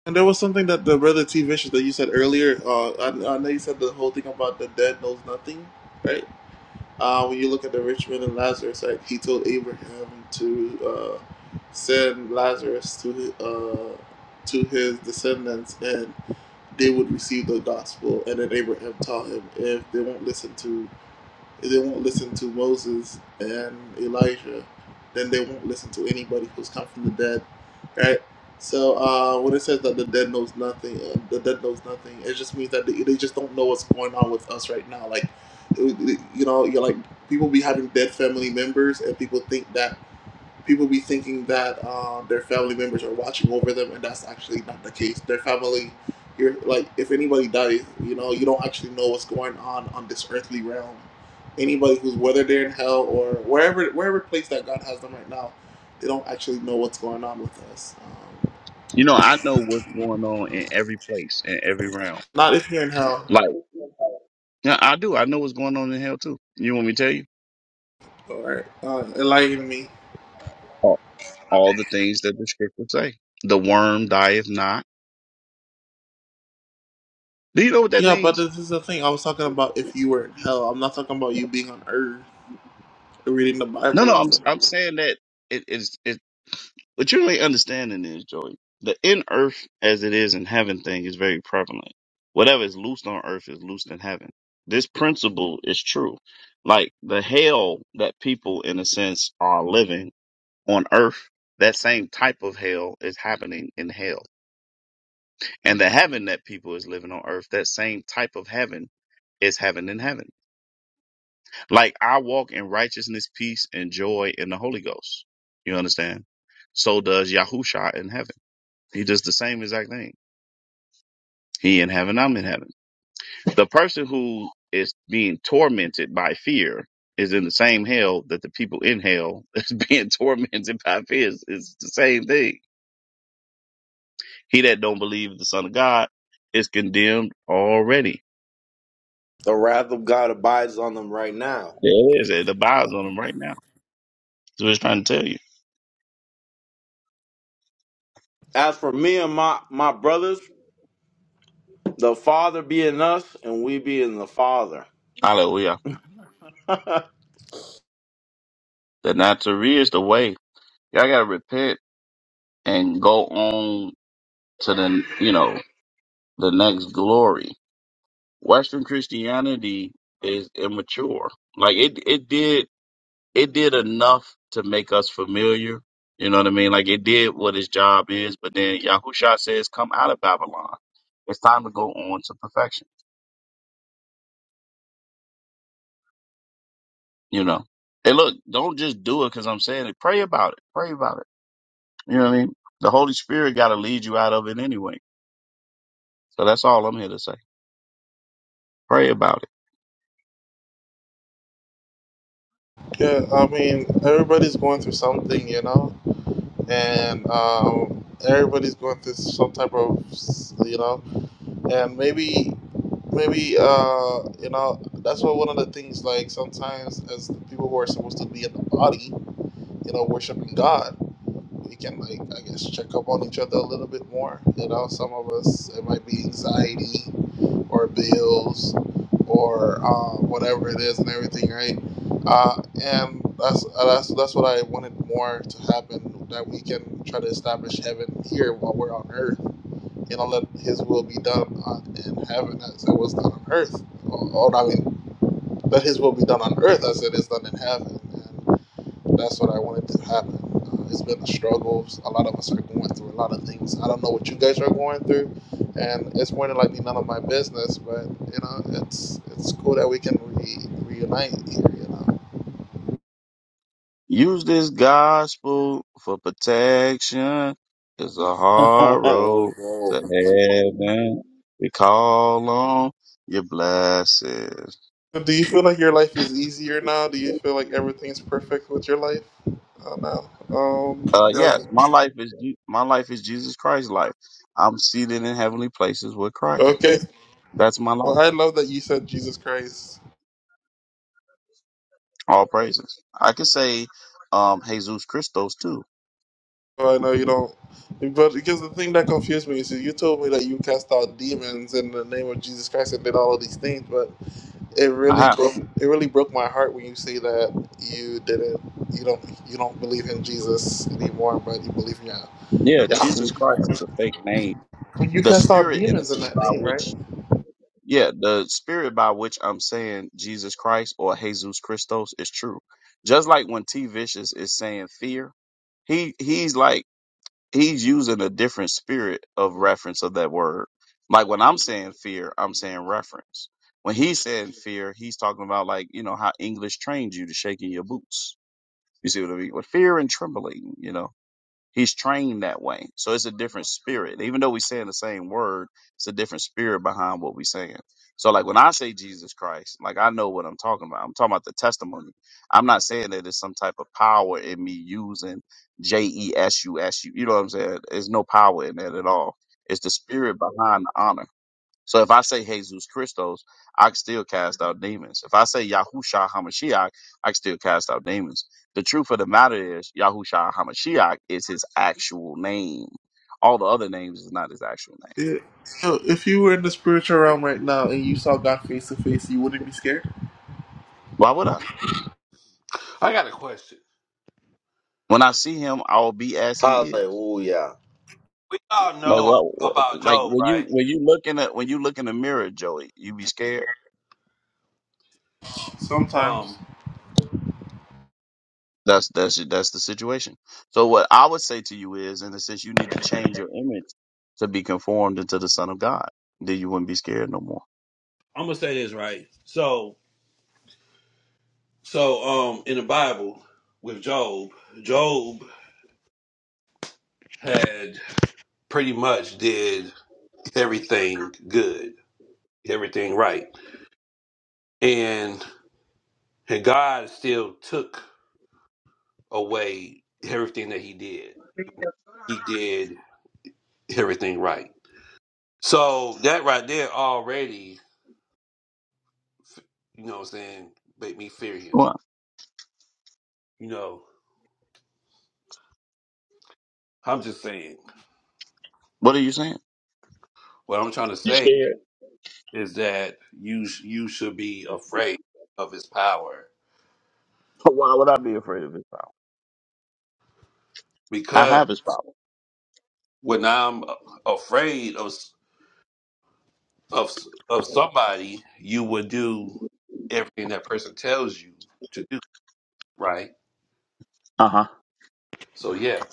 And there was something that the brother T Vicious that you said earlier. Uh, I, I know you said the whole thing about the dead knows nothing, right? Uh, when you look at the rich man and Lazarus, like he told Abraham to uh, send Lazarus to uh, to his descendants, and. they would receive the gospel and that Abraham taught him. If they won't listen to if they won't listen to Moses and Elijah, then they won't listen to anybody who's come from the dead. Right? So uh, when it says that the dead knows nothing, uh, the dead knows nothing, it just means that they, they just don't know what's going on with us right now. Like, it- it- you know, you're like people be having dead family members, and people think that people be thinking that uh, their family members are watching over them, and that's actually not the case. Their family, you're like, if anybody dies, you know, you don't actually know what's going on on this earthly realm. Anybody who's whether they're in hell or wherever wherever place that God has them right now, they don't actually know what's going on with us. Um,
You know, I know what's going on in every place, in every realm.
not if you're in hell
Like yeah, I do. I know what's going on in hell too. You want me to tell you?
or uh, enlighten me.
All the things that the scriptures say. The worm dieth not. Do you know what that
Yeah, but
means?
this is the thing I was talking about. If you were in hell, I'm not talking about you being on earth, reading the
No,
Bible
no,
and
I'm
stuff.
I'm saying that it is. But you understanding is, Joey, the in earth as it is in heaven thing is very prevalent. Whatever is loosed on earth is loosed in heaven. This principle is true. Like the hell that people, in a sense, are living on earth, that same type of hell is happening in hell. And the heaven that people is living on earth, that same type of heaven is heaven in heaven. Like I walk in righteousness, peace, and joy in the Holy Ghost. You understand? So does Yahusha in heaven. He does the same exact thing. He in heaven, I'm in heaven. The person who is being tormented by fear is in the same hell that the people in hell is being [LAUGHS] tormented by fear. It's, it's the same thing. He that don't believe the Son of God is condemned already.
The wrath of God abides on them right now.
There it is. It abides on him right now. That's what it's trying to tell you.
As for me and my, my brothers, the Father be in us and we be in the Father.
Hallelujah. The not to read is the way. Y'all gotta repent and go on to the you know the next glory. Western Christianity is immature. Like it, it did, it did enough to make us familiar. You know what I mean? Like it did what its job is, but then Yahusha says, "Come out of Babylon. It's time to go on to perfection." You know. And look, don't just do it because I'm saying it. Pray about it. Pray about it. You know what I mean? The Holy Spirit got to lead you out of it anyway. So that's all I'm here to say. Pray about it.
Yeah, I mean, everybody's going through something, you know, and um, everybody's going through some type of, you know, and maybe, maybe, uh, you know, that's what one of the things like sometimes as the people who are supposed to be in the body, you know, worshiping God we can like I guess check up on each other a little bit more. You know, some of us it might be anxiety or bills or uh, whatever it is and everything, right? Uh, and that's uh, that's that's what I wanted more to happen that we can try to establish heaven here while we're on earth. You know, let His will be done on, in heaven as it was done on earth. Oh, I mean, let His will be done on earth as it is done in heaven. That's what I wanted to happen. Uh, it's been a struggle. A lot of us are going through a lot of things. I don't know what you guys are going through, and it's more than likely none of my business. But you know, it's it's cool that we can re- reunite here. You know.
Use this gospel for protection. It's a
[LAUGHS]
hard
Oh,
road to
bro.
heaven. We call on your blessings.
So, Do you feel like your life is easier now? Do you feel like everything's perfect with your life? Oh, no. Um.
Uh,
yeah.
yes, my life is Je- my life is Jesus Christ's life. I'm seated in heavenly places with Christ.
Okay.
That's my
Well,
life.
I love that you said Jesus Christ.
All praises. I could say, um, Jesus Christos too.
Oh, I know you don't. But because the thing that confused me is that you told me that you cast out demons in the name of Jesus Christ and did all of these things, but it
I
really
have.
broke it really broke my heart when you say that you didn't you don't you don't believe in Jesus anymore, but you believe in Yah-
Yeah,
Yahweh.
Jesus Christ is a fake name.
When you
The
cast out
spirit, in a
demons in
sense,
that
by
name, right?
which Yeah, the spirit by which I'm saying Jesus Christ or Jesus Christos is true. Just like when T Vicious is saying fear, he he's like he's using a different spirit of reference of that word. Like when I'm saying fear, I'm saying reference. When he's saying fear, he's talking about like, you know, how English trained you to shaking your boots. You see what I mean? With fear and trembling, you know. He's trained that way. So it's a different spirit. Even though we're saying the same word, it's a different spirit behind what we're saying. So like when I say Jesus Christ, like I know what I'm talking about. I'm talking about the testimony. I'm not saying that it's some type of power in me using J E S U S U. You know what I'm saying? There's no power in that at all. It's the spirit behind the honor. So if I say Jesus Christos, I can still cast out demons. If I say Yahusha Hamashiach, I can still cast out demons. The truth of the matter is Yahusha Hamashiach is his actual name. All the other names is not his actual name.
Yeah. so if you were in the spiritual realm right now and you saw God face to face, you wouldn't be scared.
Why would I?
I got a question.
When I see him, I'll be as he is.
Hallelujah.
We all
Like
know
well,
about
like
Job,
when you
right?
when you look in a when you look in the mirror, Joey, you be scared.
Sometimes.
Um,
That's that's that's the situation. So what I would say to you is, in a sense, you need to change your image to be conformed into the Son of God. Then you wouldn't be scared no more.
I'm gonna say this right. So, so um, in the Bible with Job, Job had pretty much did everything good, everything right, and and God still took away everything that he did. He did everything right. So that right there already, you know, what I'm saying, make me fear him.
What?
You know, I'm just saying.
What are you saying?
What I'm trying to
You
say
scared?
is that you sh- you should be afraid of his power
[LAUGHS] Why would I be afraid of his power? I
because
have his power.
when I'm afraid of s- of s- of somebody, you would do everything that person tells you to do, right?
Uh huh.
So yeah,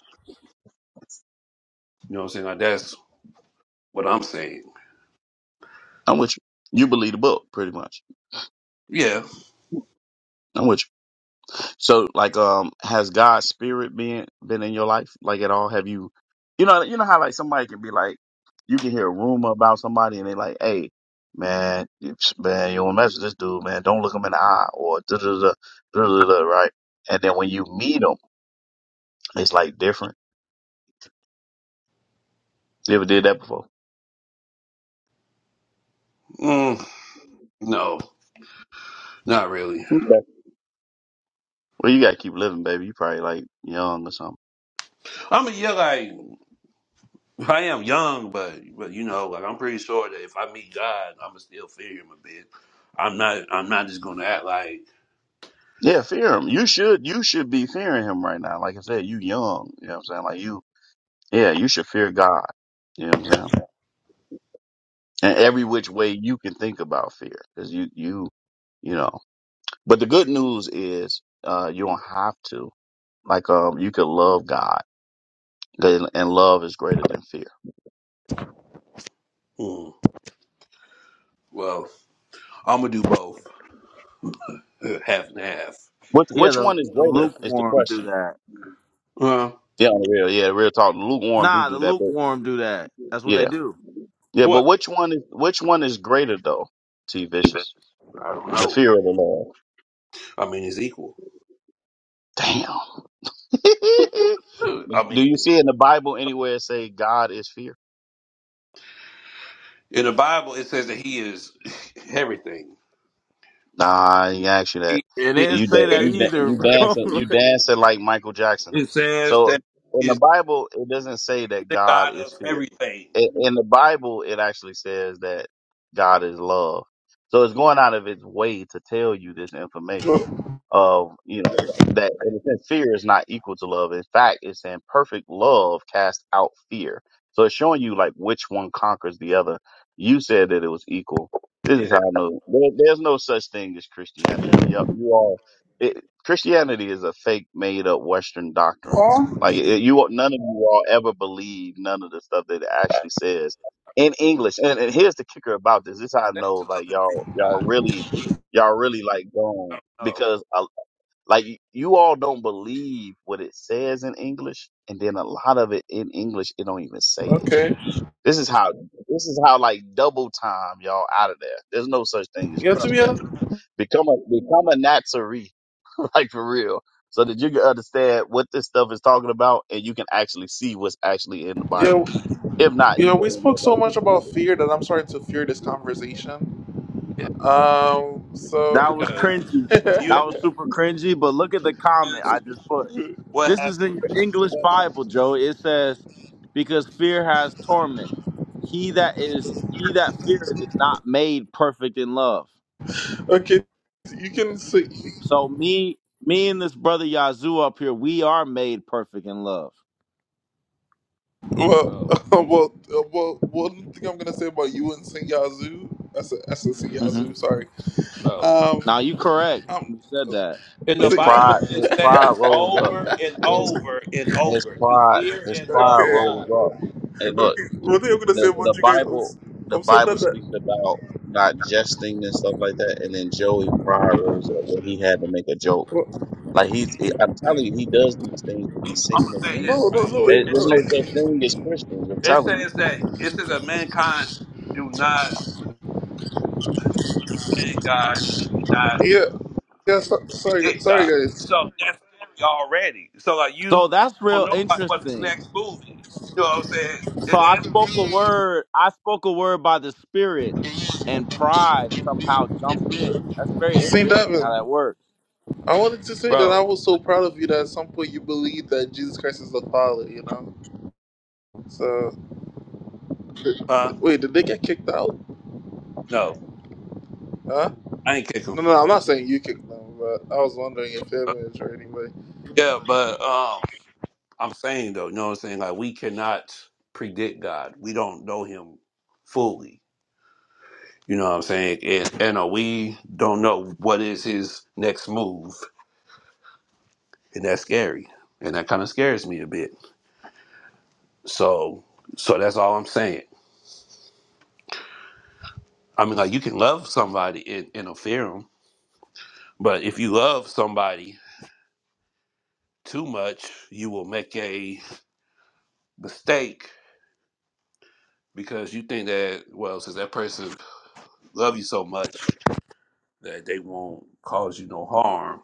you know what I'm saying. Like, that's what I'm saying.
I'm with you. You believe the book, pretty much.
Yeah,
I'm with you. So like um has God's spirit been been in your life like at all? Have you you know you know how like somebody can be like you can hear a rumor about somebody and they like, hey, man, you- man, you don't mess with this dude, man. Don't look him in the eye or da da da da da da right? And then when you meet him, it's like different. You ever did that before?
mm, no, not really.
Okay. Well, you gotta keep living, baby. You probably like young or something.
I mean, yeah, like I am young, but but you know, like I'm pretty sure that if I meet God, I'ma still fear Him a bit. I'm not I'm not just gonna act like.
Yeah, fear him. You should you should be fearing him right now. Like I said, you young. You know what I'm saying? Like you yeah, you should fear God. You know what I'm saying? and every which way you can think about fear because you you you know but the good news is uh you don't have to like um you could love god and and love is greater than fear
mm, Well, I'm gonna do both, Uh, half and half.
which
Yeah,
which
the,
one is
the
greater is the
lukewarm do
question
that.
Uh,
yeah on the real yeah real talk lukewarm do
Nah, the
do that but
lukewarm do that. That's what they
yeah
do.
yeah but
what?
which one is which one is greater though t vicious
I don't
the
know.
fear of the lord
I mean, it's equal.
damn
Uh, I
[LAUGHS]
mean,
do you see in the bible anywhere it say god is fear
in the Bible, it says that He is [LAUGHS] everything.
Nah, I did ask you
He
that.
is
It
the
So
didn't
you
say
da-
that
creator
you
of
da-
either,
you
everything.
dancing
bro.
you
[LAUGHS]
dancing like Michael Jackson.
It says
So
that
in
He
the
is
Bible, it doesn't say that
the
God
God
is
of
fear.
everything.
In, in the Bible, it actually says that God is love. So it's going out of its way to tell you this information
But,
of you know that in a sense fear is not equal to love. In fact, it's in perfect love cast out fear. So it's showing you like which one conquers the other. You said that it was equal this
Yeah,
is how I know. There, there's no such thing as Christianity. Yep, you all. It, Christianity is a fake, made-up Western doctrine.
oh,
Like it, you, all- none of you all ever believe none of the stuff that it actually says in English. And, and here's the kicker about this: this is how I
that's to
know,
love
like
and fear
y'all, y'all
God.
really, y'all really like
I
gone
don't know.
because, I, like, you all don't believe what it says in English, and then a lot of it in English, it don't even say it.
okay.
This is how this is how like double time y'all out of there. There's no such thing as
Yeah,
Bro.
to be honest.
Christianity. Become a become a Nazarene, [LAUGHS] like for real, so that you can understand what this stuff is talking about and you can actually see what's actually in the
Yeah.
Bible. If not,
You
you
know,
can
we
end
spoke
up
so
like
much
these
about
people.
fear that I'm starting to fear this conversation.
Yeah,
Um, so
That was
because
cringy.
[LAUGHS]
you
That was super cringy. But look at the comment
just
I just put.
what
This
happened,
is in your English Bible, Joe. It says, "Because fear has torment. He that is he that feareth is not made perfect in love."
okay, you can say
So me, me and this brother Yazoo up here, we are made perfect in love.
well,
bro?
[LAUGHS] well, uh, well. One thing I'm gonna say about you and Saint Yazoo, I said I said Saint
hmm
Yazoo. Sorry.
Bro.
Um,
Now you correct
um,
when you said that.
In the
His
Saint Ya-
Bible,
pride,
it
his
[LAUGHS]
pride
says
rose up.
over and
His
over and
his
over to
pride,
fear
his
and
pride
love
okay,
God.
rose up. Hey, look.
okay. One thing I'm gonna say
the the
about you guys, I'm,
Bible
s-
the
I'm so
Bible
glad
speaks
that
about not jesting and stuff like that, and then Joey Pryor rose up when he had to make a joke.
well,
Like he's, I'm telling you, he does these things to be
I'm
seen
gonna
of
say this
no,
men.
no,
right.
no, wait,
There-
It
There's
no.
says,
no such thing as Christians. I'm
it
telling you.
says that it says that mankind do not understand God. They did
[LAUGHS]
not
yeah, yeah. So, sorry,
predict
sorry,
God.
guys.
So that's scary already. So like you
So that's
don't
real
know like what the
interesting.
next move is. You know what I'm saying?
so
And
I
that,
spoke a word. I spoke a word by the Spirit, and pride somehow jumped in. That's very
Saint
interesting how
Davin.
that works.
I wanted to say that I
bro,
was so proud of you that at some point you believed that Jesus Christ is the Father, you know? So,
huh?
wait, did they get kicked out?
No,
Huh?
I ain't kick him.
No, no, I'm not saying you kicked them, but I was wondering if they is or anybody.
Yeah, but um, I'm saying though, you know what I'm saying? Like we cannot predict God. We don't know Him fully. You know what I'm saying? And, and uh, we don't know what is His next move. and that's scary and that kind of scares me a bit so so that's all i'm saying i mean like you can love somebody and, and fear them but if you love somebody too much you will make a mistake because you think that well since that person love you so much that they won't cause you no harm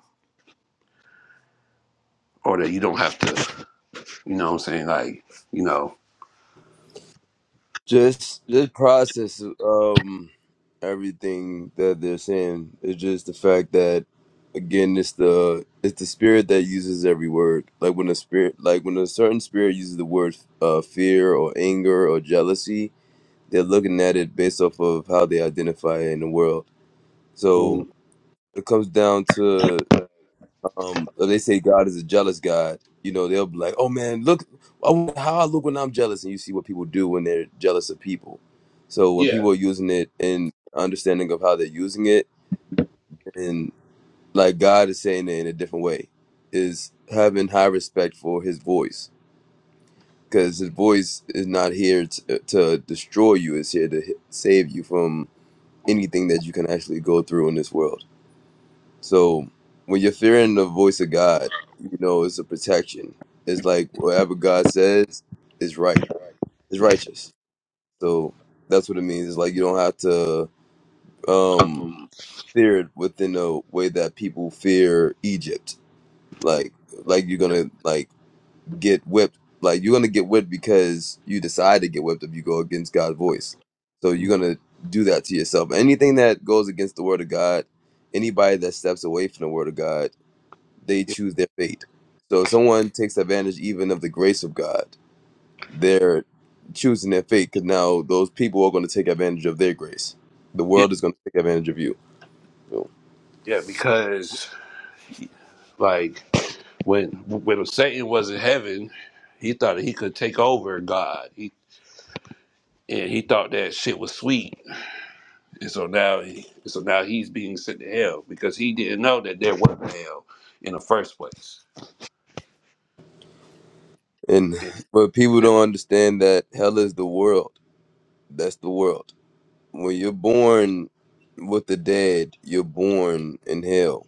or that you don't have to you know what i'm saying like you know
Just just process um everything that they're saying. It's just the fact that again it's the it's the spirit that uses every word. Like when a spirit like when a certain spirit uses the word uh fear or anger or jealousy, they're looking at it based off of how they identify in the world. So
Mm.
it comes down to um or they say God is a jealous God, you know, they'll be like, "Oh man, look I wonder how I look when I'm jealous," and you see what people do when they're jealous of people. So when
yeah
people are using it in understanding of how they're using it, and like God is saying it in a different way, is having high respect for His voice because His voice is not here to, to destroy you; it's here to h- save you from anything that you can actually go through in this world. So when you're fearing the voice of God, you know, it's a protection. It's like whatever God says is right, is righteous. So that's what it means. It's like you don't have to um
um,
fear it within a way that people fear Egypt. Like like you're gonna like get whipped. Like you're gonna get whipped because you decide to get whipped if you go against God's voice. So you're gonna do that to yourself. Anything that goes against the word of God, anybody that steps away from the word of God they choose their fate. So if someone takes advantage even of the grace of God, they're choosing their fate because now those people are going to take advantage of their grace. The
yeah
world is going to take advantage of you. you know.
yeah because like when when Satan was in heaven, he thought that he could take over God. He and he thought that shit was sweet. And so now he, so now he's being sent to hell because he didn't know that there was a hell in the first place.
And
And-
but people
and-
don't understand that hell is the world. That's the world. When you're born with the dead, you're born in hell.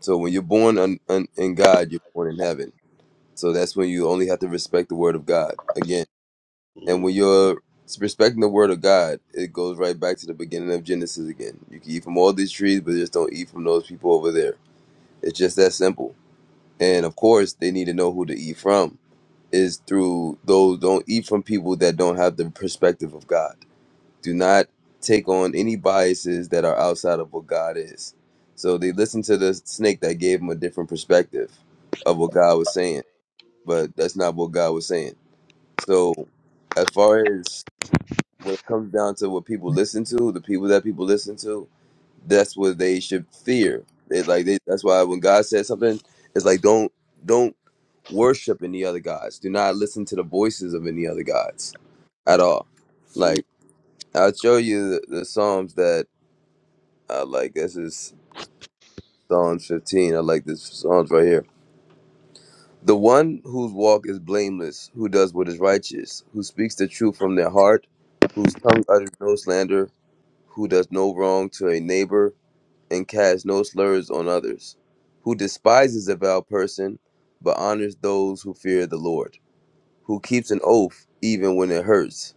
So when you're born un, un, in God, you're born in heaven. So that's when you only have to respect the word of God. Again. And
mm,
when you're respecting the word of God, it goes right back to the beginning of Genesis again. You can eat from all these trees, but just don't eat from those people over there. It's just that simple.
mm,
And of course, they need to know who to eat from. Is through those don't eat from people that don't have the perspective of God. Do not take on any biases that are outside of what God is. So they listened to the snake that gave them a different perspective of what God was saying, but that's not what God was saying. So as far as when it comes down to what people listen to, the people that people listen to, that's what they should fear. They like they, that's why when God said something, it's like don't don't worship any other gods. Do not listen to the voices of any other gods at all.
mm.
Like I'll show you the, the psalms that I like. This is Psalms 15. I like this psalms right here. The one whose walk is blameless, who does what is righteous, who speaks the truth from their heart, whose tongue utters no slander, who does no wrong to a neighbor and casts no slurs on others, who despises a vile person but honors those who fear the Lord, who keeps an oath even when it hurts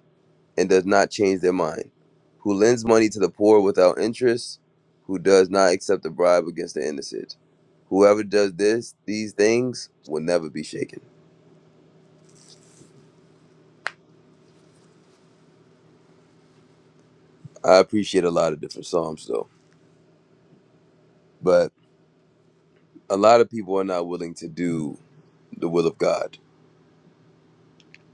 and does not change their mind, who lends money to the poor without interest, who does not accept a bribe against the innocent. Whoever does this, these things will never be shaken. I appreciate a lot of different psalms though, but a lot of people are not willing to do the will of God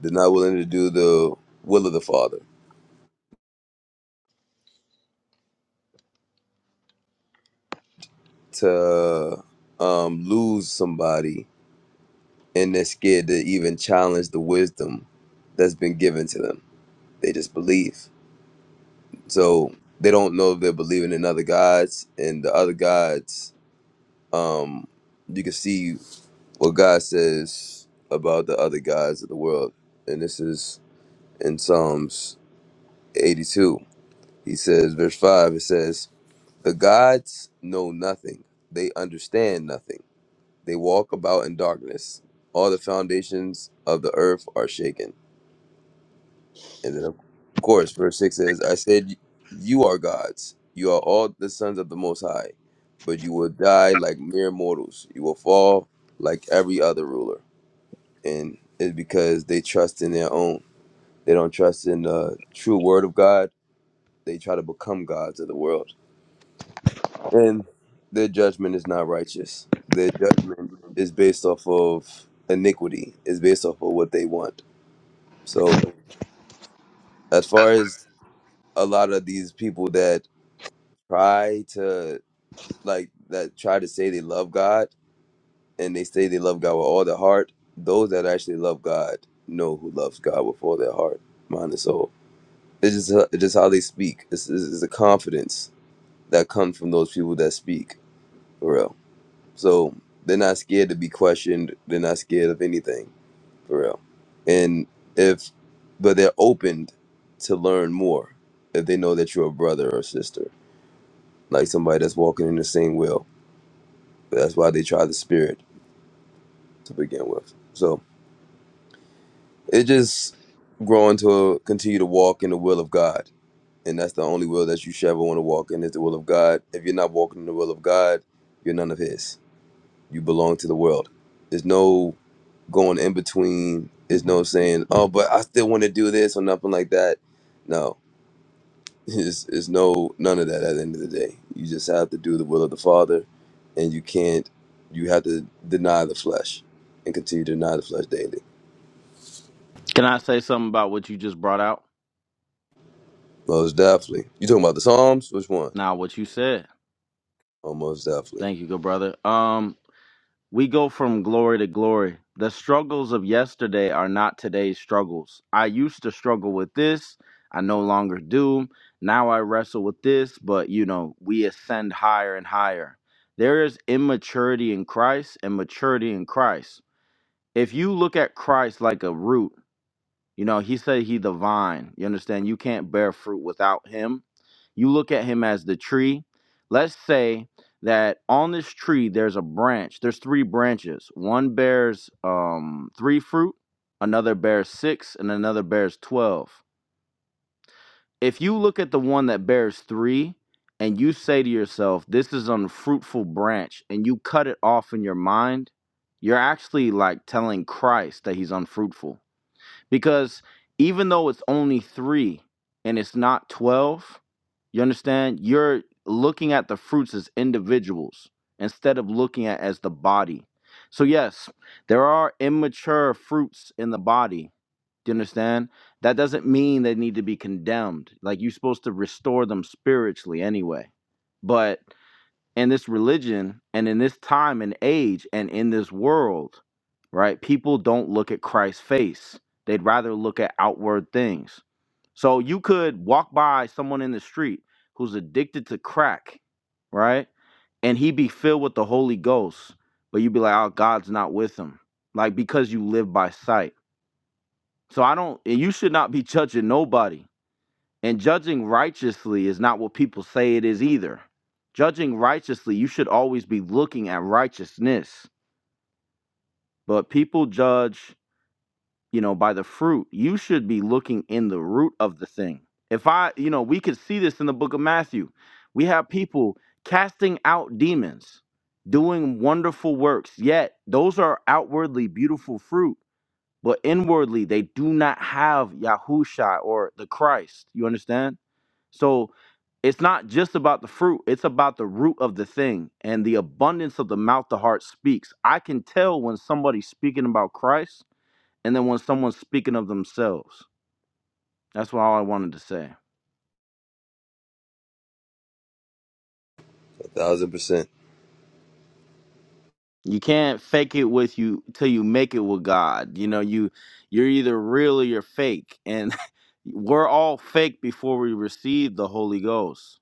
They're not willing to do the will of the Father. To um, lose somebody and they're scared to even challenge the wisdom that's been given to them. They just believe. So they don't know if they're believing in other gods and the other gods. Um, you can see what God says about the other gods of the world. And this is in Psalms 82. He says, verse 5, it says, The gods know nothing, they understand nothing. They walk about in darkness. All the foundations of the earth are shaken. And then, of course, verse 6 says, I said, You are gods. You are all the sons of the Most High. But you will die like mere mortals. You will fall like every other ruler. And it's because they trust in their own. They don't trust in the true word of God. They try to become gods of the world And their judgment is not righteous. Their judgment is based off of iniquity, is based off of what they want. So, as far as a lot of these people that try to, like, that try to say they love God and they say they love God with all their heart, those that actually love God know who loves God with all their heart, mind, and soul. It's just, it's just how they speak. It's, it's, it's a confidence that comes from those people that speak, for real. So they're not scared to be questioned. They're not scared of anything, for real. And if, but they're opened to learn more if they know that you're a brother or sister, like somebody that's walking in the same will. that's why they try the spirit to begin with. So it just growing to continue to walk in the will of God. And that's the only will that you should ever want to walk in is the will of God. If you're not walking in the will of God, you're none of His. You belong to the world. There's no going in between is no saying, oh, but I still want to do this or nothing like that. No, [LAUGHS] it's, it's no none of that at the end of the day. You just have to do the will of the Father, and you can't. You have to deny the flesh and continue to deny the flesh daily.
Can I say something about what you just brought out?
Most definitely. You talking about the Psalms? Which one?
Now, what you said.
Oh, most definitely.
Thank you, good brother. Um, we go from glory to glory. The struggles of yesterday are not today's struggles. I used to struggle with this. I no longer do. Now I wrestle with this, but you know, we ascend higher and higher. There is immaturity in Christ and maturity in Christ if you look at Christ like a root, you know, he said he the vine. You understand? You can't bear fruit without him. You look at him as the tree. Let's say that on this tree there's a branch. There's three branches. One bears um three fruit, another bears six, and another bears 12. If you look at the one that bears 3 and you say to yourself, this is an unfruitful branch and you cut it off in your mind, you're actually like telling Christ that he's unfruitful because even though it's only three and it's not 12, you understand? You're looking at the fruits as individuals instead of looking at as the body. So, yes, there are immature fruits in the body. Do you understand? That doesn't mean they need to be condemned. Like, you're supposed to restore them spiritually anyway. But in this religion and in this time and age and in this world, right? People don't look at Christ's face. They'd rather look at outward things. So you could walk by someone in the street who's addicted to crack, right? And he be filled with the Holy Ghost, but you'd be like, oh, God's not with him. Like because you live by sight. So I don't, and you should not be judging nobody. And judging righteously is not what people say it is either. Judging righteously, you should always be looking at righteousness. But people judge you know, by the fruit. You should be looking in the root of the thing. If I, you know, we could see this in the book of Matthew. We have people casting out demons, doing wonderful works, yet those are outwardly beautiful fruit, but inwardly they do not have Yahusha or the Christ. You understand? So it's not just about the fruit, it's about the root of the thing. And the abundance of the mouth, the heart speaks. I can tell when somebody's speaking about Christ and then when someone's speaking of themselves. That's what all I wanted to say.
A thousand percent.
You can't fake it with you till you make it with God. You know, you you're either real or you're fake. And [LAUGHS] we're all fake before we receive the Holy Ghost.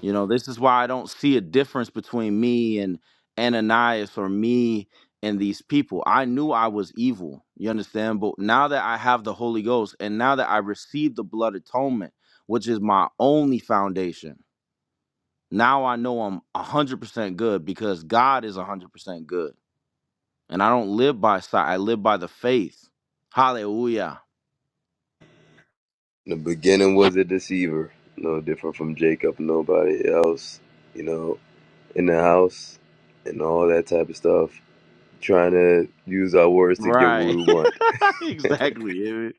You know, this is why I don't see a difference between me and Ananias or me and these people. I knew I was evil, you understand? But now that I have the Holy Ghost and now that I receive the blood atonement, which is my only foundation Now I know I'm 100% good because God is 100% good. And I don't live by sight, I live by the faith. Hallelujah.
In the beginning was a deceiver, no different from Jacob, nobody else, you know, in the house and all that type of stuff trying to use our words to get what
Right.
we want.
[LAUGHS] exactly. Emmett.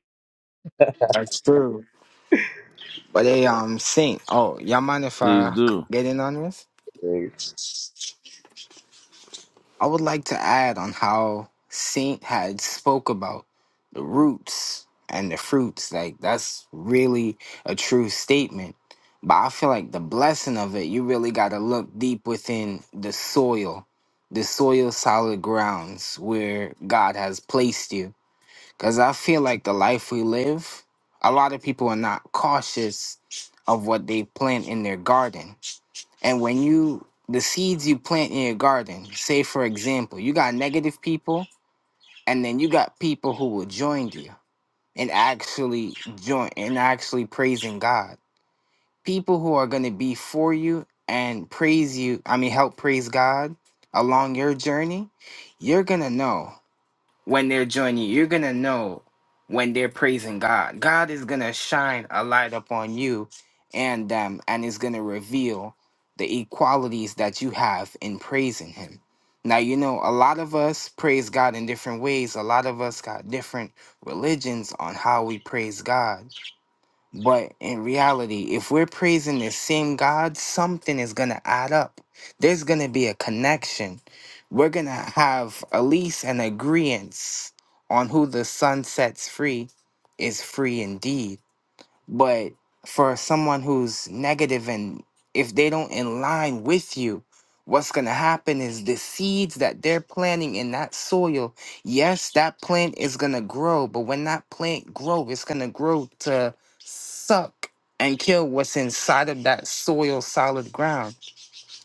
That's true. But they um Saint. Oh, y'all mind if
Please
I c-
do.
get in on this?
Thank
I would like to add on how Saint had spoke about the roots and the fruits. Like that's really a true statement. But I feel like the blessing of it, you really gotta look deep within the soil, the soil solid grounds where God has placed you. Because I feel like the life we live, a lot of people are not cautious of what they plant in their garden. And when you, the seeds you plant in your garden, say for example, you got negative people, and then you got people who will join you and actually join and actually praising God. People who are going to be for you and praise you, I mean, help praise God along your journey, you're going to know when they're joining you. You're gonna know when they're praising God. God is gonna shine a light upon you and um, and is gonna reveal the equalities that you have in praising him. Now you know a lot of us praise God in different ways. A lot of us got different religions on how we praise God. But in reality, if we're praising the same God, something is going to add up. There's going to be a connection. We're going to have at least an agreement on who the sun sets free is free indeed. But for someone who's negative and if they don't in line with you, what's going to happen is the seeds that they're planting in that soil, yes, that plant is going to grow, but when that plant grow, it's going to grow to suck and kill what's inside of that soil, solid ground.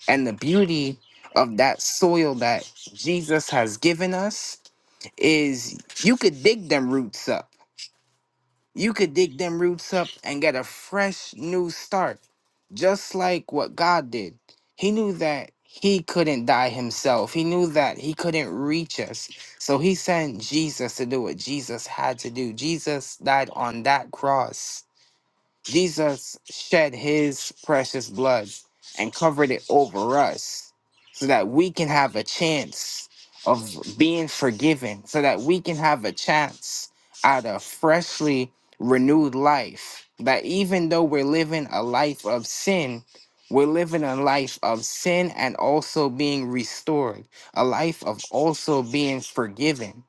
And the beauty of that soil that Jesus has given us is you could dig them roots up you could dig them roots up and get a fresh new start, just like what God did. He knew that he couldn't die himself, he knew that he couldn't reach us. So he sent Jesus to do what Jesus had to do. Jesus died on that cross Jesus shed his precious blood and covered it over us so that we can have a chance of being forgiven, so that we can have a chance at a freshly renewed life. That even though we're living a life of sin, we're living a life of sin and also being restored, a life of also being forgiven.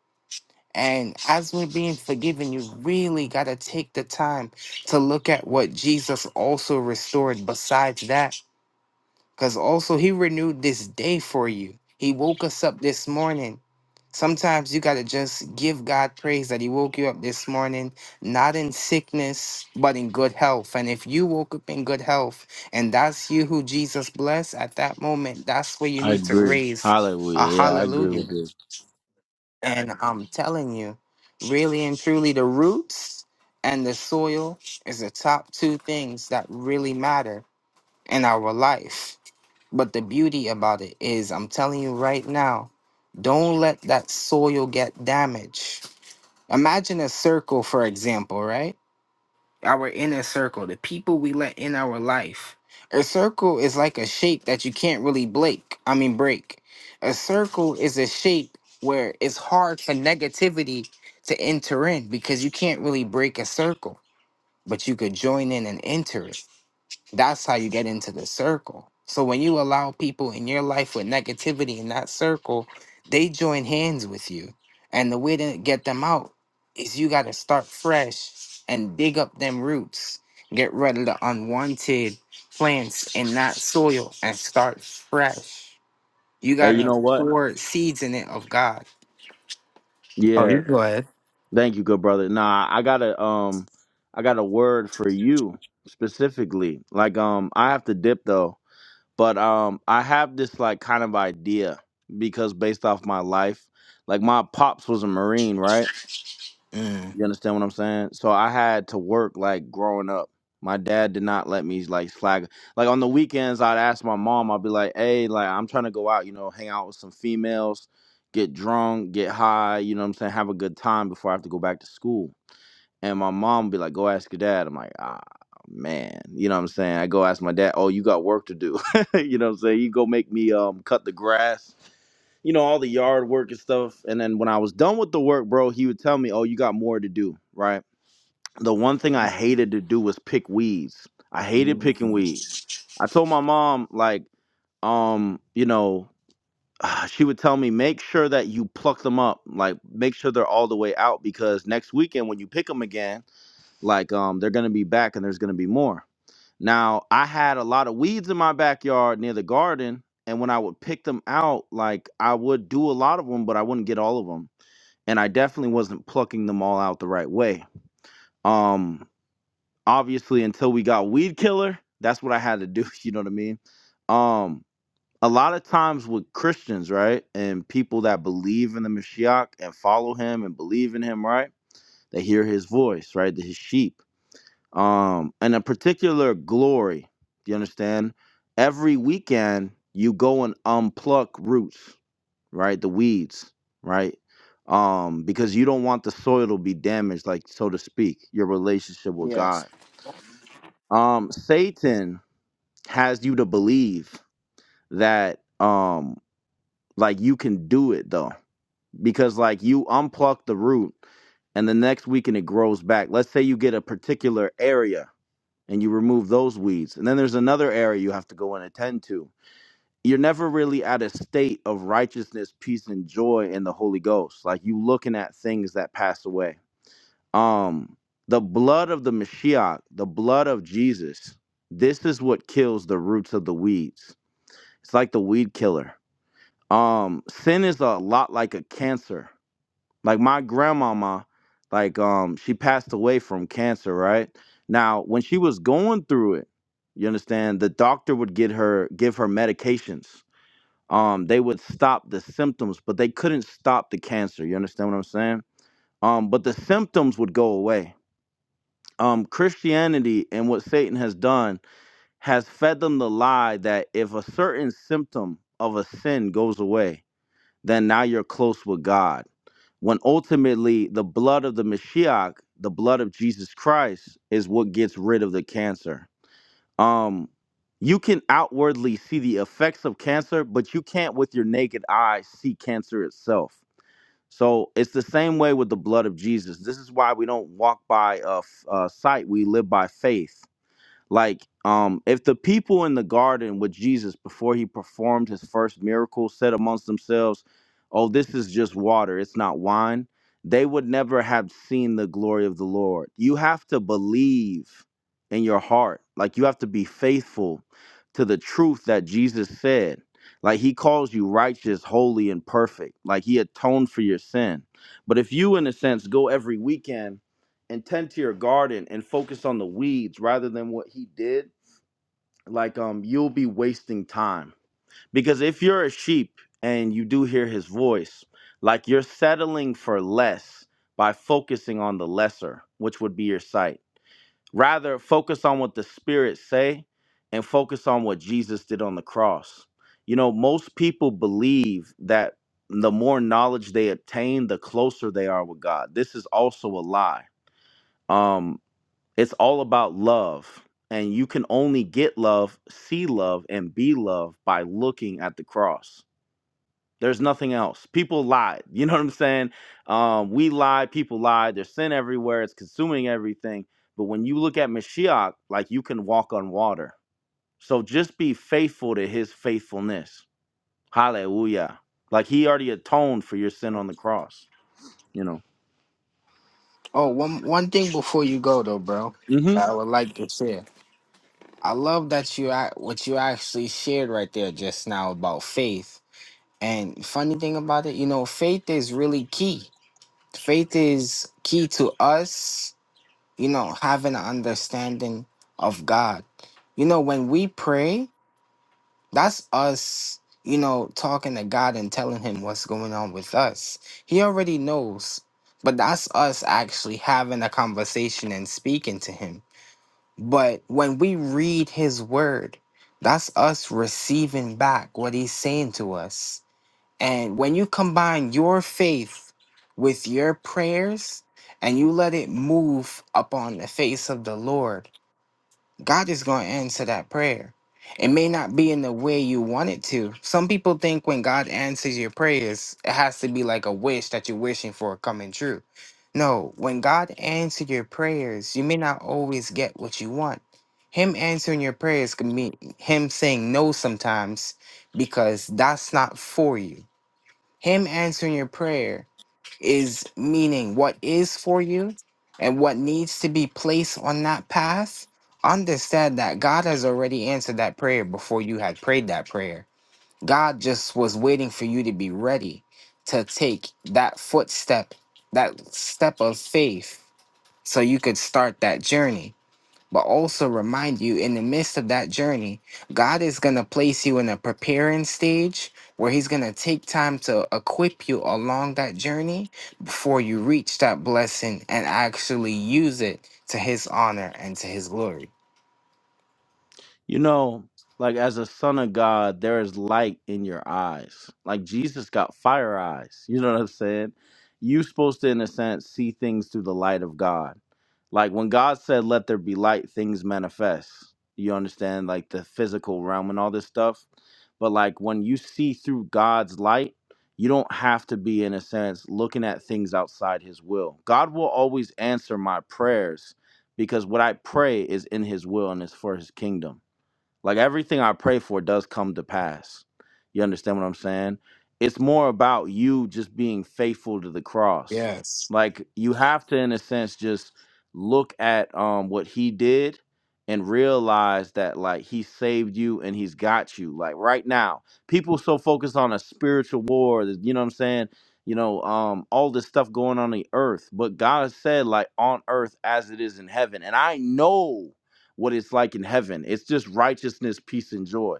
And as we're being forgiven, you really got to take the time to look at what Jesus also restored besides that. Because also, He renewed this day for you. He woke us up this morning. Sometimes you got to just give God praise that He woke you up this morning, not in sickness, but in good health. And if you woke up in good health and that's you who Jesus blessed at that moment, that's where you
I
need to
agree.
raise a
Hallelujah. Yeah, I agree
hallelujah.
with this.
And I'm telling you, really and truly, the roots and the soil is the top two things that really matter in our life. But the beauty about it is, I'm telling you right now, don't let that soil get damaged. Imagine a circle, for example, right? our inner circle, the people we let in our life. A circle is like a shape that you can't really break. I mean, break. A circle is a shape where it's hard for negativity to enter in because you can't really break a circle, but you could join in and enter it. That's how you get into the circle. So when you allow people in your life with negativity in that circle, they join hands with you. And the way to get them out is you got to start fresh and dig up them roots. Get rid of the unwanted plants in that soil and start fresh. You
Hey,
got
you
to
know what?
pour seeds in it of God. Oh,
Yeah.
you go ahead.
Thank you, good brother. Nah, I got a um I got a word for you specifically. Like um I have to dip though. but um i have this like kind of idea because based off my life like my pops was a marine right
Mm.
you understand what i'm saying so i had to work like growing up my dad did not let me like slack like on the weekends i'd ask my mom i'd be like hey like i'm trying to go out you know hang out with some females get drunk get high you know what i'm saying have a good time before i have to go back to school and my mom would be like, go ask your dad. I'm like, ah, man. You know what I'm saying? I go ask my dad, oh, you got work to do. [LAUGHS] you know what I'm saying? You go make me um cut the grass, you know, all the yard work and stuff. And then when I was done with the work, bro, he would tell me, oh, you got more to do, right? The one thing I hated to do was pick weeds. I hated picking weeds. I told my mom, like, um, you know, [SIGHS] she would tell me, make sure that you pluck them up, like make sure they're all the way out because next weekend when you pick them again, like um, they're gonna be back, and there's gonna be more. Now, I had a lot of weeds in my backyard near the garden, and when I would pick them out, like I would do a lot of them, but I wouldn't get all of them, and I definitely wasn't plucking them all out the right way. Um, obviously, until we got weed killer, that's what I had to do. [LAUGHS] You know what I mean? Um, a lot of times with Christians, right, and people that believe in the Mashiach and follow him and believe in him, right, they hear his voice, right, his sheep um, and a particular glory. Do you understand? Every weekend you go and unpluck roots, right? The weeds, right? Um, because you don't want the soil to be damaged, like so to speak, your relationship with
Yes.
God. Um, Satan has you to believe that um like you can do it though. Because like you unpluck the root and the next weekend it grows back. Let's say you get a particular area and you remove those weeds. And then there's another area you have to go and attend to. You're never really at a state of righteousness, peace, and joy in the Holy Ghost. Like you looking at things that pass away. Um, the blood of the Mashiach, the blood of Jesus, this is what kills the roots of the weeds. It's like the weed killer. Um, sin is a lot like a cancer like my grandmama, like um, she passed away from cancer, right? Now, when she was going through it, you understand, the doctor would get her give her medications. Um, they would stop the symptoms, but they couldn't stop the cancer. You understand what I'm saying? Um, but the symptoms would go away. Um, Christianity and what Satan has done has fed them the lie that if a certain symptom of a sin goes away, then now you're close with God. When ultimately the blood of the Mashiach, the blood of Jesus Christ, is what gets rid of the cancer. Um, you can outwardly see the effects of cancer, but you can't with your naked eye see cancer itself. So it's the same way with the blood of Jesus. This is why we don't walk by uh, f- uh, sight; we live by faith like, um, if the people in the garden with Jesus before he performed his first miracle said amongst themselves, Oh, this is just water, it's not wine, they would never have seen the glory of the Lord. You have to believe in your heart, like, you have to be faithful to the truth that Jesus said. Like he calls you righteous, holy, and perfect. Like he atoned for your sin. But if you, in a sense, go every weekend and tend to your garden and focus on the weeds rather than what he did, like um you'll be wasting time. Because if you're a sheep and you do hear his voice, like you're settling for less by focusing on the lesser, which would be your sight. Rather focus on what the spirit say and focus on what Jesus did on the cross. You know, most people believe that the more knowledge they obtain, the closer they are with God. This is also a lie. Um it's all about love. And you can only get love, see love, and be loved by looking at the cross. There's nothing else. People lied. You know what I'm saying? Um, we lied. People lied. There's sin everywhere. It's consuming everything. But when you look at Mashiach, like you can walk on water. So just be faithful to his faithfulness. Hallelujah. Like he already atoned for your sin on the cross, you know?
Oh, one one thing before you go though, bro.
Mm-hmm.
that I would like to share. I love that you ac- what you actually shared right there just now about faith. And funny thing about it, you know, faith is really key. Faith is key to us, you know, having an understanding of God. You know, when we pray, that's us, you know, talking to God and telling him what's going on with us. He already knows, but that's us actually having a conversation and speaking to him but when we read his word, that's us receiving back what he's saying to us. And when you combine your faith with your prayers and you let it move upon the face of the Lord, God is going to answer that prayer. It may not be in the way you want it to. Some people think when God answers your prayers, it has to be like a wish that you're wishing for coming true. No, when God answers your prayers, you may not always get what you want. Him answering your prayers can mean Him saying no sometimes because that's not for you. Him answering your prayer is meaning what is for you and what needs to be placed on that path, understand that God has already answered that prayer before you had prayed that prayer. God just was waiting for you to be ready to take that footstep, that step of faith, so you could start that journey but also remind you in the midst of that journey, God is going to place you in a preparing stage where He's going to take time to equip you along that journey before you reach that blessing and actually use it to His honor and to His glory.
You know, like as a son of God, there is light in your eyes. Like Jesus got fire eyes. You know what I'm saying? You supposed to, in a sense, see things through the light of God. Like when God said, Let there be light, things manifest. You understand, like the physical realm and all this stuff. But like when you see through God's light, you don't have to be, in a sense, looking at things outside his will. God will always answer my prayers because what I pray is in his will and it's for his kingdom. Like everything I pray for does come to pass. You understand what I'm saying? It's more about you just being faithful to the cross.
Yes.
Like you have to, in a sense, just look at um what he did and realize that like he saved you and he's got you. Like right now, people so focused on a spiritual war, that- you know what I'm saying? You know, um, all this stuff going on the earth. But God said, like on earth as it is in heaven. And I know what it's like in heaven. It's just righteousness, peace, and joy.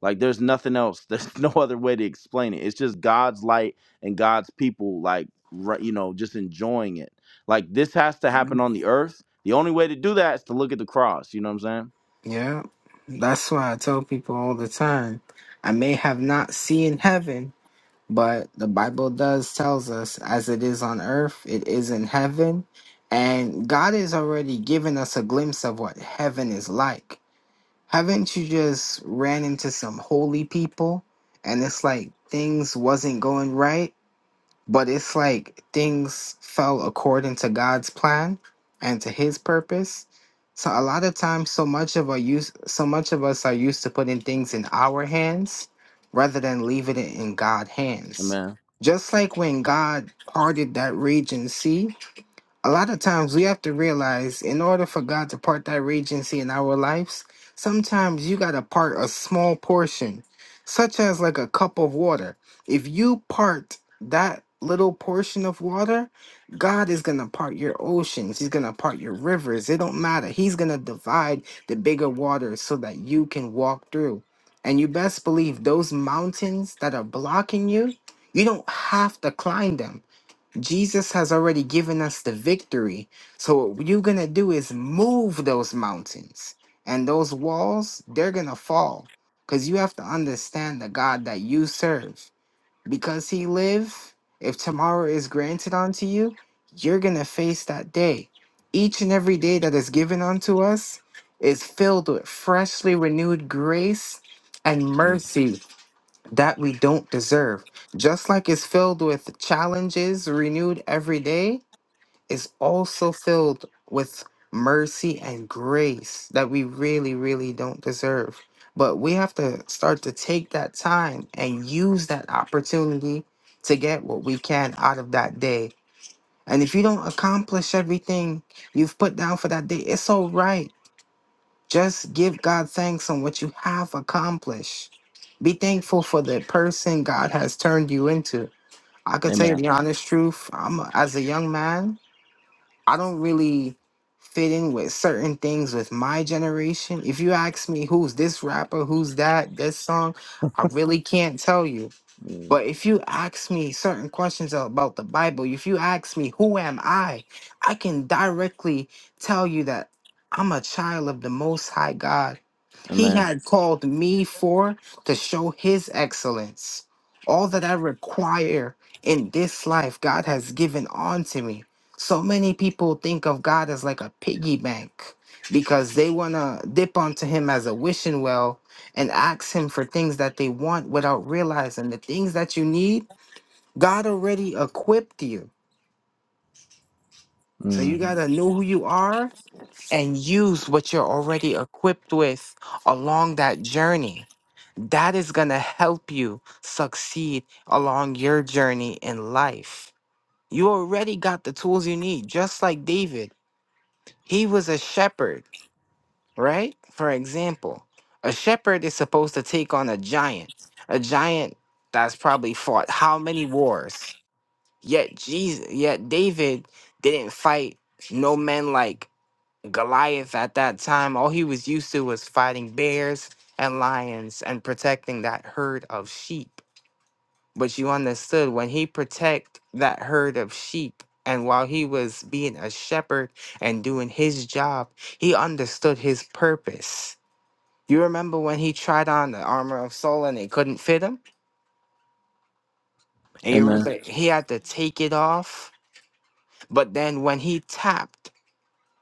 Like there's nothing else. [LAUGHS] There's no other way to explain it. It's just God's light and God's people, like right, you know, just enjoying it. Like this has to happen on the earth. The only way to do that is to look at the cross. You know what I'm saying?
Yeah. That's why I tell people all the time I may have not seen heaven, but the bible does tells us as it is on earth it is in heaven and god has already given us a glimpse of what heaven is like haven't you just ran into some holy people and it's like things wasn't going right but it's like things fell according to God's plan and to his purpose. So a lot of times so much of our use so much of us are used to putting things in our hands rather than leaving it in God's hands.
Amen.
Just like when God parted that raging sea, a lot of times we have to realize in order for God to part that regency in our lives, sometimes you got to part a small portion, such as like a cup of water. If you part that little portion of water, God is going to part your oceans. He's going to part your rivers. It don't matter. He's going to divide the bigger waters so that you can walk through. And you best believe those mountains that are blocking you, you don't have to climb them Jesus has already given us the victory. So what you're going to do is move those mountains and those walls, they're going to fall cuz you have to understand the God that you serve. Because he live, if tomorrow is granted unto you, you're going to face that day. Each and every day that is given unto us is filled with freshly renewed grace and mercy that we don't deserve. Just like it's filled with challenges renewed every day, it's also filled with mercy and grace that we really, really don't deserve. But we have to start to take that time and use that opportunity to get what we can out of that day. And if you don't accomplish everything you've put down for that day, it's all right just give God thanks on what you have accomplished. Be thankful for the person God has turned you into. I could tell you
Amen.
the honest truth. I'm as a young man, I don't really fit in with certain things with my generation. If you ask me who's this rapper, who's that, this song, I really can't tell you.
Mm.
But if you ask me certain questions about the Bible, if you ask me who am I, I can directly tell you that I'm a child of the most high God he
Amen.
had called me for to show his excellence. All that I require in this life, God has given unto me. So many people think of God as like a piggy bank because they want to dip onto him as a wishing well and ask him for things that they want without realizing the things that you need, God already equipped you. So you got
Mhm.
to know who you are and use what you're already equipped with along that journey. That is going to help you succeed along your journey in life. You already got the tools you need, just like David. He was a shepherd, right? For example, a shepherd is supposed to take on a giant, a giant that's probably fought how many wars? Yet Jesus, yet David didn't fight no men like Goliath at that time, all he was used to was fighting bears and lions and protecting that herd of sheep. But you understood when he protect that herd of sheep and while he was being a shepherd and doing his job, he understood his purpose. You remember when he tried on the armor of Saul and it couldn't fit him? And you
Amen.
remember he had to take it off? But then when he tapped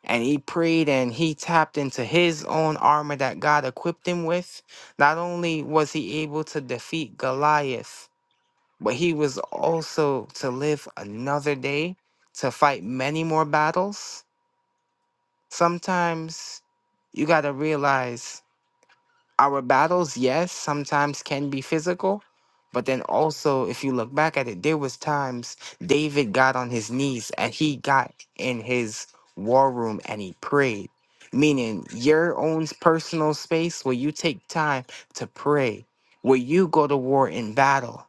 and he prayed and he tapped into his own armor that God equipped him with. Not only was he able to defeat Goliath, but he was also to live another day to fight many more battles. Sometimes you got to realize our battles, yes, sometimes can be physical, but then also, if you look back at it, there was times David got on his knees and he got in his war room and he prayed. Meaning your own personal space where you take time to pray, where you go to war in battle.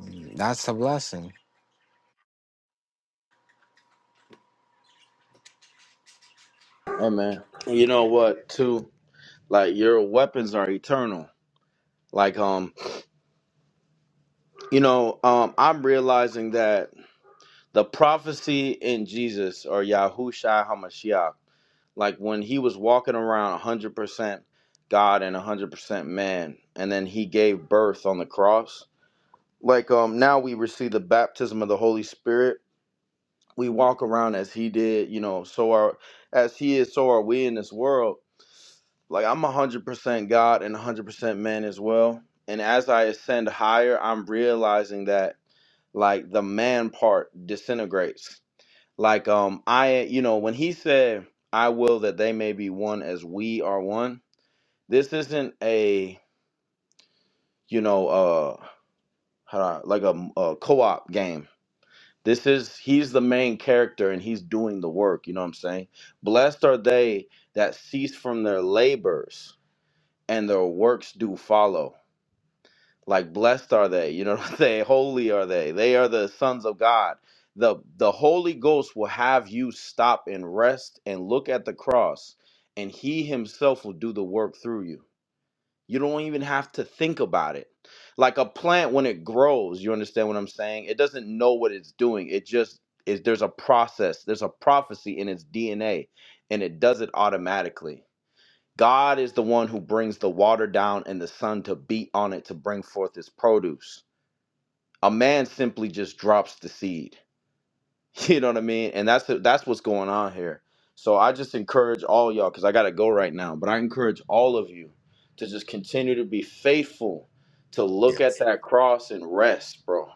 Mm, That's a blessing.
Amen. You know what? Too like your weapons are eternal. Like um, you know um, I'm realizing that the prophecy in Jesus or Yahushua Hamashiach, like when he was walking around 100% God and 100% man, and then he gave birth on the cross. Like um now we receive the baptism of the Holy Spirit. We walk around as he did, you know, so are as he is, so are we in this world. Like I'm 100% God and 100% man as well. And as I ascend higher, I'm realizing that like the man part disintegrates like um I you know when he said I will that they may be one as we are one. This isn't a you know uh how do I- like a, a co-op game. This is he's the main character and he's doing the work, you know what I'm saying? Blessed are they that cease from their labors and their works do follow. like blessed are they you know [LAUGHS] what i'm saying holy are they they are the sons of god the the holy ghost will have you stop and rest and look at the cross and he himself will do the work through you you don't even have to think about it like a plant when it grows you understand what i'm saying it doesn't know what it's doing it just is there's a process there's a prophecy in its dna and it does it automatically God is the one who brings the water down and the sun to beat on it to bring forth his produce. A man simply just drops the seed. [LAUGHS] You know what I mean? And that's that's what's going on here. So I just encourage all y'all cuz I got to go right now, but I encourage all of you to just continue to be faithful to look at
Yes.
that cross and rest, bro.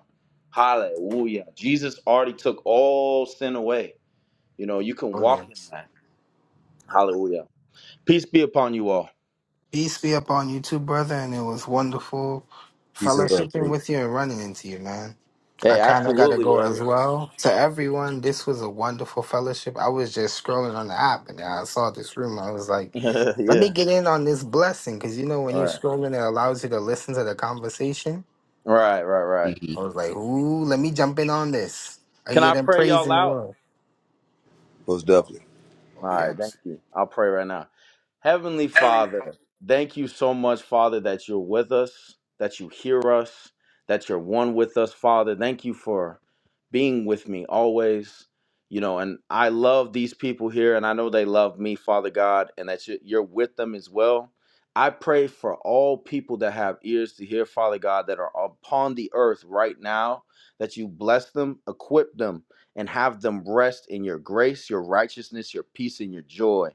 Hallelujah. Jesus already took all sin away. You know, you can
Oh
walk in
yes.
that. Hallelujah. Peace be upon you all.
Peace be upon you too, brother, and it was wonderful
Peace and love,
fellowshipping
thank
with you and running into you, man. I
Hey,
kind of got to
absolutely,
go
Reverend.
as well. To everyone, this was a wonderful fellowship. I was just scrolling on the app and I saw this room. I was like,
[LAUGHS]
let me
yeah.
get in on this blessing. Because, you know, when
All
you're
right.
scrolling, it allows you to listen to the conversation.
Right, right, right.
Mhm.
I was like, ooh, let me jump in on this. I
Can
hear
I
them
pray y'all
praising the
out?
Lord.
Most definitely.
Oh,
All right, thank
yes.
you. I'll pray right now. Heavenly Father, thank you so much, Father, that you're with us, that you hear us, that you're one with us, Father. Thank you for being with me always. You know, and I love these people here, and I know they love me, Father God, and that you- you're with them as well. I pray for all people that have ears to hear, Father God, that are upon the earth right now, that you bless them, equip them, and have them rest in your grace, your righteousness, your peace, and your joy.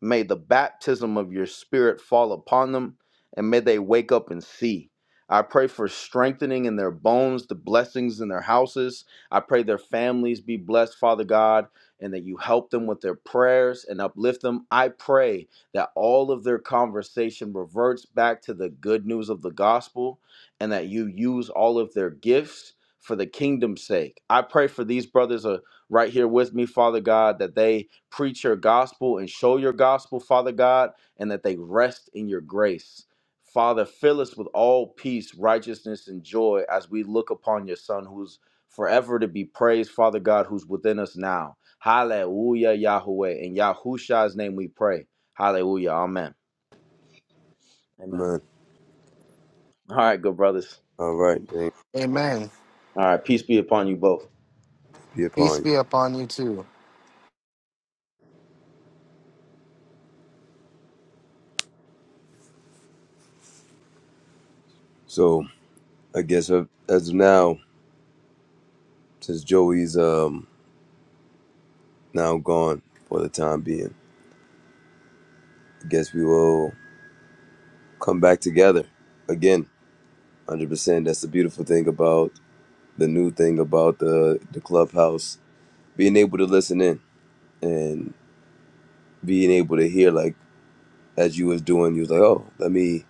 May the baptism of your spirit fall upon them, and may they wake up and see. I pray for strengthening in their bones, the blessings in their houses. I pray their families be blessed, Father God, and that you help them with their prayers and uplift them. I pray that all of their conversation reverts back to the good news of the gospel and that you use all of their gifts for the kingdom's sake. I pray for these brothers are right here with me, Father God, that they preach your gospel and show your gospel, Father God, and that they rest in your grace. Father, fill us with all peace, righteousness, and joy as we look upon your Son who's forever to be praised, Father God, who's within us now. Hallelujah, Yahweh. In Yahusha's name we pray. Hallelujah. Amen. Amen.
man.
All right, good brothers.
All right, thank
Amen.
All right. Peace be upon you both.
be
Peace
upon you.
be upon you too.
So I guess uh, as of now, since Joey's um now gone for the time being, I guess we will come back together again. Hundred percent. That's the beautiful thing about the new thing about the the clubhouse being able to listen in and being able to hear like as you was doing. You was like, oh, let me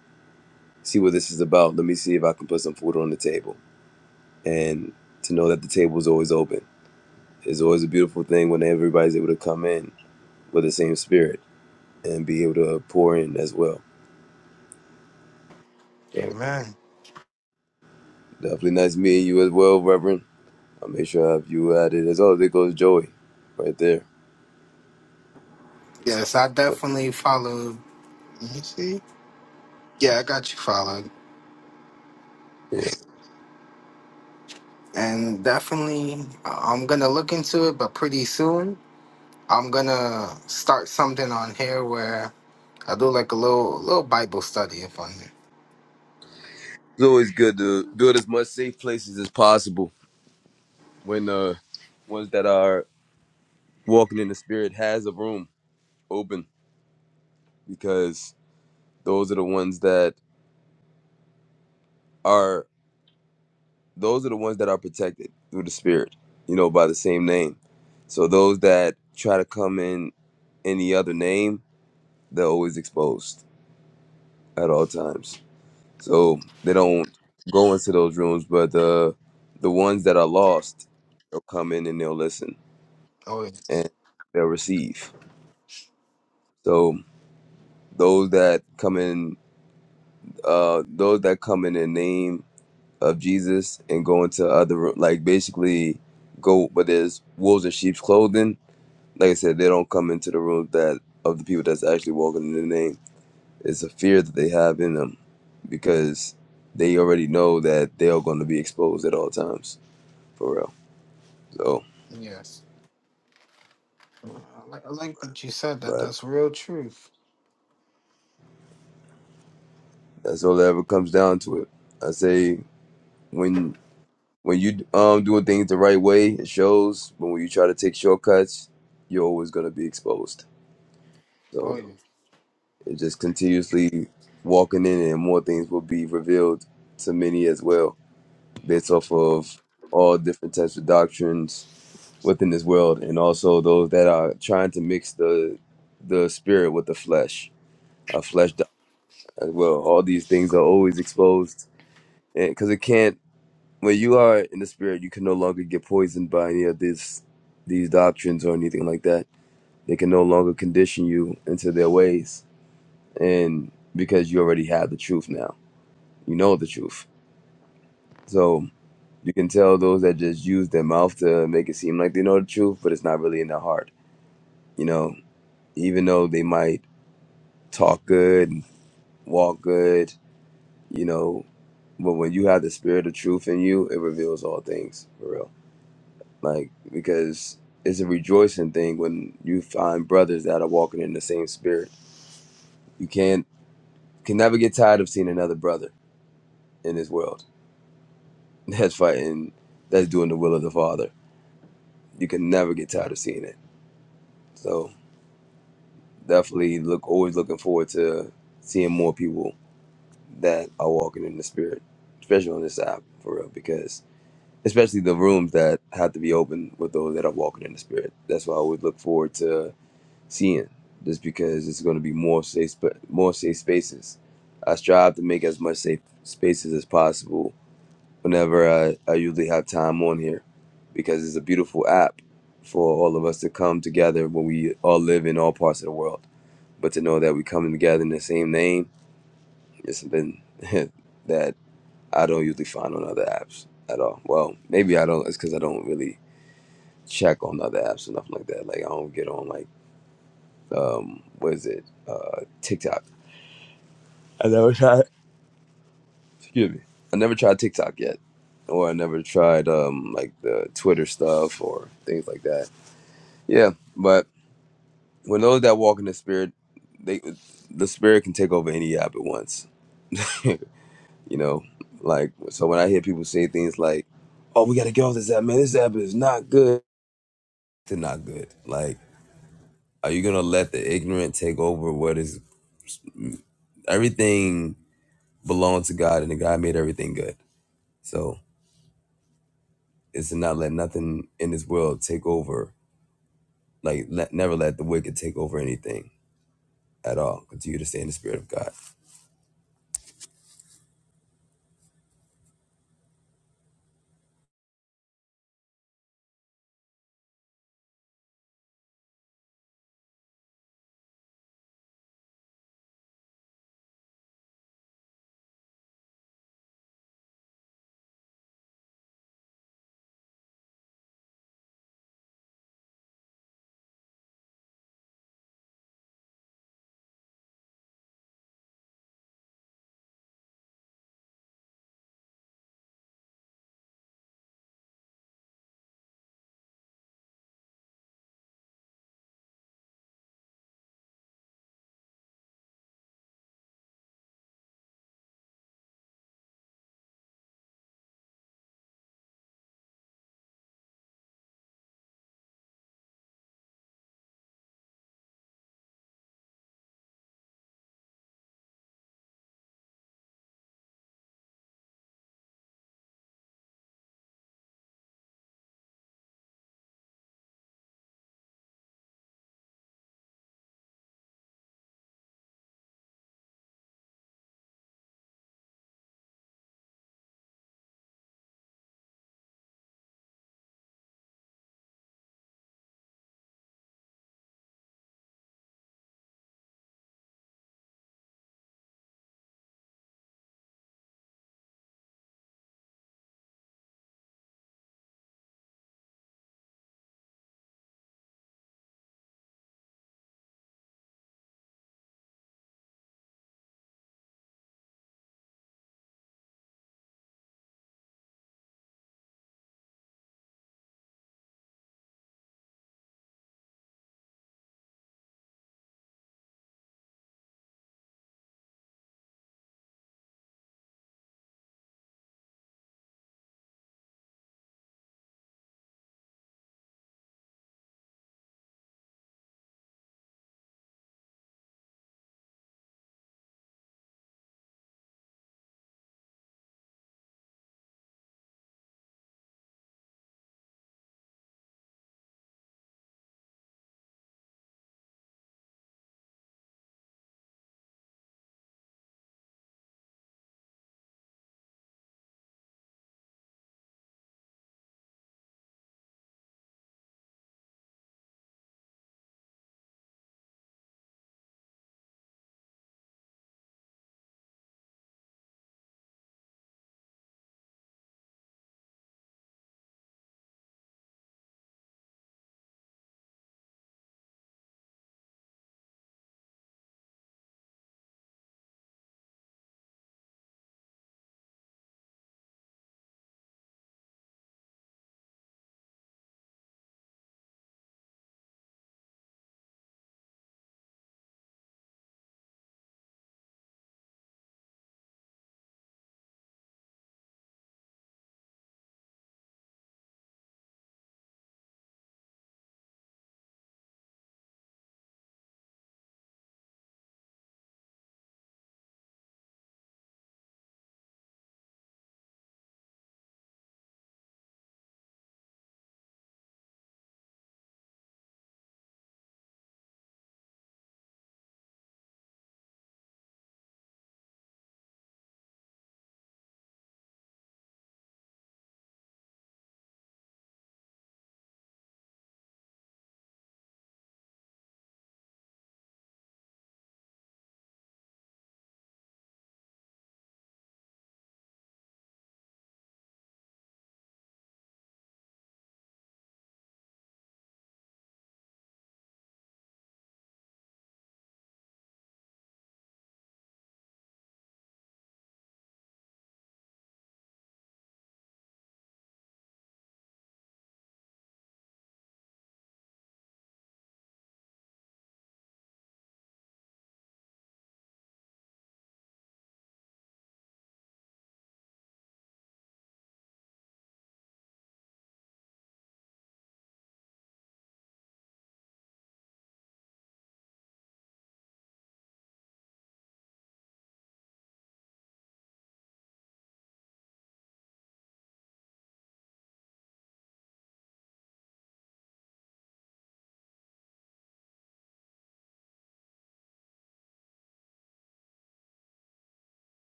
see what this is about. Let me see if I can put some food on the table. And to know that the table is always open is always a beautiful thing when everybody's able to come in with the same spirit and be able to pour in as well. So
Amen.
definitely nice meeting you as well, Reverend. I'll make sure I have you at it as well. There goes Joey right there.
Yes, I definitely followed. Let me see. Yeah, I got you followed. And definitely, I- I'm going to look into it, but pretty soon. I'm gonna start something on here where I do like a little little Bible study if I may.
It's always good to build as much safe places as possible when uh ones that are walking in the spirit has a room open because those are the ones that are those are the ones that are protected through the spirit you know by the same name so those that try to come in any other name they're always exposed at all times so they don't go into those rooms but the the ones that are lost they'll come in and they'll listen
Oh yes,
and they'll receive so those that come in uh those that come in the name of jesus and go into other like basically go but there's wolves in sheep's clothing like I said, they don't come into the room that of the people that's actually walking in the name. It's a fear that they have in them because they already know that they are going to be exposed at all times for real. So,
yes. I like, I like what you said. That
but
that's real truth.
that's all that ever comes down to it. I say when when you um doing things the right way, it shows. But when you try to take shortcuts, you're always going to be exposed.
Oh
So
yeah.
it just continuously walking in, and more things will be revealed to many as well based off of all different types of doctrines within this world, and also those that are trying to mix the the spirit with the flesh, a flesh doc- as well. All these things are always exposed, and because it can't. When you are in the spirit, you can no longer get poisoned by any of this these doctrines or anything like that. They can no longer condition you into their ways, and because you already have the truth now, you know the truth. So You can tell those that just use their mouth to make it seem like they know the truth, but it's not really in their heart. You know, even though they might talk good, walk good, you know, but when you have the spirit of truth in you, it reveals all things for real. Like, because it's a rejoicing thing when you find brothers that are walking in the same spirit. You can't, can never get tired of seeing another brother in this world [LAUGHS] that's fighting, that's doing the will of the Father. You can never get tired of seeing it. So. definitely look always looking forward to seeing more people that are walking in the spirit, especially on this app for real. Because especially the rooms that have to be open with those that are walking in the spirit. That's what I always look forward to seeing, just because it's going to be more safe, sp- more safe spaces. I strive to make as much safe spaces as possible whenever I, I usually have time on here, because it's a beautiful app for all of us to come together when we all live in all parts of the world but to know that we coming together in the same name is something [LAUGHS] that I don't usually find on other apps at all. Well, maybe I don't. It's because I don't really check on other apps or nothing like that. Like I don't get on like um what is it uh TikTok. I never [LAUGHS] tried. Excuse me. I never tried TikTok yet, or I never tried um like the Twitter stuff or things like that. Yeah, but when those that walk in the spirit, they the spirit can take over any app at once. [LAUGHS] You know, like so when I hear people say things like, "Oh, we gotta get off this app, man. This app is not good." It's not good. Like, are you gonna let the ignorant take over what is everything belongs to God, and the God made everything good. So it's to not let nothing in this world take over. Like, let, never let the wicked take over anything at all. Continue to stay in the spirit of God.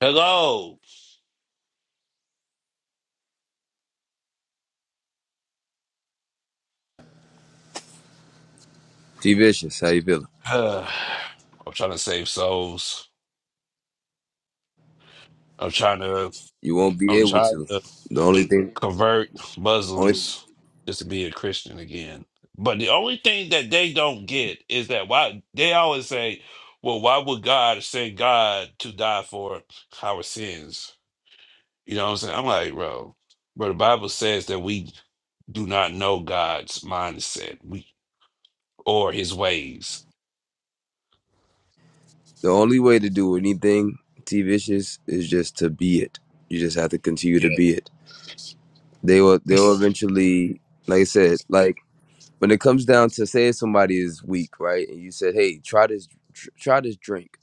Hello. [SIGHS]
T Vicious, how you feeling?
Uh, I'm trying to save souls. I'm trying to.
You won't be
I'm
able
trying
to.
to.
The only thing,
convert
only
Muslims just to be a Christian again. But the only thing that they don't get is that why they always say, "Well, why would God send God to die for our sins?" You know what I'm saying? I'm like, bro, bro. The Bible says that we do not know God's mindset, we or His ways.
The only way to do anything T Vicious is just to be it. You just have to continue to
Yeah.
be it. They will they'll eventually like I said, like when it comes down to say if somebody is weak, right? And you said, "Hey, try this tr- try this drink."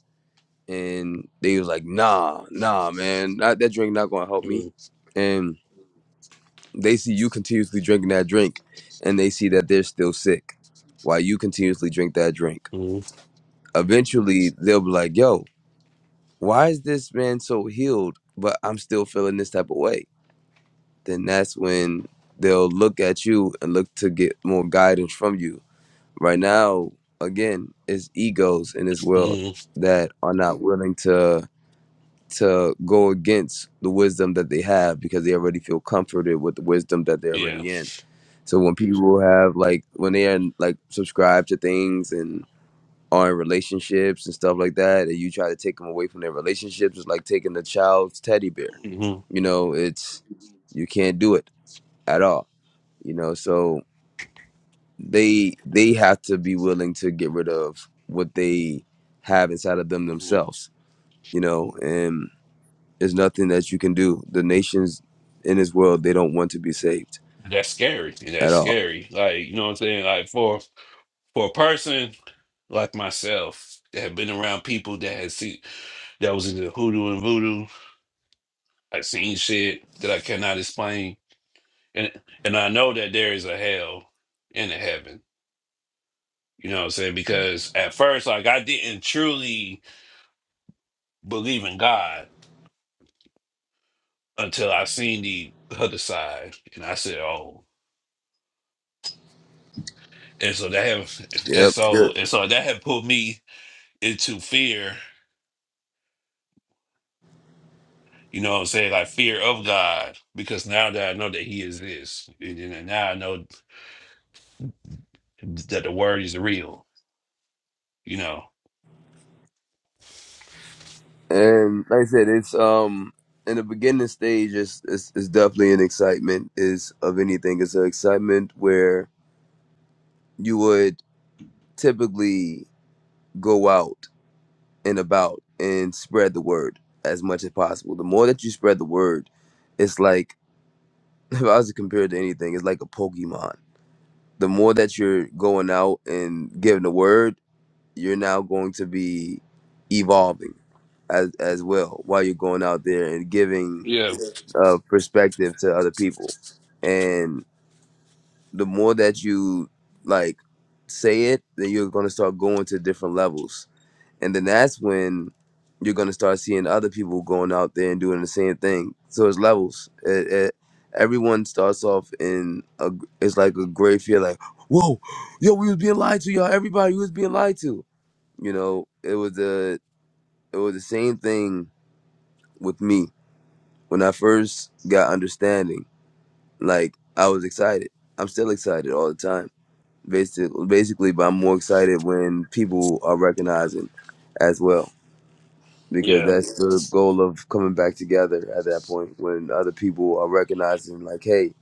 And they was like, "Nah, nah, man. Not, that drink not going to help me."
Mhm,
And they see you continuously drinking that drink and they see that they're still sick while you continuously drink that drink.
mhm,
Eventually, they'll be like, "Yo, why is this man so healed, but I'm still feeling this type of way? Then that's when they'll look at you and look to get more guidance from you. Right now, again, it's egos in this world
mhm,
that are not willing to to go against the wisdom that they have because they already feel comforted with the wisdom that they're
Yeah.
already in. So when people have like when they are like subscribed to things and are in relationships and stuff like that, and you try to take them away from their relationships, it's like taking a child's teddy bear.
Mhm,
You know, it's you can't do it at all. You know, so they they have to be willing to get rid of what they have inside of them
mhm.
themselves. You know, and there's nothing that you can do. The nations in this world they don't want to be saved
That's scary.
at
That's
all.
scary. Like you know what I'm saying? Like for for a person like myself that have been around people that had seen that was into hoodoo and voodoo. I seen shit that I cannot explain, and and I know that there is a hell and a heaven. You know what I'm saying? Because at first, like I didn't truly believe in God until I seen the other side, and I said, "Oh." And so that have, and
Yep.
so and so that had put me into fear. You know what I'm saying? Like fear of God, because now that I know that He exists, and, and now I know that the word is real, you know.
And like I said, it's um in the beginning stage it's it's, it's definitely an excitement is of anything. It's an excitement where you would typically go out and about and spread the word as much as possible. The more that you spread the word, it's like [LAUGHS] if I was to compare it to anything, it's like a Pokemon. The more that you're going out and giving the word, you're now going to be evolving as as well while you're going out there and giving
Yeah,
uh, perspective to other people. And the more that you like say it, then you're gonna start going to different levels. And then that's when you're gonna start seeing other people going out there and doing the same thing. So it's levels. It, it, everyone starts off in a, it's like a great fear, like, whoa, yo, we was being lied to, y'all. Everybody was being lied to. You know, it was the it was the same thing with me when I first got understanding. Like I was excited. I'm still excited all the time. Basically, basically, but I'm more excited when people are recognizing as well because
yeah,
that's the goal of coming back together at that point when other people are recognizing like, hey,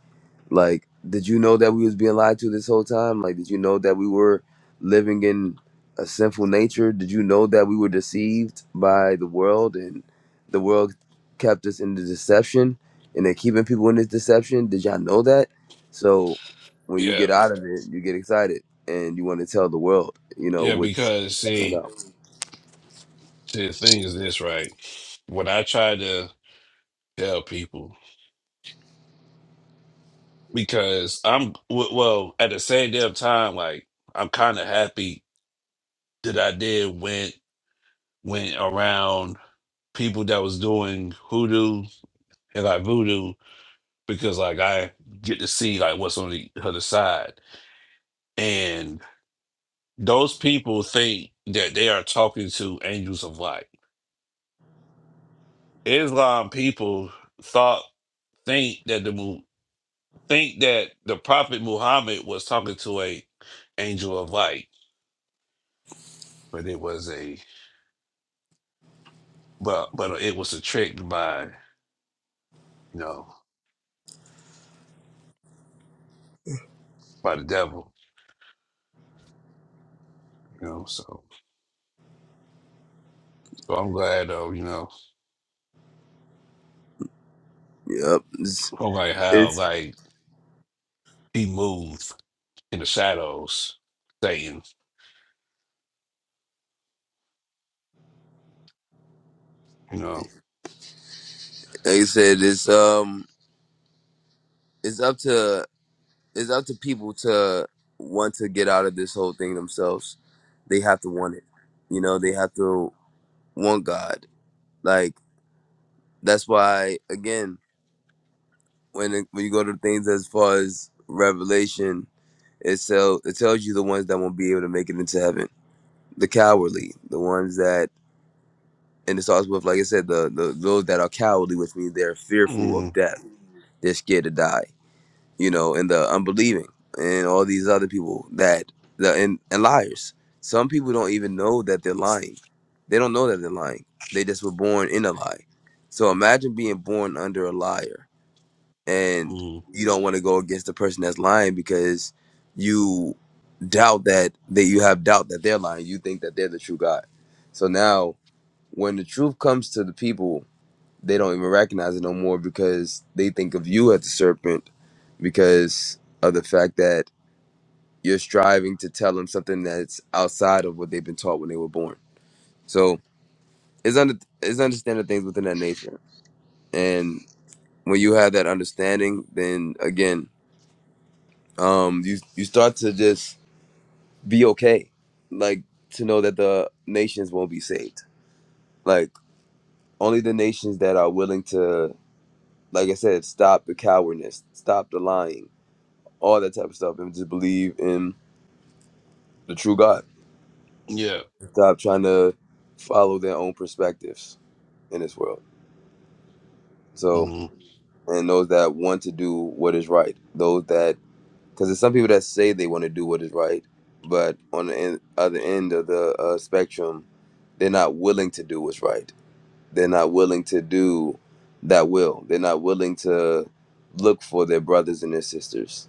like, did you know that we was being lied to this whole time? Like, did you know that we were living in a sinful nature? Did you know that we were deceived by the world and the world kept us in the deception and they're keeping people in this deception? Did y'all know that? So when you
yeah,
get out of it, you get excited and you want to tell the world, you know,
yeah.
what's
Because
going
see,
on.
see, the thing is this, right? What I try to tell people, because I'm w- well, at the same damn time, like I'm kind of happy that I did went went around people that was doing hoodoo and like voodoo, because like I get to see like what's on the other side, and those people think that they are talking to angels of light Islam people thought think that the Mu- think that the Prophet Muhammad was talking to a angel of light, but it was a but but it was a trick by you know by the devil, you know. So so I'm glad though, you know,
Yep. It's,
I'm like how
it's
like he moved in the shadows, Satan, you know.
like I said, it's um it's up to it's up to people to want to get out of this whole thing themselves. They have to want it. You know, they have to want God. Like that's why again, when it, when you go to things as far as revelation, it tell it tells you the ones that won't be able to make it into heaven. The cowardly, the ones that and it starts with like I said, the, the those that are cowardly, which means they're fearful of
mm
death. They're scared to die you know, and the unbelieving and all these other people that the and, and liars. Some people don't even know that they're lying. They don't know that they're lying. They just were born in a lie. So imagine being born under a liar and
mm,
you don't want to go against the person that's lying because you doubt that that you have doubt that they're lying. You think that they're the true God. So now when the truth comes to the people they don't even recognize it no more because they think of you as the serpent because of the fact that you're striving to tell them something that's outside of what they've been taught when they were born. So it's under it's understanding things within that nature, and when you have that understanding, then again, um, you you start to just be okay, like to know that the nations won't be saved. Like only the nations that are willing to, like I said, stop the cowardness, stop the lying all that type of stuff, and just believe in the true God.
Yeah,
Stop trying to follow their own perspectives in this world. So,
mm.
and those that want to do what is right, those that, because there's some people that say they want to do what is right, but on the en- other end of the uh, spectrum, they're not willing to do what's right They're not willing to do that will. They're not willing to look for their brothers and their sisters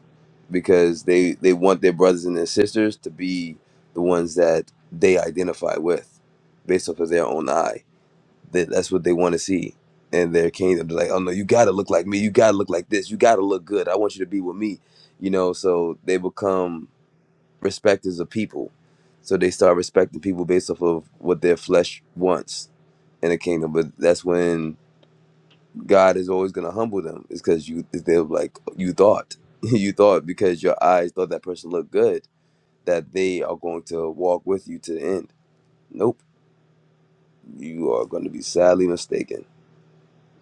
because they they want their brothers and their sisters to be the ones that they identify with based off of their own eye. That that's what they want to see in their kingdom. They're like, oh no, you gotta look like me. You gotta look like this. You gotta look good. I want you to be with me. You know, so they become respect is a people. So they start respecting people based off of what their flesh wants in the kingdom. But that's when God is always gonna humble them. It's cause you they're like you thought. [LAUGHS] you thought because your eyes thought that person looked good that they are going to walk with you to the end. Nope. You are gonna be sadly mistaken.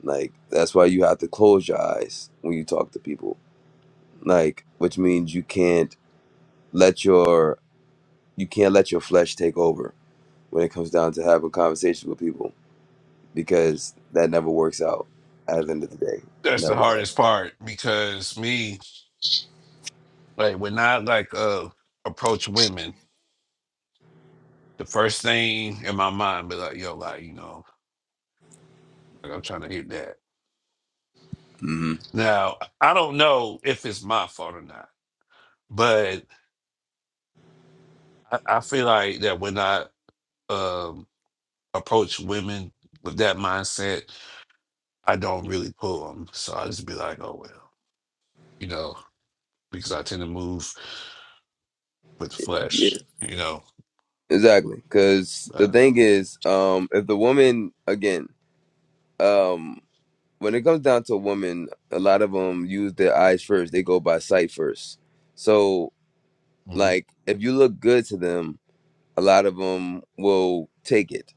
Like that's why you have to close your eyes when you talk to people. Like which means you can't let your you can't let your flesh take over when it comes down to having conversations with people because that never works out at the end of the day.
that's the
Never does.
hardest part because me like when I like uh approach women the first thing in my mind be like, yo, like, you know, like I'm trying to hit that.
hmm
Now, I don't know if it's my fault or not, but I, I feel like that when I um, approach women with that mindset, I don't really pull them. So I just be like, oh, well, you know, because I tend to move with the
Yeah.
flesh, you know.
Exactly. Because the
Uh,
thing is, um, if the woman, again, um, when it comes down to women, a lot of them use their eyes first. They go by sight first. So,
Want
like, if you look good to them, a lot of them will take it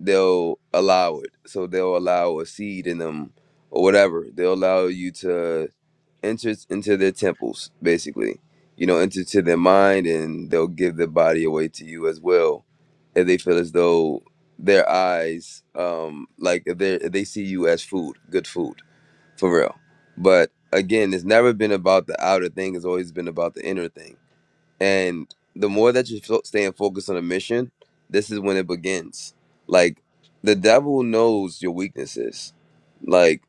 they'll allow it so they'll allow a seed in them or whatever they'll allow you to enter into their temples basically you know enter to their mind and they'll give their body away to you as well if they feel as though their eyes um like if they if they see you as food good food for real but again it's never been about the outer thing it's always been about the inner thing and the more that you're fo- staying focused on a mission, this is when it begins. Like the devil knows your weaknesses. Like,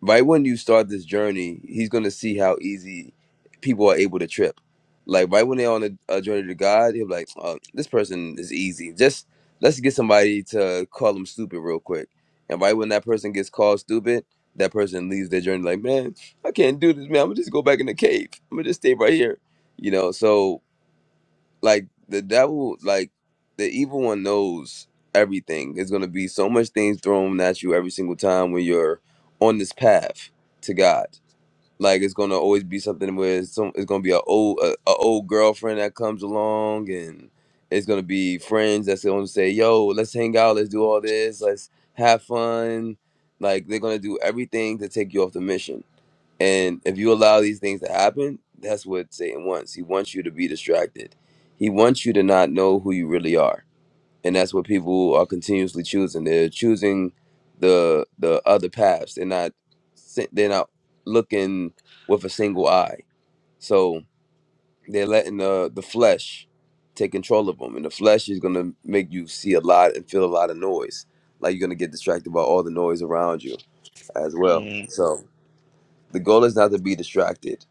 right when you start this journey, he's gonna see how easy people are able to trip. Like right when they're on a, a journey to God, he'll be like, oh, "This person is easy. Just let's get somebody to call them stupid real quick." And right when that person gets called stupid, that person leaves their journey like, "Man, I can't do this, man. I'm gonna just go back in the cave. I'm gonna just stay right here." You know, so like the devil like the evil one knows everything there's going to be so much things thrown at you every single time when you're on this path to god like it's going to always be something where it's, some, it's going to be a old a, a old girlfriend that comes along and it's going to be friends that's going to say yo let's hang out let's do all this let's have fun like they're going to do everything to take you off the mission and if you allow these things to happen, that's what Satan wants. He wants you to be distracted. He wants you to not know who you really are. And that's what people are continuously choosing. They're choosing the the other paths. They're not si- they're not looking with a single eye. So they're letting the the flesh take control of them. And the flesh is gonna make you see a lot and feel a lot of noise. Like you're gonna get distracted by all the noise around you as well. So the goal is not to be distracted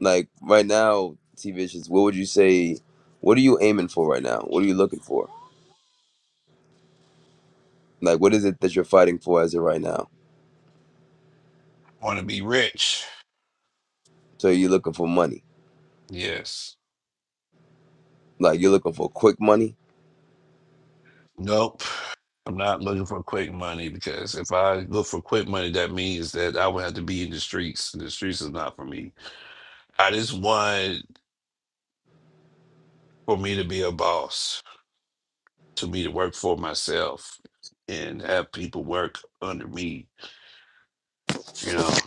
like right now, T Vicious, what would you say? What are you aiming for right now? What are you looking for? Like, what is it that you're fighting for as of right now?
to be rich?
So you're looking for money.
Yes.
Like you're looking for quick money.
Nope. I'm not looking for quick money because if I look for quick money, that means that I would have to be in the streets. and The streets is not for me. I just want for me to be a boss, to me to work for myself and have people work under me. You know,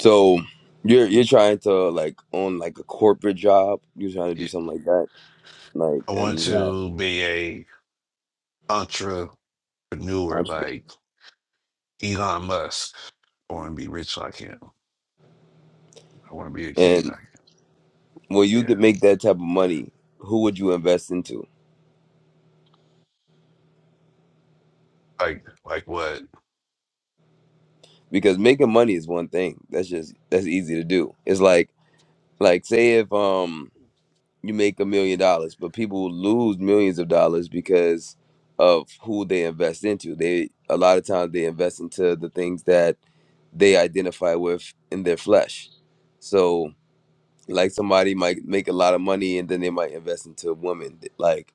So you're you're trying to like own like a corporate job. You're trying to do
It-
something like that. Like
I want
and have
to be a entrepreneur
entrepreneur.
like Elon Musk. I want to be rich like him. I want to be a king
And
like
when you
yeah,
can make that type of money, who would you invest into?
like like what?
Because making money is one thing. That's just that's easy to do. It's like like say if um you make a million dollars, but people will lose millions of dollars because of who they invest into. They a lot of times they invest into the things that they identify with in their flesh. So like somebody might make a lot of money and then they might invest into women. Like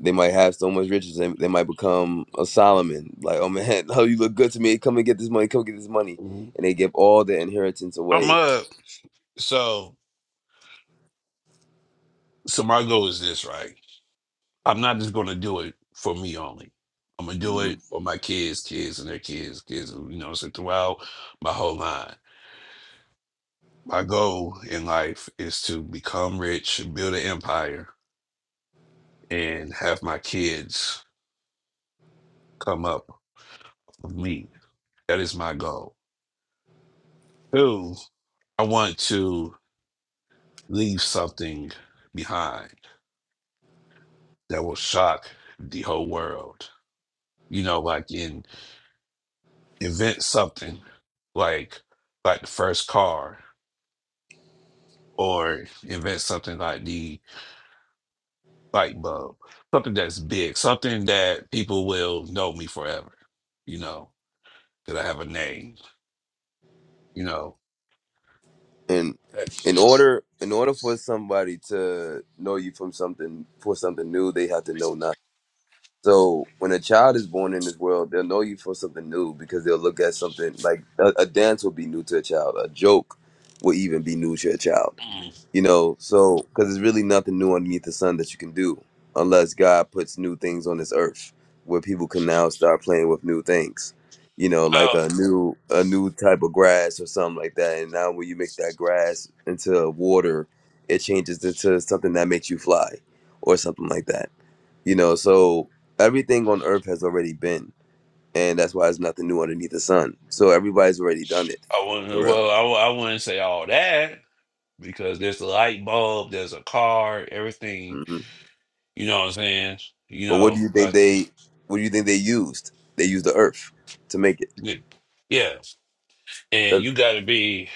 they might have so much riches and they might become a Solomon. Like, oh man, [LAUGHS] oh you look good to me. Come and get this money. Come get this money. And
I'm
they give all their inheritance away.
up. So so my goal is this, right? I'm not just going to do it for me only. I'm gonna do
Mm-hmm.
it for my kids, kids, and their kids, kids. You know, so throughout my whole line, my goal in life is to become rich, build an empire, and have my kids come up with me. That is my goal. Two, I want to leave something behind that will shock the whole world. You know, like in invent something like like the first car or invent something like the light bulb, something that's big, something that people will know me forever, you know, that I have a name, you know.
and
That's
in order in order for somebody to know you from something for something new they have to know nothing so when a child is born in this world they'll know you for something new because they'll look at something like a, a dance will be new to a child a joke will even be new to a child
Mm,
you know, so because there's really nothing new underneath the sun that you can do unless God puts new things on this earth where people can now start playing with new things. You know, like
well,
a new a new type of grass or something like that. And now when you mix that grass into water, it changes into something that makes you fly or something like that. You know, so everything on earth has already been. And that's why there's nothing new underneath the sun. So everybody's already done it.
I
For
wouldn't.
real.
Well, I, wou- I wouldn't say all that because there's a light bulb, there's a car, everything.
Mm-hmm.
You know what I'm saying? You
But what do
know,
you think
like
they what do you think they used? They used the earth to make it.
y- yeah. And
That-
you got to be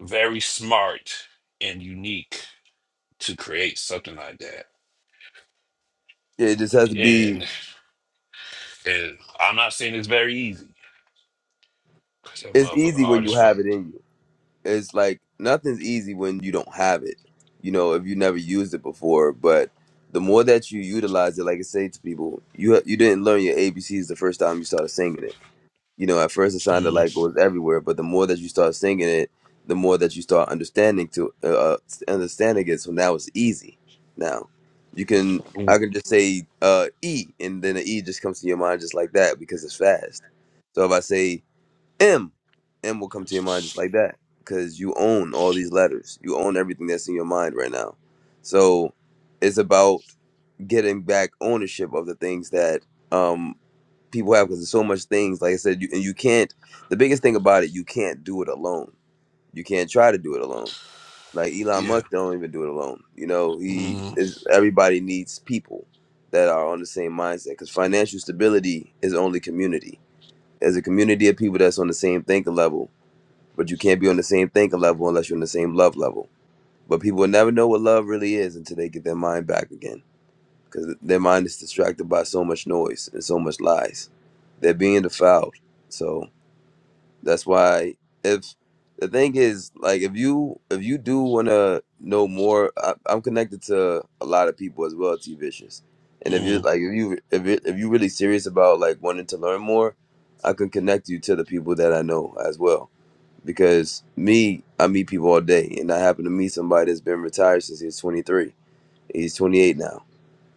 very smart and unique to create something like
yeah, It just has to
that.
be
And I'm not saying it's very easy. Cause that
it's
motherfucker
easy when
hard
you
as fuck.
have it in you. It's like nothing's easy when you don't have it. You know, if you never used it before, but the more that you utilize it, like I say to people, you you didn't learn your ABCs the first time you started singing it you know, at first it sounded like
Mm,
it was everywhere, but the more that you start singing it, the more that you start understanding to uh, understanding it. So now it's easy. Now you can I
mm,
can just say uh, E, and then the E just comes to your mind just like that because it's fast. So if I say M, M will come to your mind just like that because you own all these letters. You own everything that's in your mind right now. So it's about getting back ownership of the things that um people have because there's so much things like i said you, and you can't the biggest thing about it you can't do it alone you can't try to do it alone like elon
yeah.
musk don't even do it alone you know he
Mm,
is everybody needs people that are on the same mindset because financial stability is only community there's a community of people that's on the same thinking level but you can't be on the same thinking level unless you're on the same love level but people will never know what love really is until they get their mind back again because their mind is distracted by so much noise and so much lies. They're being defiled. So that's why if the thing is like if you if you do want to know more, I, I'm connected to a lot of people as well, T Vicious. And if you
mm,
like if you if you if you're really serious about like wanting to learn more, I can connect you to the people that I know as well. Because me, I meet people all day, and I happen to meet somebody that's been retired since he was 23. He's 28 now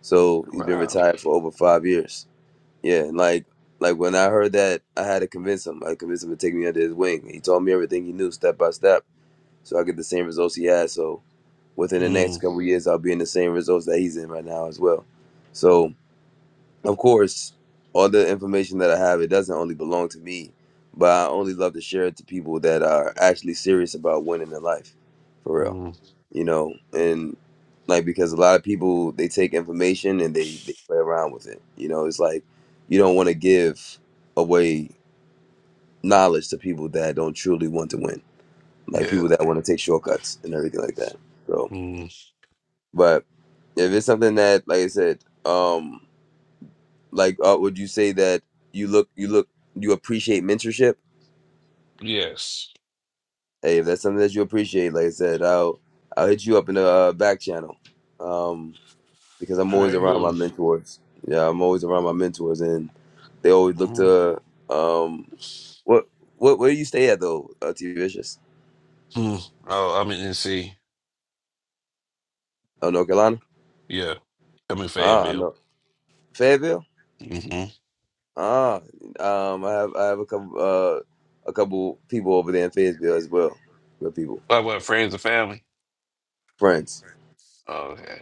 so he's been
wow.
retired for over five years. Yeah, and like like when I heard that, I had to convince him. I convinced him to take me under his wing. He told me everything he knew, step by step, so I get the same results he had. So within the next
Mm,
couple of years, I'll be in the same results that he's in right now as well. So of course, all the information that I have, it doesn't only belong to me, but I only love to share it to people that are actually serious about winning in life, for real
mm,
you know, and like because a lot of people they take information and they, they play around with it. You know, it's like you don't want to give away knowledge to people that don't truly want to win, like
yeah.
people that want to take shortcuts and everything like that. So,
Mm,
but if it's something that, like I said, um, like uh, would you say that you look you look you appreciate mentorship?
yes.
Hey, if that's something that you appreciate, like I said, I'll I'll hit you up in the uh, back channel. Um, because I'm
All
always
right,
around my
go.
mentors. Yeah, I'm always around my mentors, and they always look
Mm,
to um what what where do you stay at though, uh, T Vicious?
mm. Oh, I'm in NC.
Oh, North Carolina.
Yeah, I'm in
Ah, I
Fayetteville.
know Fayetteville.
Mm-hmm.
Ah, um, I have I have a couple uh a couple people over there in Fayetteville as well. Good people,
Well, what friends and family.
friends.
Oh, okay.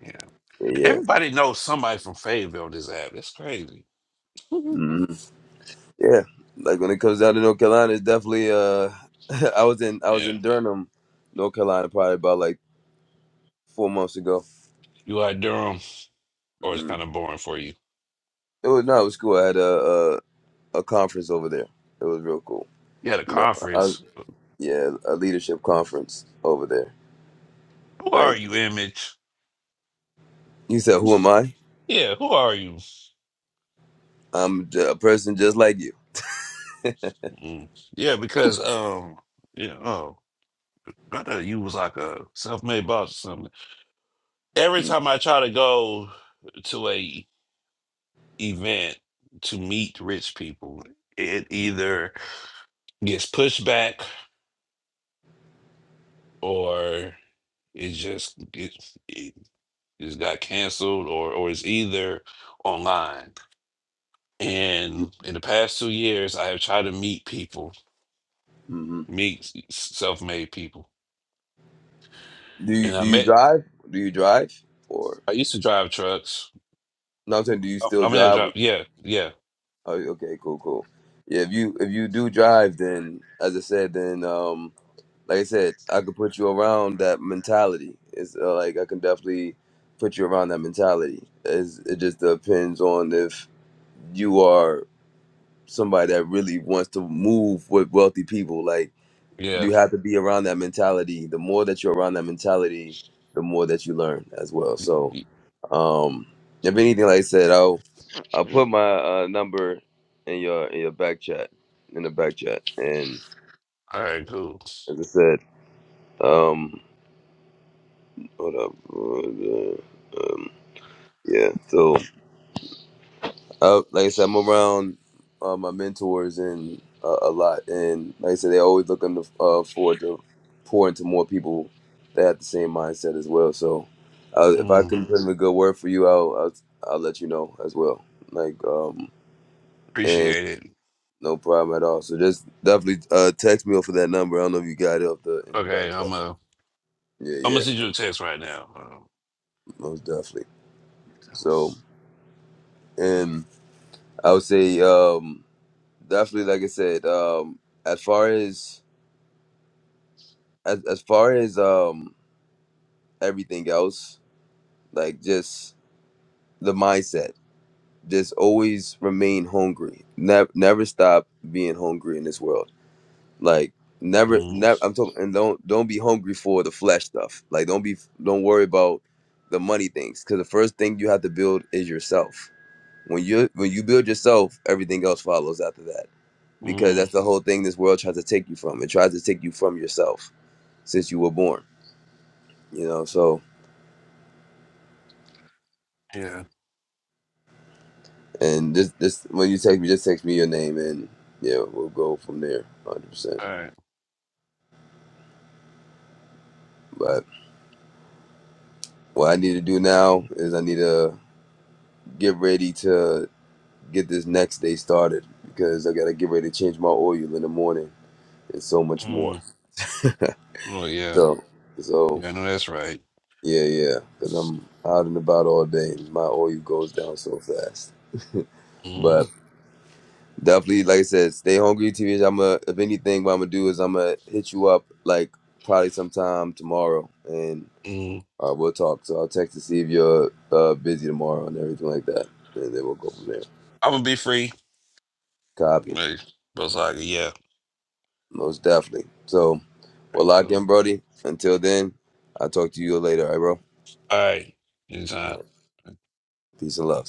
Yeah.
Yeah,
Everybody knows somebody from Fayetteville this app. That's crazy. [LAUGHS] yeah.
mm yeah. Like when it comes down to North Carolina, it's definitely uh [LAUGHS] I was in I was in Durham, North Carolina, probably about like four months ago.
You like Durham, or it's kind of boring for you.
It was no, it was cool. I had a, a a conference over there. It was real cool.
You had a
You know, I
conference.
yeah, a leadership conference over there.
Who are
Like
you, Image?
you said, who am I?
Yeah, who are you?
I'm j- a person just like you.
Mm. Yeah, because um, yeah, oh, I thought you was like a self-made boss or something. Every
Mm,
time I try to go to a event to meet rich people, it either gets pushed back or it just it, it just got canceled or or it's either online. And in the past two years, I have tried to meet people,
Mm-hmm.
meet self-made people.
Do you
And I
do you
met
drive? Do you drive? Or
I used to drive trucks.
no, I'm saying, do you
Oh,
still
I mean, I
drive?
drive. Yeah, yeah,
Oh, okay, cool, cool. Yeah, if you if you do drive, then as I said, then um. like I said, I could put you around that mentality. It's uh, like I can definitely put you around that mentality. It's, it just depends on if you are somebody that really wants to move with wealthy people. Like
yeah.
you have to be around that mentality. The more that you're around that mentality, the more that you learn as well. So, um, if anything, like I said, I'll I'll put my uh, number in your in your back chat in the back chat, and
All right, cool.
as I said. Um, What up, brother? Um, yeah. So, uh, like I said, I'm around uh, my mentors and uh, a lot, and like I said, they're always looking to, uh, forward to pour into more people that have the same mindset as well. So, uh, if I
Mm,
can put in a good word for you, I'll, I'll I'll let you know as well. Like, um, and
appreciate it.
no problem at all. So just definitely uh, text me off of that number. I don't know if you got it up the in the
Okay,
back. chat.
I'm uh,
Yeah,
I'm
yeah,
gonna send you a text right now.
most definitely.
Um,
So and. I would say, um, definitely like I said, um as far as as as far as um everything else, like just the mindset. Just always remain hungry. Never never stop being hungry in this world. Like never
mm,
never I'm talking and don't don't be hungry for the flesh stuff. Like don't be don't worry about the money things cuz the first thing you have to build is yourself. When you when you build yourself, everything else follows after that. Because
mm,
that's the whole thing this world tries to take you from. It tries to take you from yourself since you were born. You know, so
yeah.
and just this when you text me, just text me your name and yeah, we'll go from there, hundred percent.
All right.
But what I need to do now is I need to get ready to get this next day started because I gotta get ready to change my oil in the morning and so much more.
Mm, oh yeah.
So, so
Yeah, I know that's right.
yeah, yeah, because I'm out and about all day and my oil goes down so fast. But
Mm,
Definitely, like I said, stay hungry, TVH. I'm going to if anything, what I'm gonna do is I'm gonna hit you up like probably sometime tomorrow, and
mm.
uh, we'll talk. So I'll text to see if you're uh, busy tomorrow and everything like that, and then we'll go from there.
I'm gonna be free.
Copy,
Hey, Bro Yeah.
most definitely. So
All
we'll
right,
lock in,
cool.
Brody. Until then, I'll talk to you later, all right, bro?
All right.
All
Anytime.
right, peace and love.